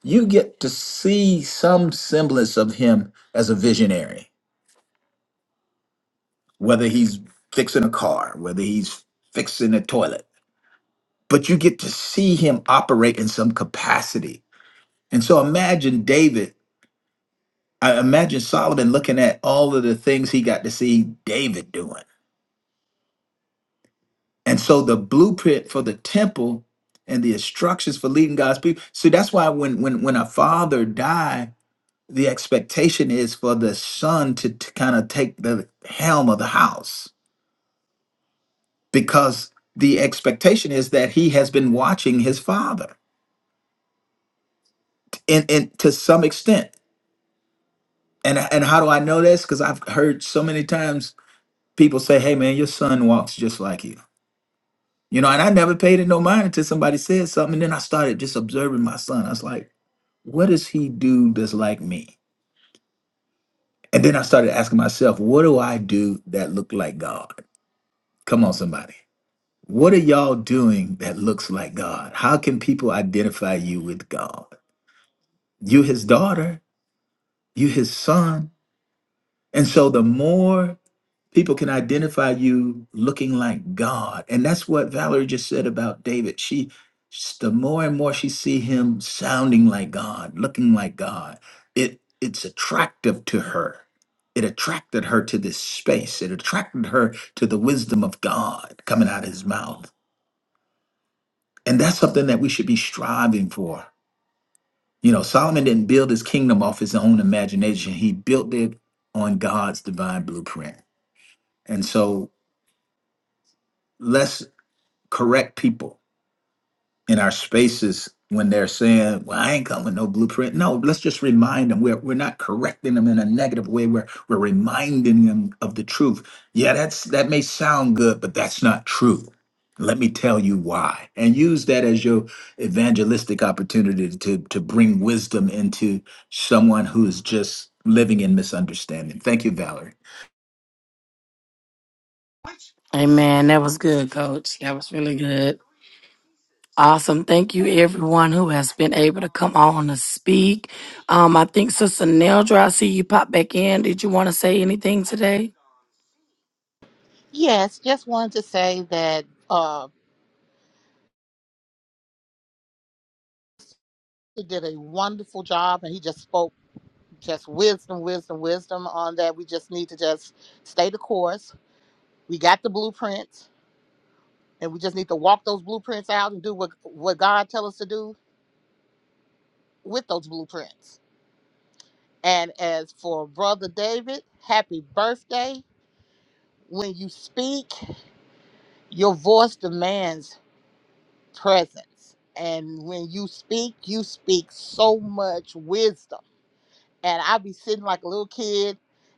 [SPEAKER 5] you get to see some semblance of him as a visionary, whether he's fixing a car, whether he's fixing a toilet, but you get to see him operate in some capacity. And so imagine David, I imagine Solomon looking at all of the things he got to see David doing And so the blueprint for the temple and the instructions for leading God's people. See, that's why when when when a father die, the expectation is for the son to, to kind of take the helm of the house because the expectation is that he has been watching his father and, and to some extent. And and how do I know this? Because I've heard so many times people say, "Hey man, your son walks just like you." You know, and I never paid it no mind until somebody said something. And then I started just observing my son. I was like, what does he do that's like me? And then I started asking myself, what do I do that look like God? Come on, somebody. What are y'all doing that looks like God? How can people identify you with God? You his daughter, you his son. And so the more people can identify you looking like God. And that's what Valerie just said about David. She the more and more she see him sounding like God, looking like God, it it's attractive to her. It attracted her to this space. It attracted her to the wisdom of God coming out of his mouth. And that's something that we should be striving for. You know, Solomon didn't build his kingdom off his own imagination. He built it on God's divine blueprint. And so let's correct people in our spaces when they're saying, "Well, I ain't coming with no blueprint." No, let's just remind them. We're we're not correcting them in a negative way. We're we're reminding them of the truth. Yeah, that's that may sound good, but that's not true. Let me tell you why, and use that as your evangelistic opportunity to to bring wisdom into someone who is just living in misunderstanding. Thank you, Valerie.
[SPEAKER 3] Amen. That was good, Coach. That was really good. Awesome. Thank you, everyone who has been able to come on to speak. Um, I think Sister Neldra, I see you pop back in. Did you want to say anything today?
[SPEAKER 11] Yes, just wanted to say that uh, he did a wonderful job, and he just spoke just wisdom, wisdom, wisdom on that. We just need to just stay the course. We got the blueprints, and we just need to walk those blueprints out and do what what God tell us to do with those blueprints. And as for brother David, happy birthday! When you speak, your voice demands presence, and when you speak, you speak so much wisdom and I be sitting like a little kid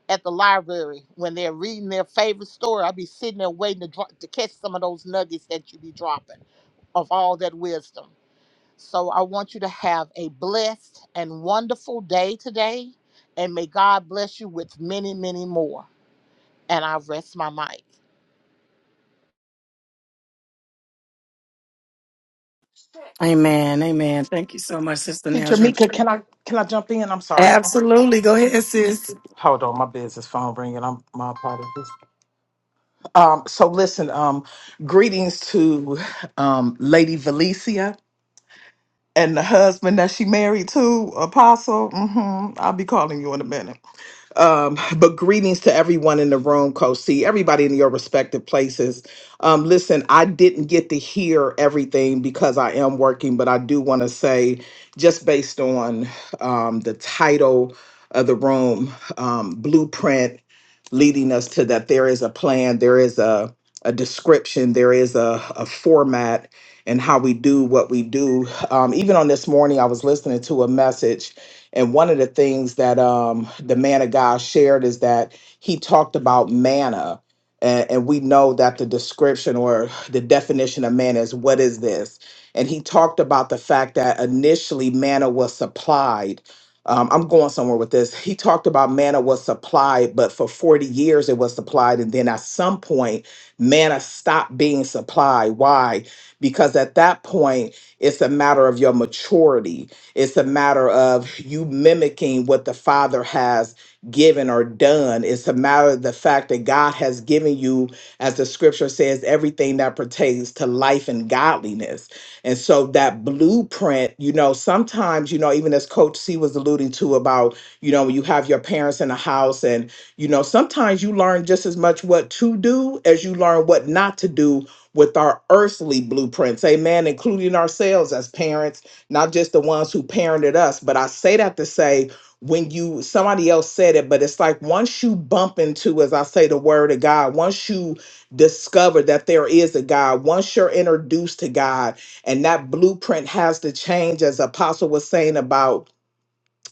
[SPEAKER 11] at the library when they're reading their favorite story. I be sitting there waiting to drop, to catch some of those nuggets that you be dropping of all that wisdom. So I want you to have a blessed and wonderful day today, and may God bless you with many, many more. And I rest my mic.
[SPEAKER 3] Amen. Amen. Thank you so much, Sister
[SPEAKER 7] Teacher
[SPEAKER 3] Neldra.
[SPEAKER 7] Mika, can I can I jump in? I'm sorry.
[SPEAKER 3] Absolutely. Go ahead, sis.
[SPEAKER 7] Hold on, my business phone ringing. I'm my apologies. Um, so listen, um, greetings to um, Lady Valicia and the husband that she married to, Apostle. hmm I'll be calling you in a minute. Um, but greetings to everyone in the room, Coach C, everybody in your respective places. Um, listen, I didn't get to hear everything because I am working, but I do want to say, just based on um, the title of the room, um, Blueprint, leading us to that there is a plan, there is a, a description, there is a, a format, and how we do what we do. Um, even on this morning, I was listening to a message and one of the things that um, the man of God shared is that he talked about manna. And, and we know that the description or the definition of manna is what is this? And he talked about the fact that initially manna was supplied. Um, I'm going somewhere with this. He talked about manna was supplied, but for 40 years it was supplied. And then at some point, manna stopped being supplied. Why? Because at that point, it's a matter of your maturity it's a matter of you mimicking what the Father has given or done. It's a matter of the fact that God has given you, as the scripture says, everything that pertains to life and godliness. And so that blueprint, you know, sometimes, you know, even as Coach C was alluding to about, you know, when you have your parents in the house and, you know, sometimes you learn just as much what to do as you learn what not to do with our earthly blueprints, amen, including ourselves as parents not just the ones who parented us. But I say that to say, when you somebody else said it, but it's like once you bump into, as I say, the word of God, once you discover that there is a God, once you're introduced to God, and that blueprint has to change, as Apostle was saying about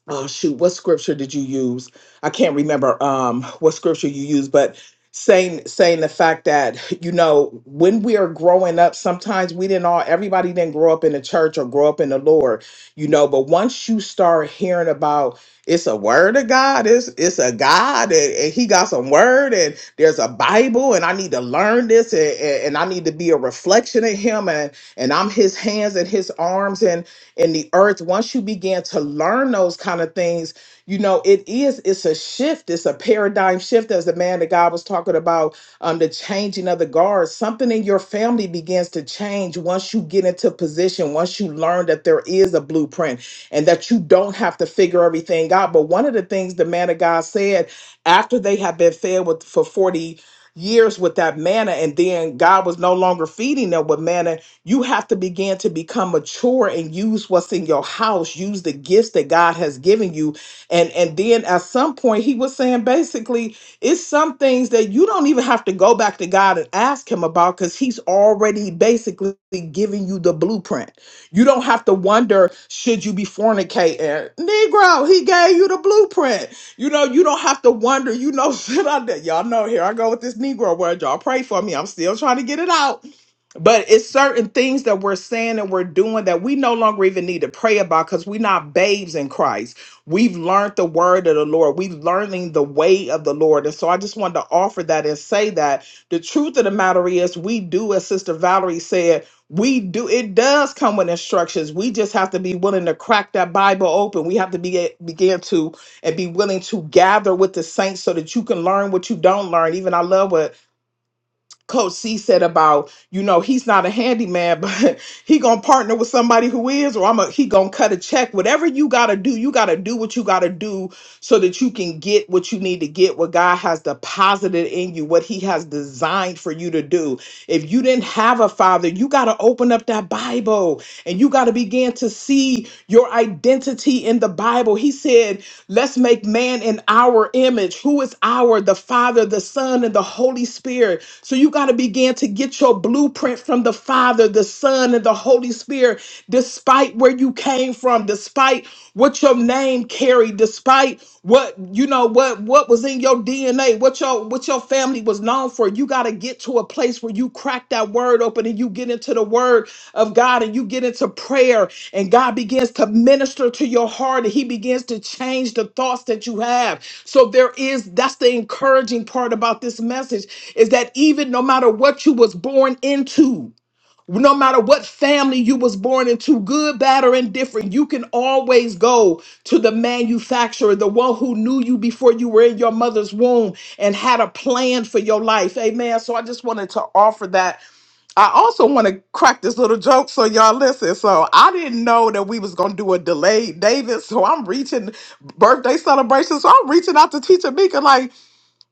[SPEAKER 7] oh shoot what scripture did you use i can't remember um what scripture you used but saying saying the fact that you know when we are growing up sometimes we didn't all everybody didn't grow up in the church or grow up in the lord you know but once you start hearing about it's a word of god it's it's a god and, and he got some word and there's a bible and i need to learn this and, and and i need to be a reflection of him and and i'm his hands and his arms and in the earth once you begin to learn those kind of things you know it is it's a shift it's a paradigm shift as the man that god was talking about um the changing of the guards something in your family begins to change once you get into position once you learn that there is a blueprint and that you don't have to figure everything out but one of the things the man of god said after they had been fed with for 40 years with that manna and then god was no longer feeding them with manna you have to begin to become mature and use what's in your house use the gifts that god has given you and and then at some point he was saying basically it's some things that you don't even have to go back to god and ask him about because he's already basically giving you the blueprint you don't have to wonder should you be fornicating negro he gave you the blueprint you know you don't have to wonder you know shit i did y'all know here i go with this negro word y'all pray for me i'm still trying to get it out but it's certain things that we're saying and we're doing that we no longer even need to pray about because we're not babes in Christ. We've learned the word of the Lord. We've learning the way of the Lord. And so I just wanted to offer that and say that the truth of the matter is we do, as Sister Valerie said, we do it does come with instructions. We just have to be willing to crack that Bible open. We have to be begin to and be willing to gather with the saints so that you can learn what you don't learn. Even I love what Coach C said about, you know, he's not a handyman, but he gonna partner with somebody who is, or I'm a he gonna cut a check. Whatever you gotta do, you gotta do what you gotta do so that you can get what you need to get, what God has deposited in you, what He has designed for you to do. If you didn't have a father, you gotta open up that Bible and you gotta begin to see your identity in the Bible. He said, Let's make man in our image. Who is our? The Father, the Son, and the Holy Spirit. So you got to begin to get your blueprint from the Father, the Son, and the Holy Spirit, despite where you came from, despite what your name carried, despite what you know what what was in your dna what your what your family was known for you got to get to a place where you crack that word open and you get into the word of god and you get into prayer and god begins to minister to your heart and he begins to change the thoughts that you have so there is that's the encouraging part about this message is that even no matter what you was born into no matter what family you was born into good bad or indifferent you can always go to the manufacturer the one who knew you before you were in your mother's womb and had a plan for your life amen so i just wanted to offer that i also want to crack this little joke so y'all listen so i didn't know that we was going to do a delayed david so i'm reaching birthday celebration so i'm reaching out to teacher mika like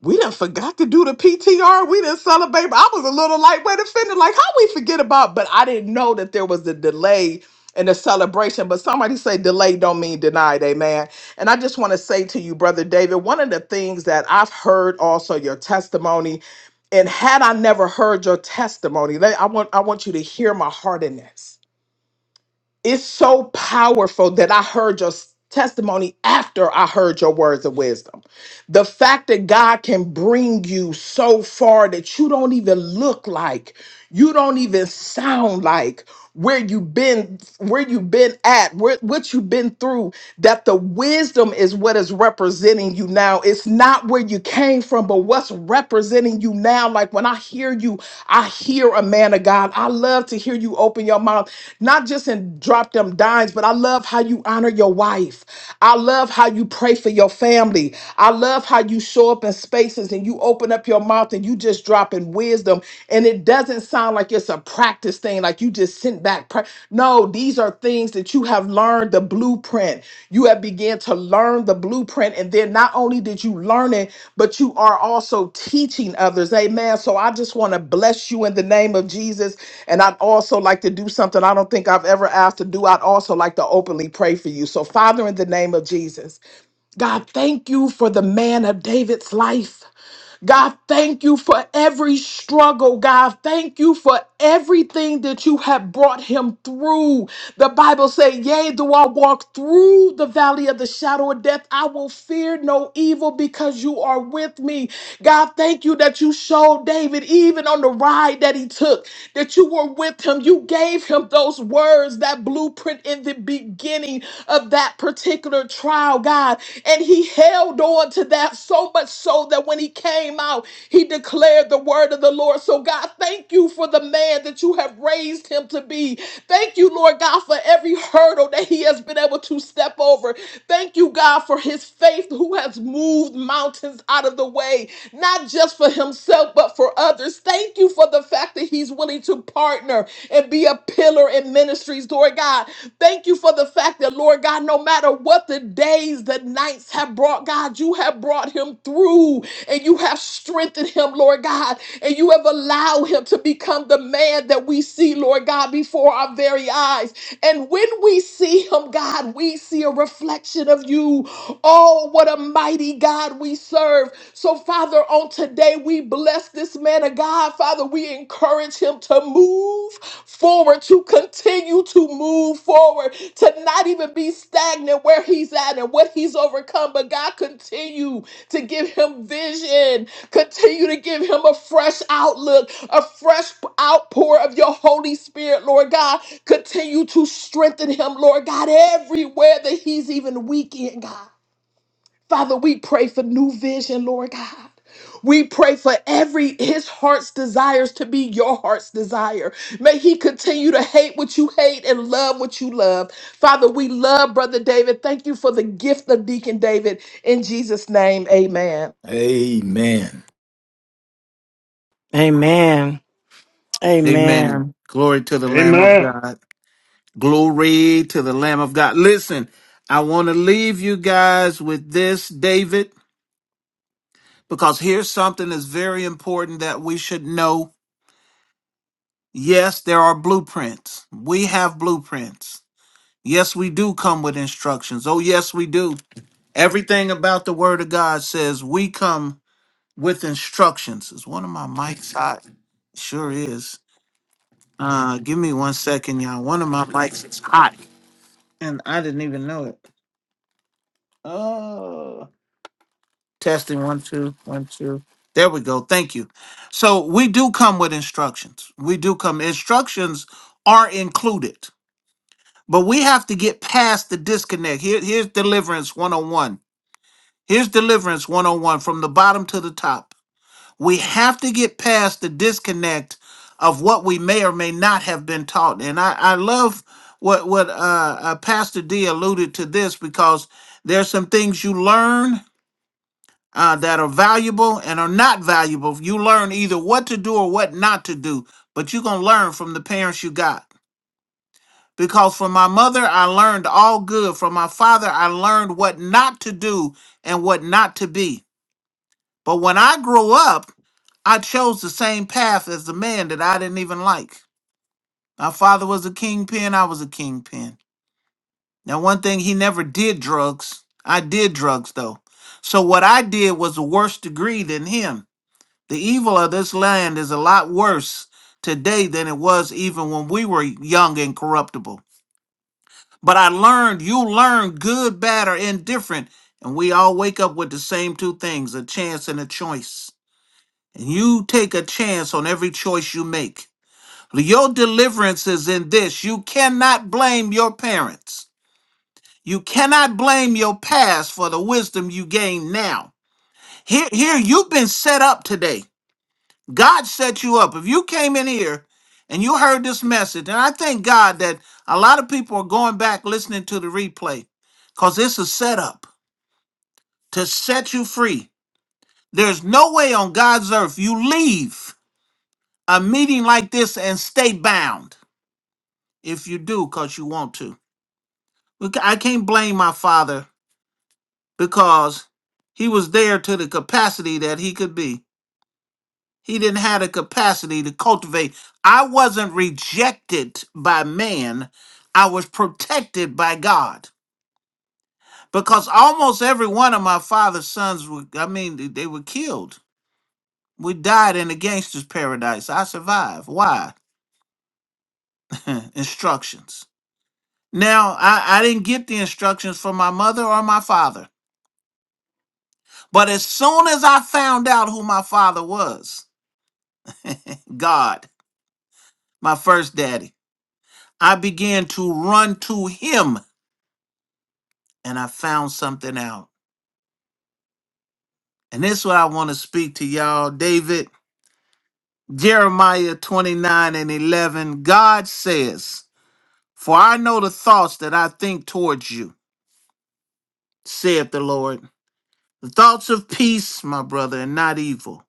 [SPEAKER 7] we done forgot to do the PTR. We didn't celebrate. I was a little lightweight offended. Like, how we forget about? But I didn't know that there was a delay in the celebration. But somebody say delay don't mean denied. Amen. And I just want to say to you, Brother David, one of the things that I've heard also your testimony. And had I never heard your testimony, let- I want I want you to hear my heart in this it's so powerful that I heard your s- testimony after I heard your words of wisdom. The fact that God can bring you so far that you don't even look like, you don't even sound like where you've been where you've been at where, what you've been through that the wisdom is what is representing you now it's not where you came from but what's representing you now like when i hear you i hear a man of god i love to hear you open your mouth not just in drop them dimes but i love how you honor your wife i love how you pray for your family i love how you show up in spaces and you open up your mouth and you just dropping wisdom and it doesn't sound like it's a practice thing like you just sent back pra- no these are things that you have learned the blueprint you have began to learn the blueprint and then not only did you learn it but you are also teaching others amen so i just want to bless you in the name of jesus and i'd also like to do something i don't think i've ever asked to do i'd also like to openly pray for you so father in the name of jesus god thank you for the man of david's life God, thank you for every struggle. God, thank you for everything that you have brought him through. The Bible says, "Yea, though I walk through the valley of the shadow of death, I will fear no evil because you are with me." God, thank you that you showed David even on the ride that he took that you were with him. You gave him those words, that blueprint in the beginning of that particular under trial, God, and he held on to that so much so that when he came out, he declared the word of the Lord. So, God, thank you for the man that you have raised him to be. Thank you, Lord God, for every hurdle that he has been able to step over. Thank you, God, for his faith who has moved mountains out of the way, not just for himself, but for others. Thank you for the fact that he's willing to partner and be a pillar in ministries, Lord God. Thank you for the fact that, Lord God, no matter what the days, the nights have brought, God, you have brought him through and you have strengthened him, Lord God, and you have allowed him to become the man that we see, Lord God, before our very eyes. And when we see him, God, we see a reflection of you. Oh, what a mighty God we serve. So, Father, on today, we bless this man of God, Father. We encourage him to move forward, to continue to move forward, to not even be stagnant where he's at and what he's overcome. But God, continue to give him vision, continue to give him a fresh outlook, a fresh outpour of your Holy Spirit, Lord God. Continue to strengthen him, Lord God, everywhere that he's even weak in, God. Father, we pray for new vision, Lord God. We pray for every his heart's desires to be your heart's desire. May he continue to hate what you hate and love what you love. Father, we love Brother David. Thank you for the gift of Deacon David. In Jesus' name, amen.
[SPEAKER 5] Amen.
[SPEAKER 3] Amen. Amen.
[SPEAKER 2] Amen. Glory to the Lamb of
[SPEAKER 6] Amen.
[SPEAKER 2] God. Glory to the Lamb of God. Listen, I want to leave you guys with this, David, because here's something that's very important that we should know. Yes, there are blueprints. We have blueprints. Yes, we do come with instructions. Oh, yes, we do. Everything about the Word of God says we come with instructions. Is one of my mics hot? Sure is. Uh, give me one second, y'all. One of my mics is hot, and I didn't even know it. Oh, testing one, two, one, two. There we go. Thank you. So we do come with instructions. We do come. Instructions are included, but we have to get past the disconnect. Here, here's deliverance 101. Here's deliverance 101 from the bottom to the top. We have to get past the disconnect of what we may or may not have been taught. And I, I love what what uh, uh, Pastor D alluded to this because there's some things you learn uh, that are valuable and are not valuable. You learn either what to do or what not to do, but you're gonna learn from the parents you got. Because from my mother, I learned all good. From my father, I learned what not to do and what not to be. But when I grow up, I chose the same path as the man that I didn't even like. My father was a kingpin, I was a kingpin. Now, one thing, he never did drugs. I did drugs, though. So, what I did was a worse degree than him. The evil of this land is a lot worse today than it was even when we were young and corruptible. But I learned, you learn good, bad, or indifferent, and we all wake up with the same two things a chance and a choice. And you take a chance on every choice you make. Your deliverance is in this. You cannot blame your parents. You cannot blame your past for the wisdom you gain now. Here, here, you've been set up today. God set you up. If you came in here and you heard this message, and I thank God that a lot of people are going back listening to the replay because this is set up to set you free. There's no way on God's earth you leave a meeting like this and stay bound if you do because you want to. We ca- I can't blame my father because he was there to the capacity that he could be. He didn't have the capacity to cultivate. I wasn't rejected by man, I was protected by God because almost every one of my father's sons were, I mean, they they were killed. We died in the gangster's paradise. I survived. Why? Instructions Now, I, I didn't get the instructions from my mother or my father, but as soon as I found out who my father was, God, my first daddy, I began to run to him and I found something out. And this is what I want to speak to y'all. David, Jeremiah 29 and 11, God says, For I know the thoughts that I think towards you, saith the Lord. The thoughts of peace, my brother, and not evil,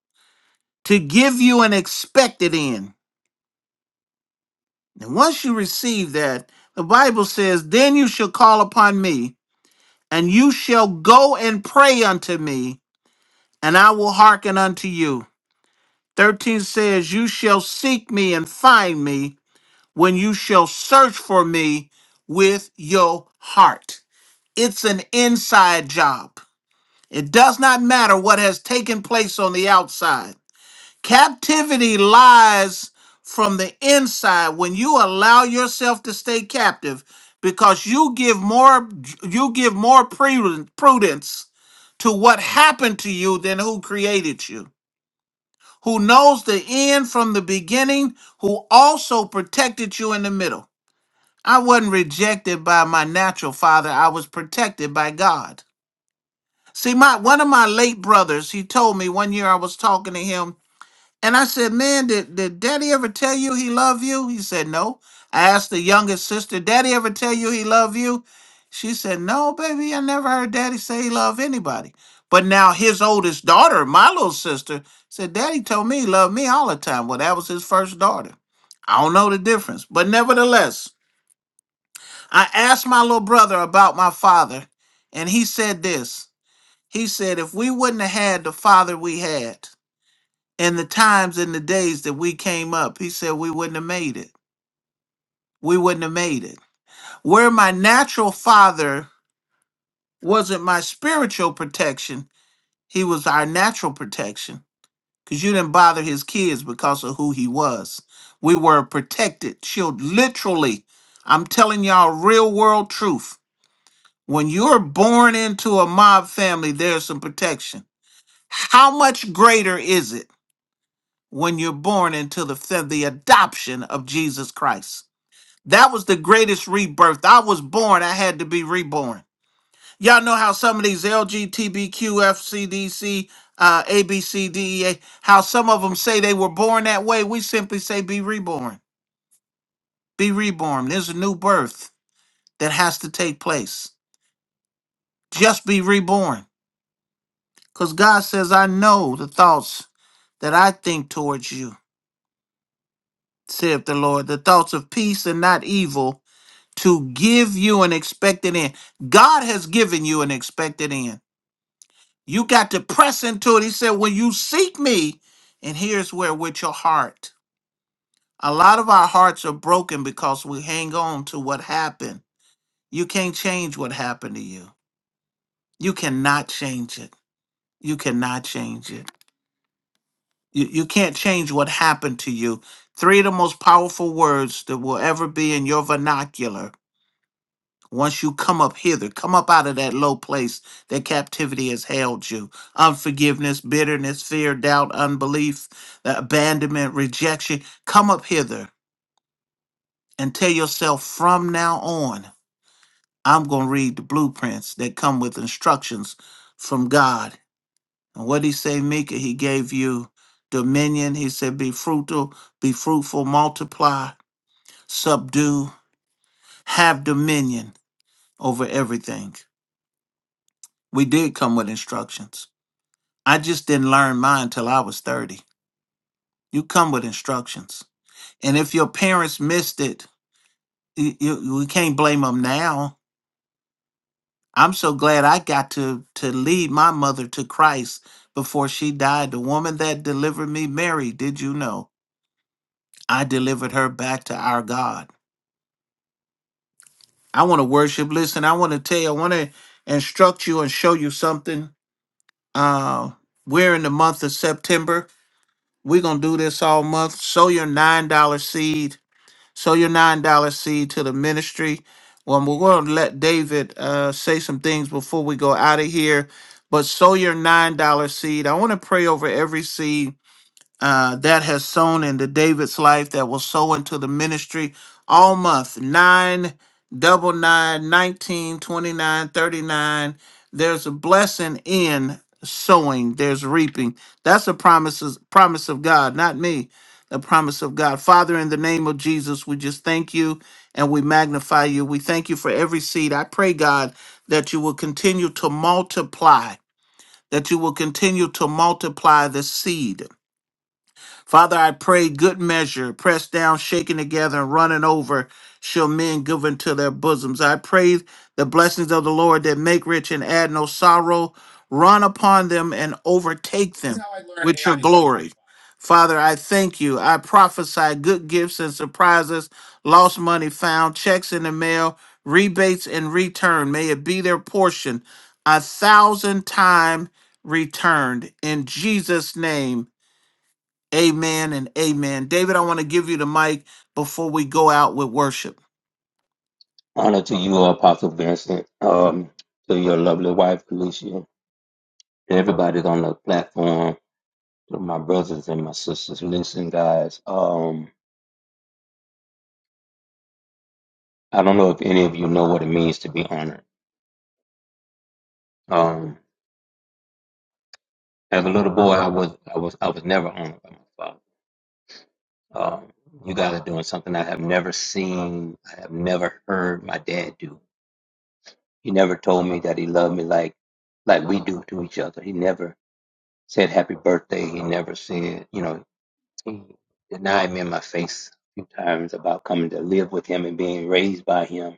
[SPEAKER 2] to give you an expected end. And once you receive that, the Bible says, Then you shall call upon me, and you shall go and pray unto me, and I will hearken unto you. 13 says, You shall seek me and find me when you shall search for me with your heart. It's an inside job. It does not matter what has taken place on the outside. Captivity lies from the inside when you allow yourself to stay captive because you give more you give more pre- prudence to what happened to you than who created you who knows the end from the beginning who also protected you in the middle i wasn't rejected by my natural father i was protected by god see my one of my late brothers he told me one year i was talking to him and I said, man, did, did daddy ever tell you he loved you? He said, no. I asked the youngest sister, daddy ever tell you he loved you? She said, no, baby, I never heard daddy say he loved anybody. But now his oldest daughter, my little sister, said, daddy told me he loved me all the time. Well, that was his first daughter. I don't know the difference. But nevertheless, I asked my little brother about my father, and he said this. He said, if we wouldn't have had the father we had, in the times and the days that we came up, he said we wouldn't have made it. We wouldn't have made it. Where my natural father wasn't my spiritual protection, he was our natural protection because you didn't bother his kids because of who he was. We were protected, shield. Literally, I'm telling y'all real world truth. When you're born into a mob family, there's some protection. How much greater is it when you're born into the, the adoption of Jesus Christ? That was the greatest rebirth. I was born. I had to be reborn. Y'all know how some of these LGTBQFCDC, uh, ABCDEA, how some of them say they were born that way. We simply say be reborn. Be reborn. There's a new birth that has to take place. Just be reborn. Because God says, I know the thoughts that I think towards you, saith the Lord, the thoughts of peace and not evil, to give you an expected end. God has given you an expected end. You got to press into it. He said, When you seek me, and here's where with your heart. A lot of our hearts are broken because we hang on to what happened. You can't change what happened to you. You cannot change it. You cannot change it. You, you can't change what happened to you. Three of the most powerful words that will ever be in your vernacular Once you come up hither, come up out of that low place that captivity has held you. Unforgiveness, bitterness, fear, doubt, unbelief, the abandonment, rejection. Come up hither and tell yourself from now on, I'm going to read the blueprints that come with instructions from God. And what he say, Mika? He gave you dominion. He said, be fruitful, be fruitful, multiply, subdue, have dominion over everything. We did come with instructions I just didn't learn mine till I was 30. You come with instructions. And if your parents missed it, you, you, we can't blame them now. I'm so glad I got to, to lead my mother to Christ before she died. The woman that delivered me, Mary, did you know? I delivered her back to our God. I want to worship. Listen, I want to tell you, I want to instruct you and show you something. Uh, we're in the month of September. We're going to do this all month. Sow your $9 seed Sow your $9 seed to the ministry. Well, we're going to let David uh, say some things before we go out of here. But sow your $9 seed. I want to pray over every seed uh, that has sown into David's life that will sow into the ministry all month. nine, double nine, nineteen, twenty-nine, thirty-nine. There's a blessing in sowing, there's reaping. That's a promises, promise of God, not me. The promise of God. Father, in the name of Jesus, we just thank you and we magnify you. We thank you for every seed. I pray, God, that you will continue to multiply, that you will continue to multiply the seed Father, I pray good measure, pressed down, shaken together, and running over, shall men give into their bosoms. I pray the blessings of the Lord that make rich and add no sorrow, run upon them and overtake them with your glory. Father, I thank you. I prophesy good gifts and surprises, lost money found, checks in the mail, rebates and return. May it be their portion a thousand time returned. In Jesus' name. Amen and amen. David, I want to give you the mic before we go out with worship.
[SPEAKER 4] Honor to you, Apostle Vincent. Um, to your lovely wife, Felicia. To everybody on the platform. To my brothers and my sisters. Listen, guys. Um, I don't know if any of you know what it means to be honored. Um, As a little boy, I was I was I was never owned by my father. Um, you guys are doing something I have never seen. I have never heard my dad do. He never told me that he loved me like like we do to each other. He never said happy birthday. He never said you know he denied me in my face a few times about coming to live with him and being raised by him.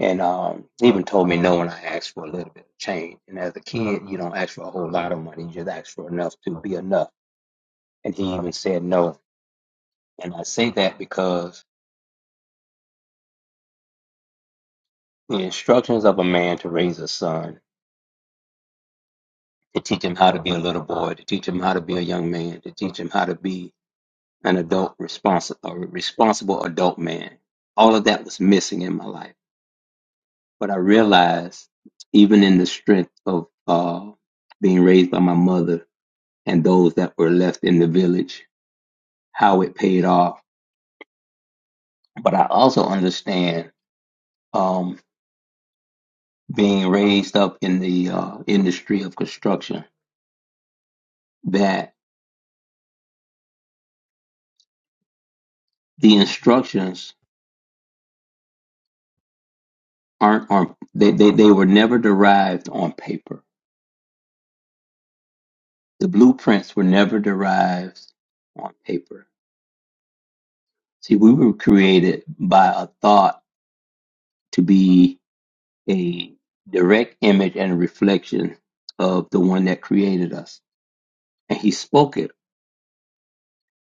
[SPEAKER 4] And um, he even told me no when I asked for a little bit of change. And as a kid, you don't ask for a whole lot of money. You just ask for enough to be enough and he even said no. And I say that because the instructions of a man to raise a son, to teach him how to be a little boy, to teach him how to be a young man, to teach him how to be an adult responsible, a responsible adult man. All of that was missing in my life. But I realized, even in the strength of uh, being raised by my mother and those that were left in the village, how it paid off. But I also understand um, being raised up in the uh, industry of construction that The instructions aren't on they, they, they were never derived on paper. The blueprints were never derived on paper. See, we were created by a thought to be a direct image and reflection of the one that created us. And he spoke it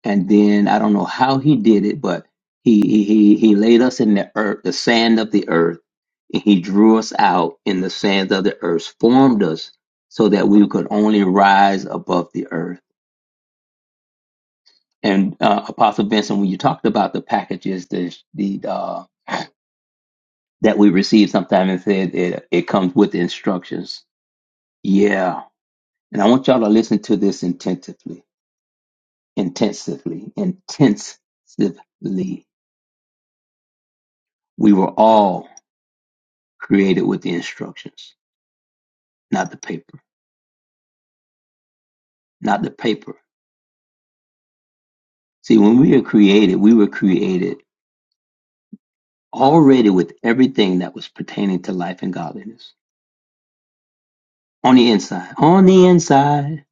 [SPEAKER 4] and then I don't know how he did it, but he he he he laid us in the earth, the sand of the earth, and he drew us out in the sands of the earth, formed us so that we could only rise above the earth. And uh, Apostle Vincent, when you talked about the packages that the uh, that we receive sometimes, and said it it comes with instructions. Yeah, and I want y'all to listen to this intensively, intensively, intensively. We were all created with the instructions, not the paper, not the paper. See, when we are created, we were created already with everything that was pertaining to life and godliness on the inside. On the inside,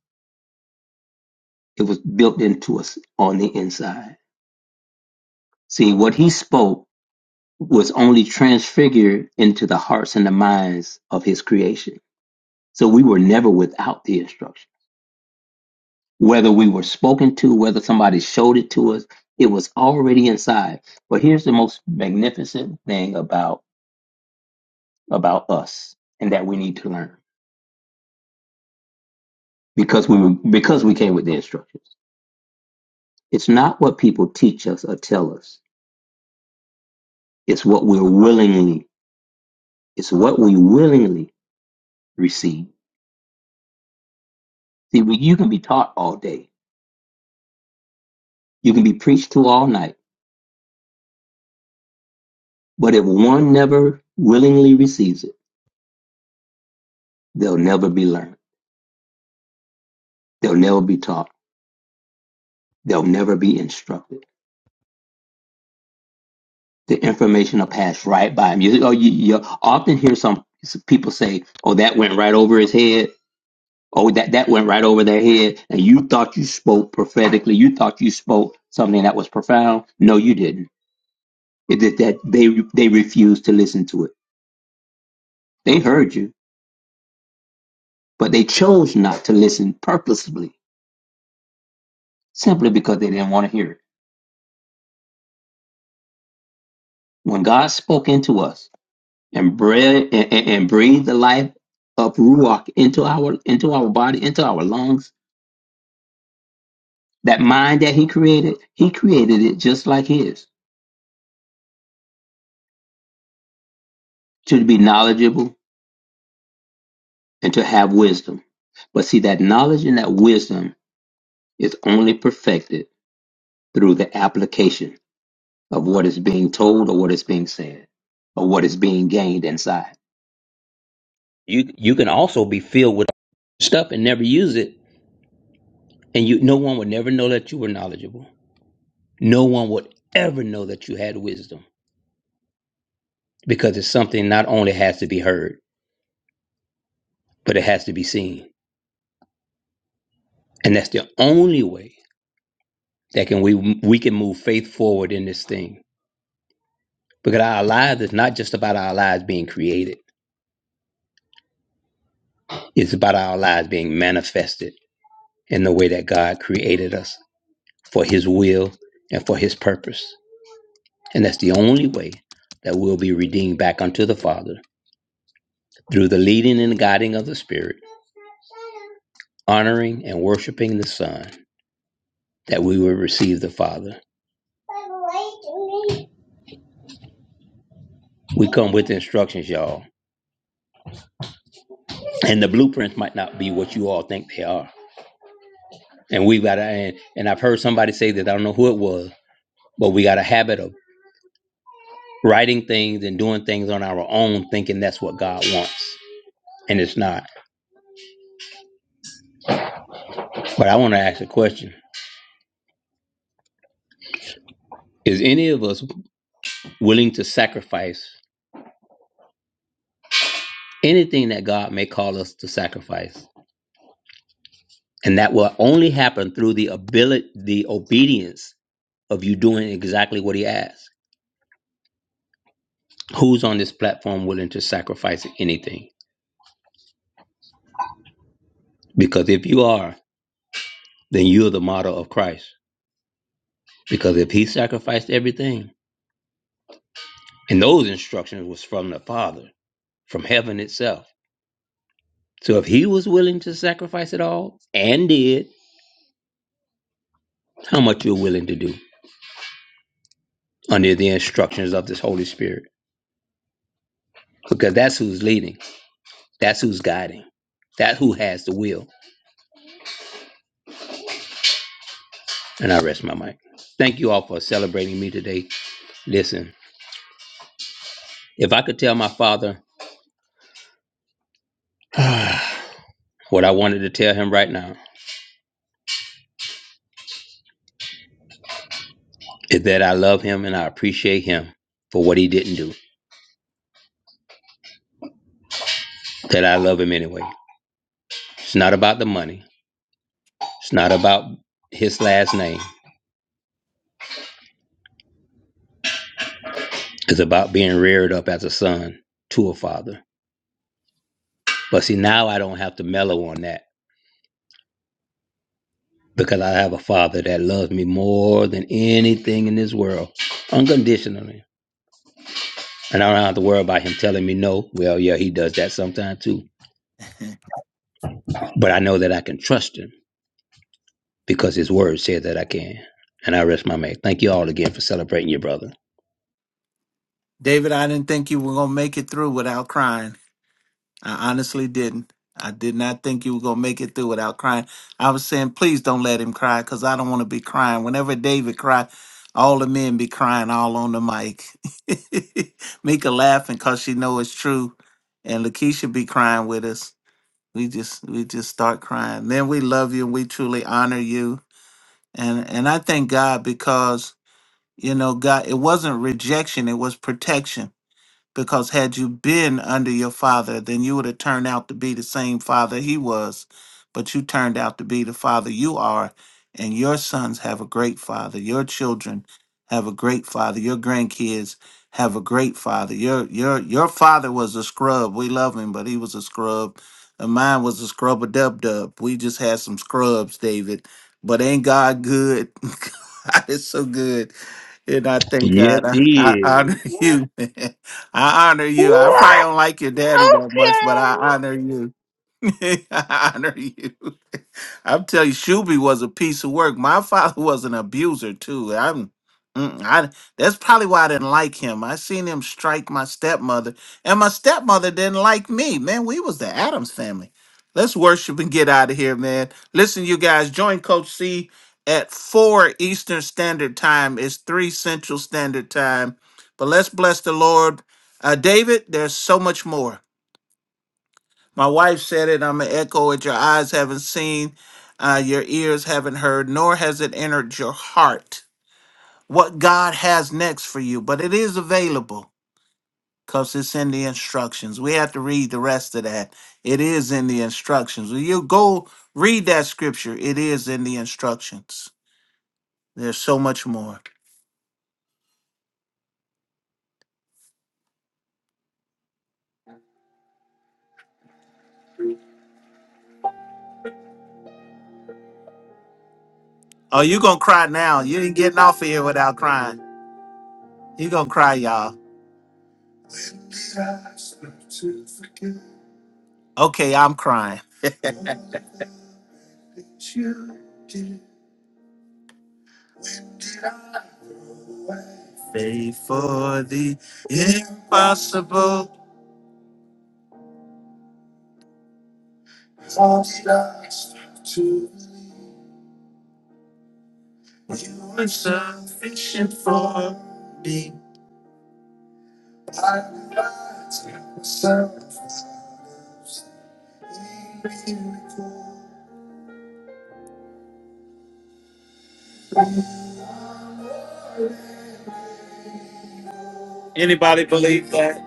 [SPEAKER 4] it was built into us on the inside. See, what he spoke was only transfigured into the hearts and the minds of his creation. So we were never without the instruction. whether we were spoken to, whether somebody showed it to us, it was already inside. But here's the most magnificent thing about about us and that we need to learn because we were, because we came with the instructions. It's not what people teach us or tell us. It's what we're willingly. It's what we willingly receive. See, we, you can be taught all day. You can be preached to all night. But if one never willingly receives it, they'll never be learned. They'll never be taught. They'll never be instructed. the information will pass right by him. You, oh, you, you often hear some people say, "Oh, that went right over his head." Oh, that that went right over their head, and you thought you spoke prophetically. You thought you spoke something that was profound. No, you didn't. It did that they they refused to listen to it. They heard you, but they chose not to listen purposely, simply because they didn't want to hear it. When God spoke into us and breathed and, and, and breathed the life of ruach into our into our body, into our lungs That mind that he created, he created it just like his to be knowledgeable and to have wisdom. But see, that knowledge and that wisdom is only perfected through the application of what is being told or what is being said or what is being gained inside. You, you can also be filled with stuff and never use it, and you, no one would never know that you were knowledgeable. No one would ever know that you had wisdom because it's something not only has to be heard, but it has to be seen. And that's the only way that can we we can move faith forward in this thing because our lives is not just about our lives being created it's about our lives being manifested in the way that god created us for his will and for his purpose and that's the only way that we'll be redeemed back unto the father through the leading and guiding of the spirit honoring and worshiping the son that we will receive the father we come with instructions y'all and the blueprints might not be what you all think they are And we've got to, and, and I've heard somebody say that, I don't know who it was, but we got a habit of writing things and doing things on our own, thinking that's what God wants. And it's not. But I want to ask a question Is any of us willing to sacrifice anything that God may call us to sacrifice? And that will only happen through the ability, the obedience of you doing exactly what He asks. Who's on this platform willing to sacrifice anything? Because if you are, then you're the model of Christ. Because if he sacrificed everything, and those instructions was from the Father, from heaven itself. So if he was willing to sacrifice it all and did, how much you're willing to do under the instructions of this Holy Spirit. Because that's who's leading, that's who's guiding, that who has the will. And I rest my mic. Thank you all for celebrating me today. Listen, if I could tell my father what I wanted to tell him right now is that I love him and I appreciate him for what he didn't do. That I love him anyway. It's not about the money. It's not about his last name. It's about being reared up as a son to a father. But see, now I don't have to mellow on that because I have a father that loves me more than anything in this world, unconditionally. And I don't have to worry about him telling me no. Well, yeah, he does that sometimes too. But I know that I can trust him because his word says that I can. And I rest my mate. Thank you all again for celebrating your brother.
[SPEAKER 2] David, I didn't think you were going to make it through without crying. I honestly didn't. I did not think you were going to make it through without crying. I was saying, please don't let him cry because I don't want to be crying. Whenever David cried, all the men be crying all on the mic. Mika laughing because she know it's true. And Lakeisha be crying with us. We just we just start crying. Man, we love you and we truly honor you and and I thank God because you know God, it wasn't rejection, it was protection. Because had you been under your father, then you would have turned out to be the same father he was, but you turned out to be the father you are. And your sons have a great father. Your children have a great father. Your grandkids have a great father. Your your your father was a scrub. We love him, but he was a scrub. And mine was a scrub a dub dub. We just had some scrubs, David. But ain't God good? God is so good. And I thank
[SPEAKER 4] Yes,
[SPEAKER 2] God. I,
[SPEAKER 4] he
[SPEAKER 2] I honor
[SPEAKER 4] is. What?
[SPEAKER 2] you, man. I honor you. I probably
[SPEAKER 4] What?
[SPEAKER 2] don't like your daddy that much, but
[SPEAKER 4] Okay.
[SPEAKER 2] I honor you. I honor you. I'm telling you, Shuby was a piece of work. My father was an abuser too. I'm, mm, I that's probably why I didn't like him. I seen him strike my stepmother, and my stepmother didn't like me. Man, we was the Adams family. Let's worship and get out of here, man. Listen, you guys, join Coach C at four Eastern Standard Time. It's three Central Standard Time. But let's bless the Lord. Uh, David, there's so much more. My wife said it, I'm going to echo it. Your eyes haven't seen, uh, your ears haven't heard, nor has it entered your heart what God has next for you. But it is available because it's in the instructions. We have to read the rest of that. It is in the instructions. When you go read that scripture, it is in the instructions. There's so much more. Oh, you going to cry now. You ain't getting off of here without crying. you going to cry, y'all. Okay, I'm crying. faith for the impossible. Anybody believe that?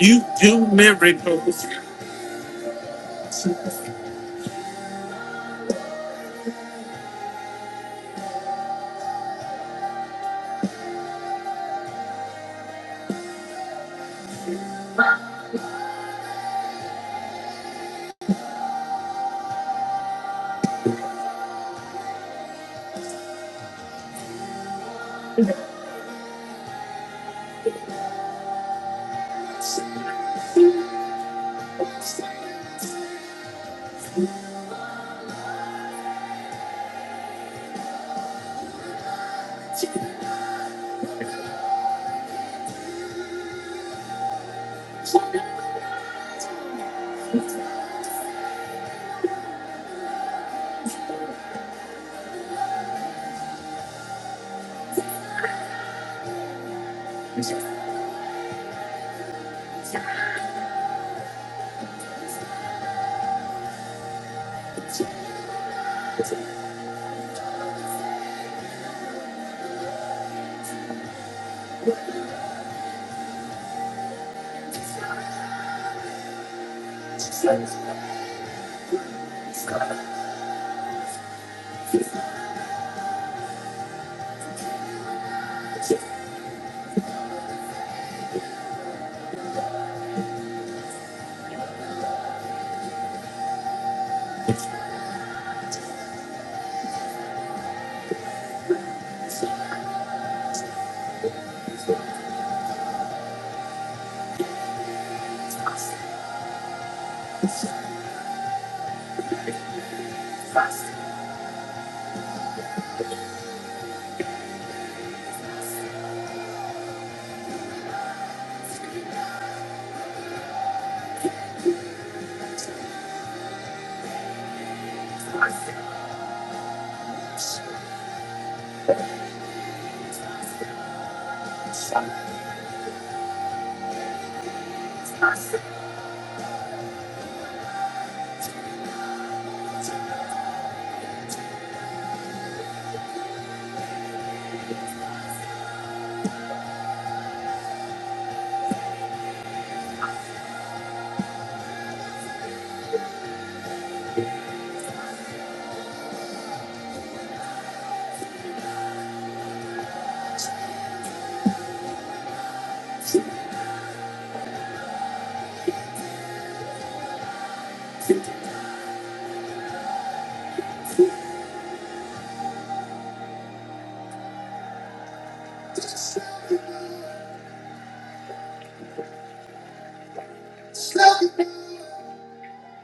[SPEAKER 2] You do miracles.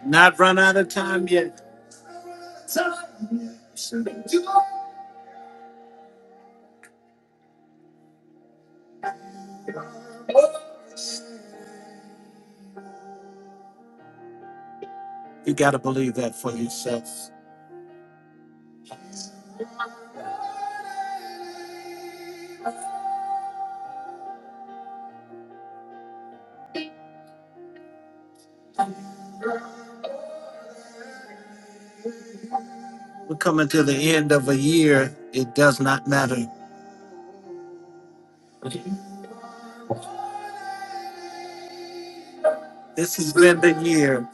[SPEAKER 2] Not run out of time yet. You got to believe that for yourself. We're coming to the end of a year. It does not matter. This has been the year.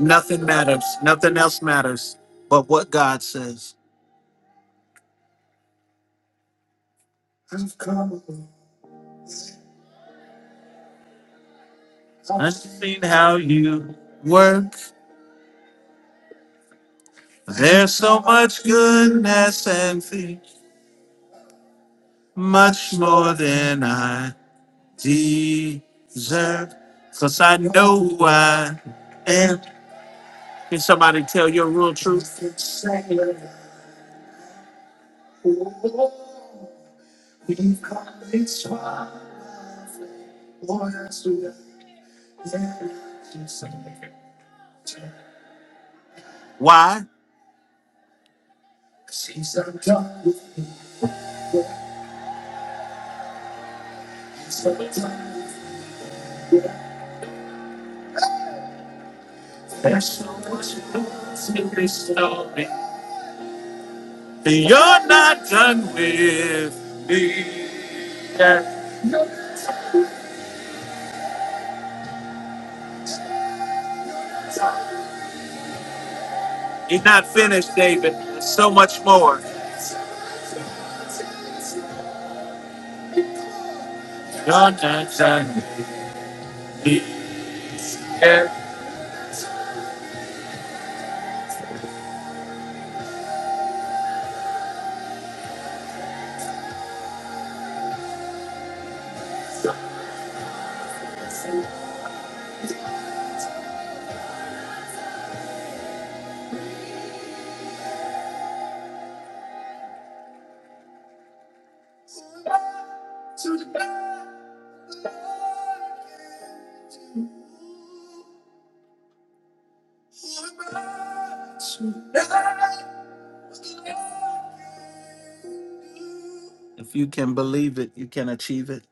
[SPEAKER 2] Nothing matters. Nothing else matters but what God says. I've seen how you work. There's so much goodness and fear, much more than I deserve. 'Cause I know who I am. Can somebody tell your real truth? Why? You're not done with me yet. You're not finished, David. There's so much more. You're not done yet. If you can believe it, you can achieve it.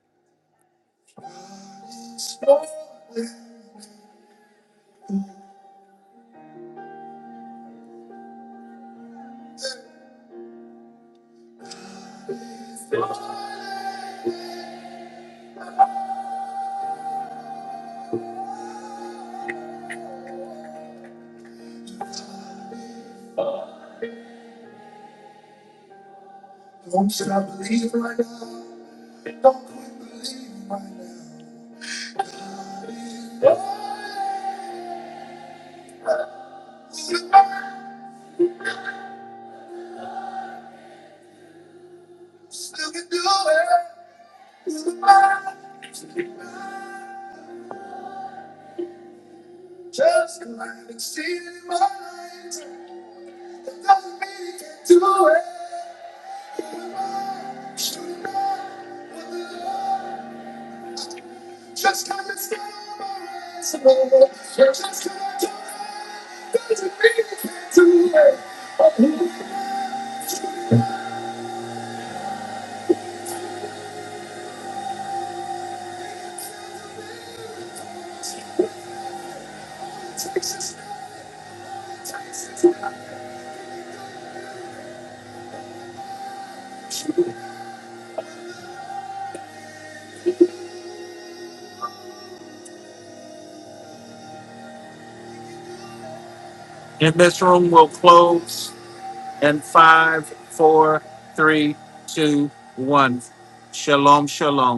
[SPEAKER 2] And this room will close. And five, four, three, two, one. Shalom, shalom.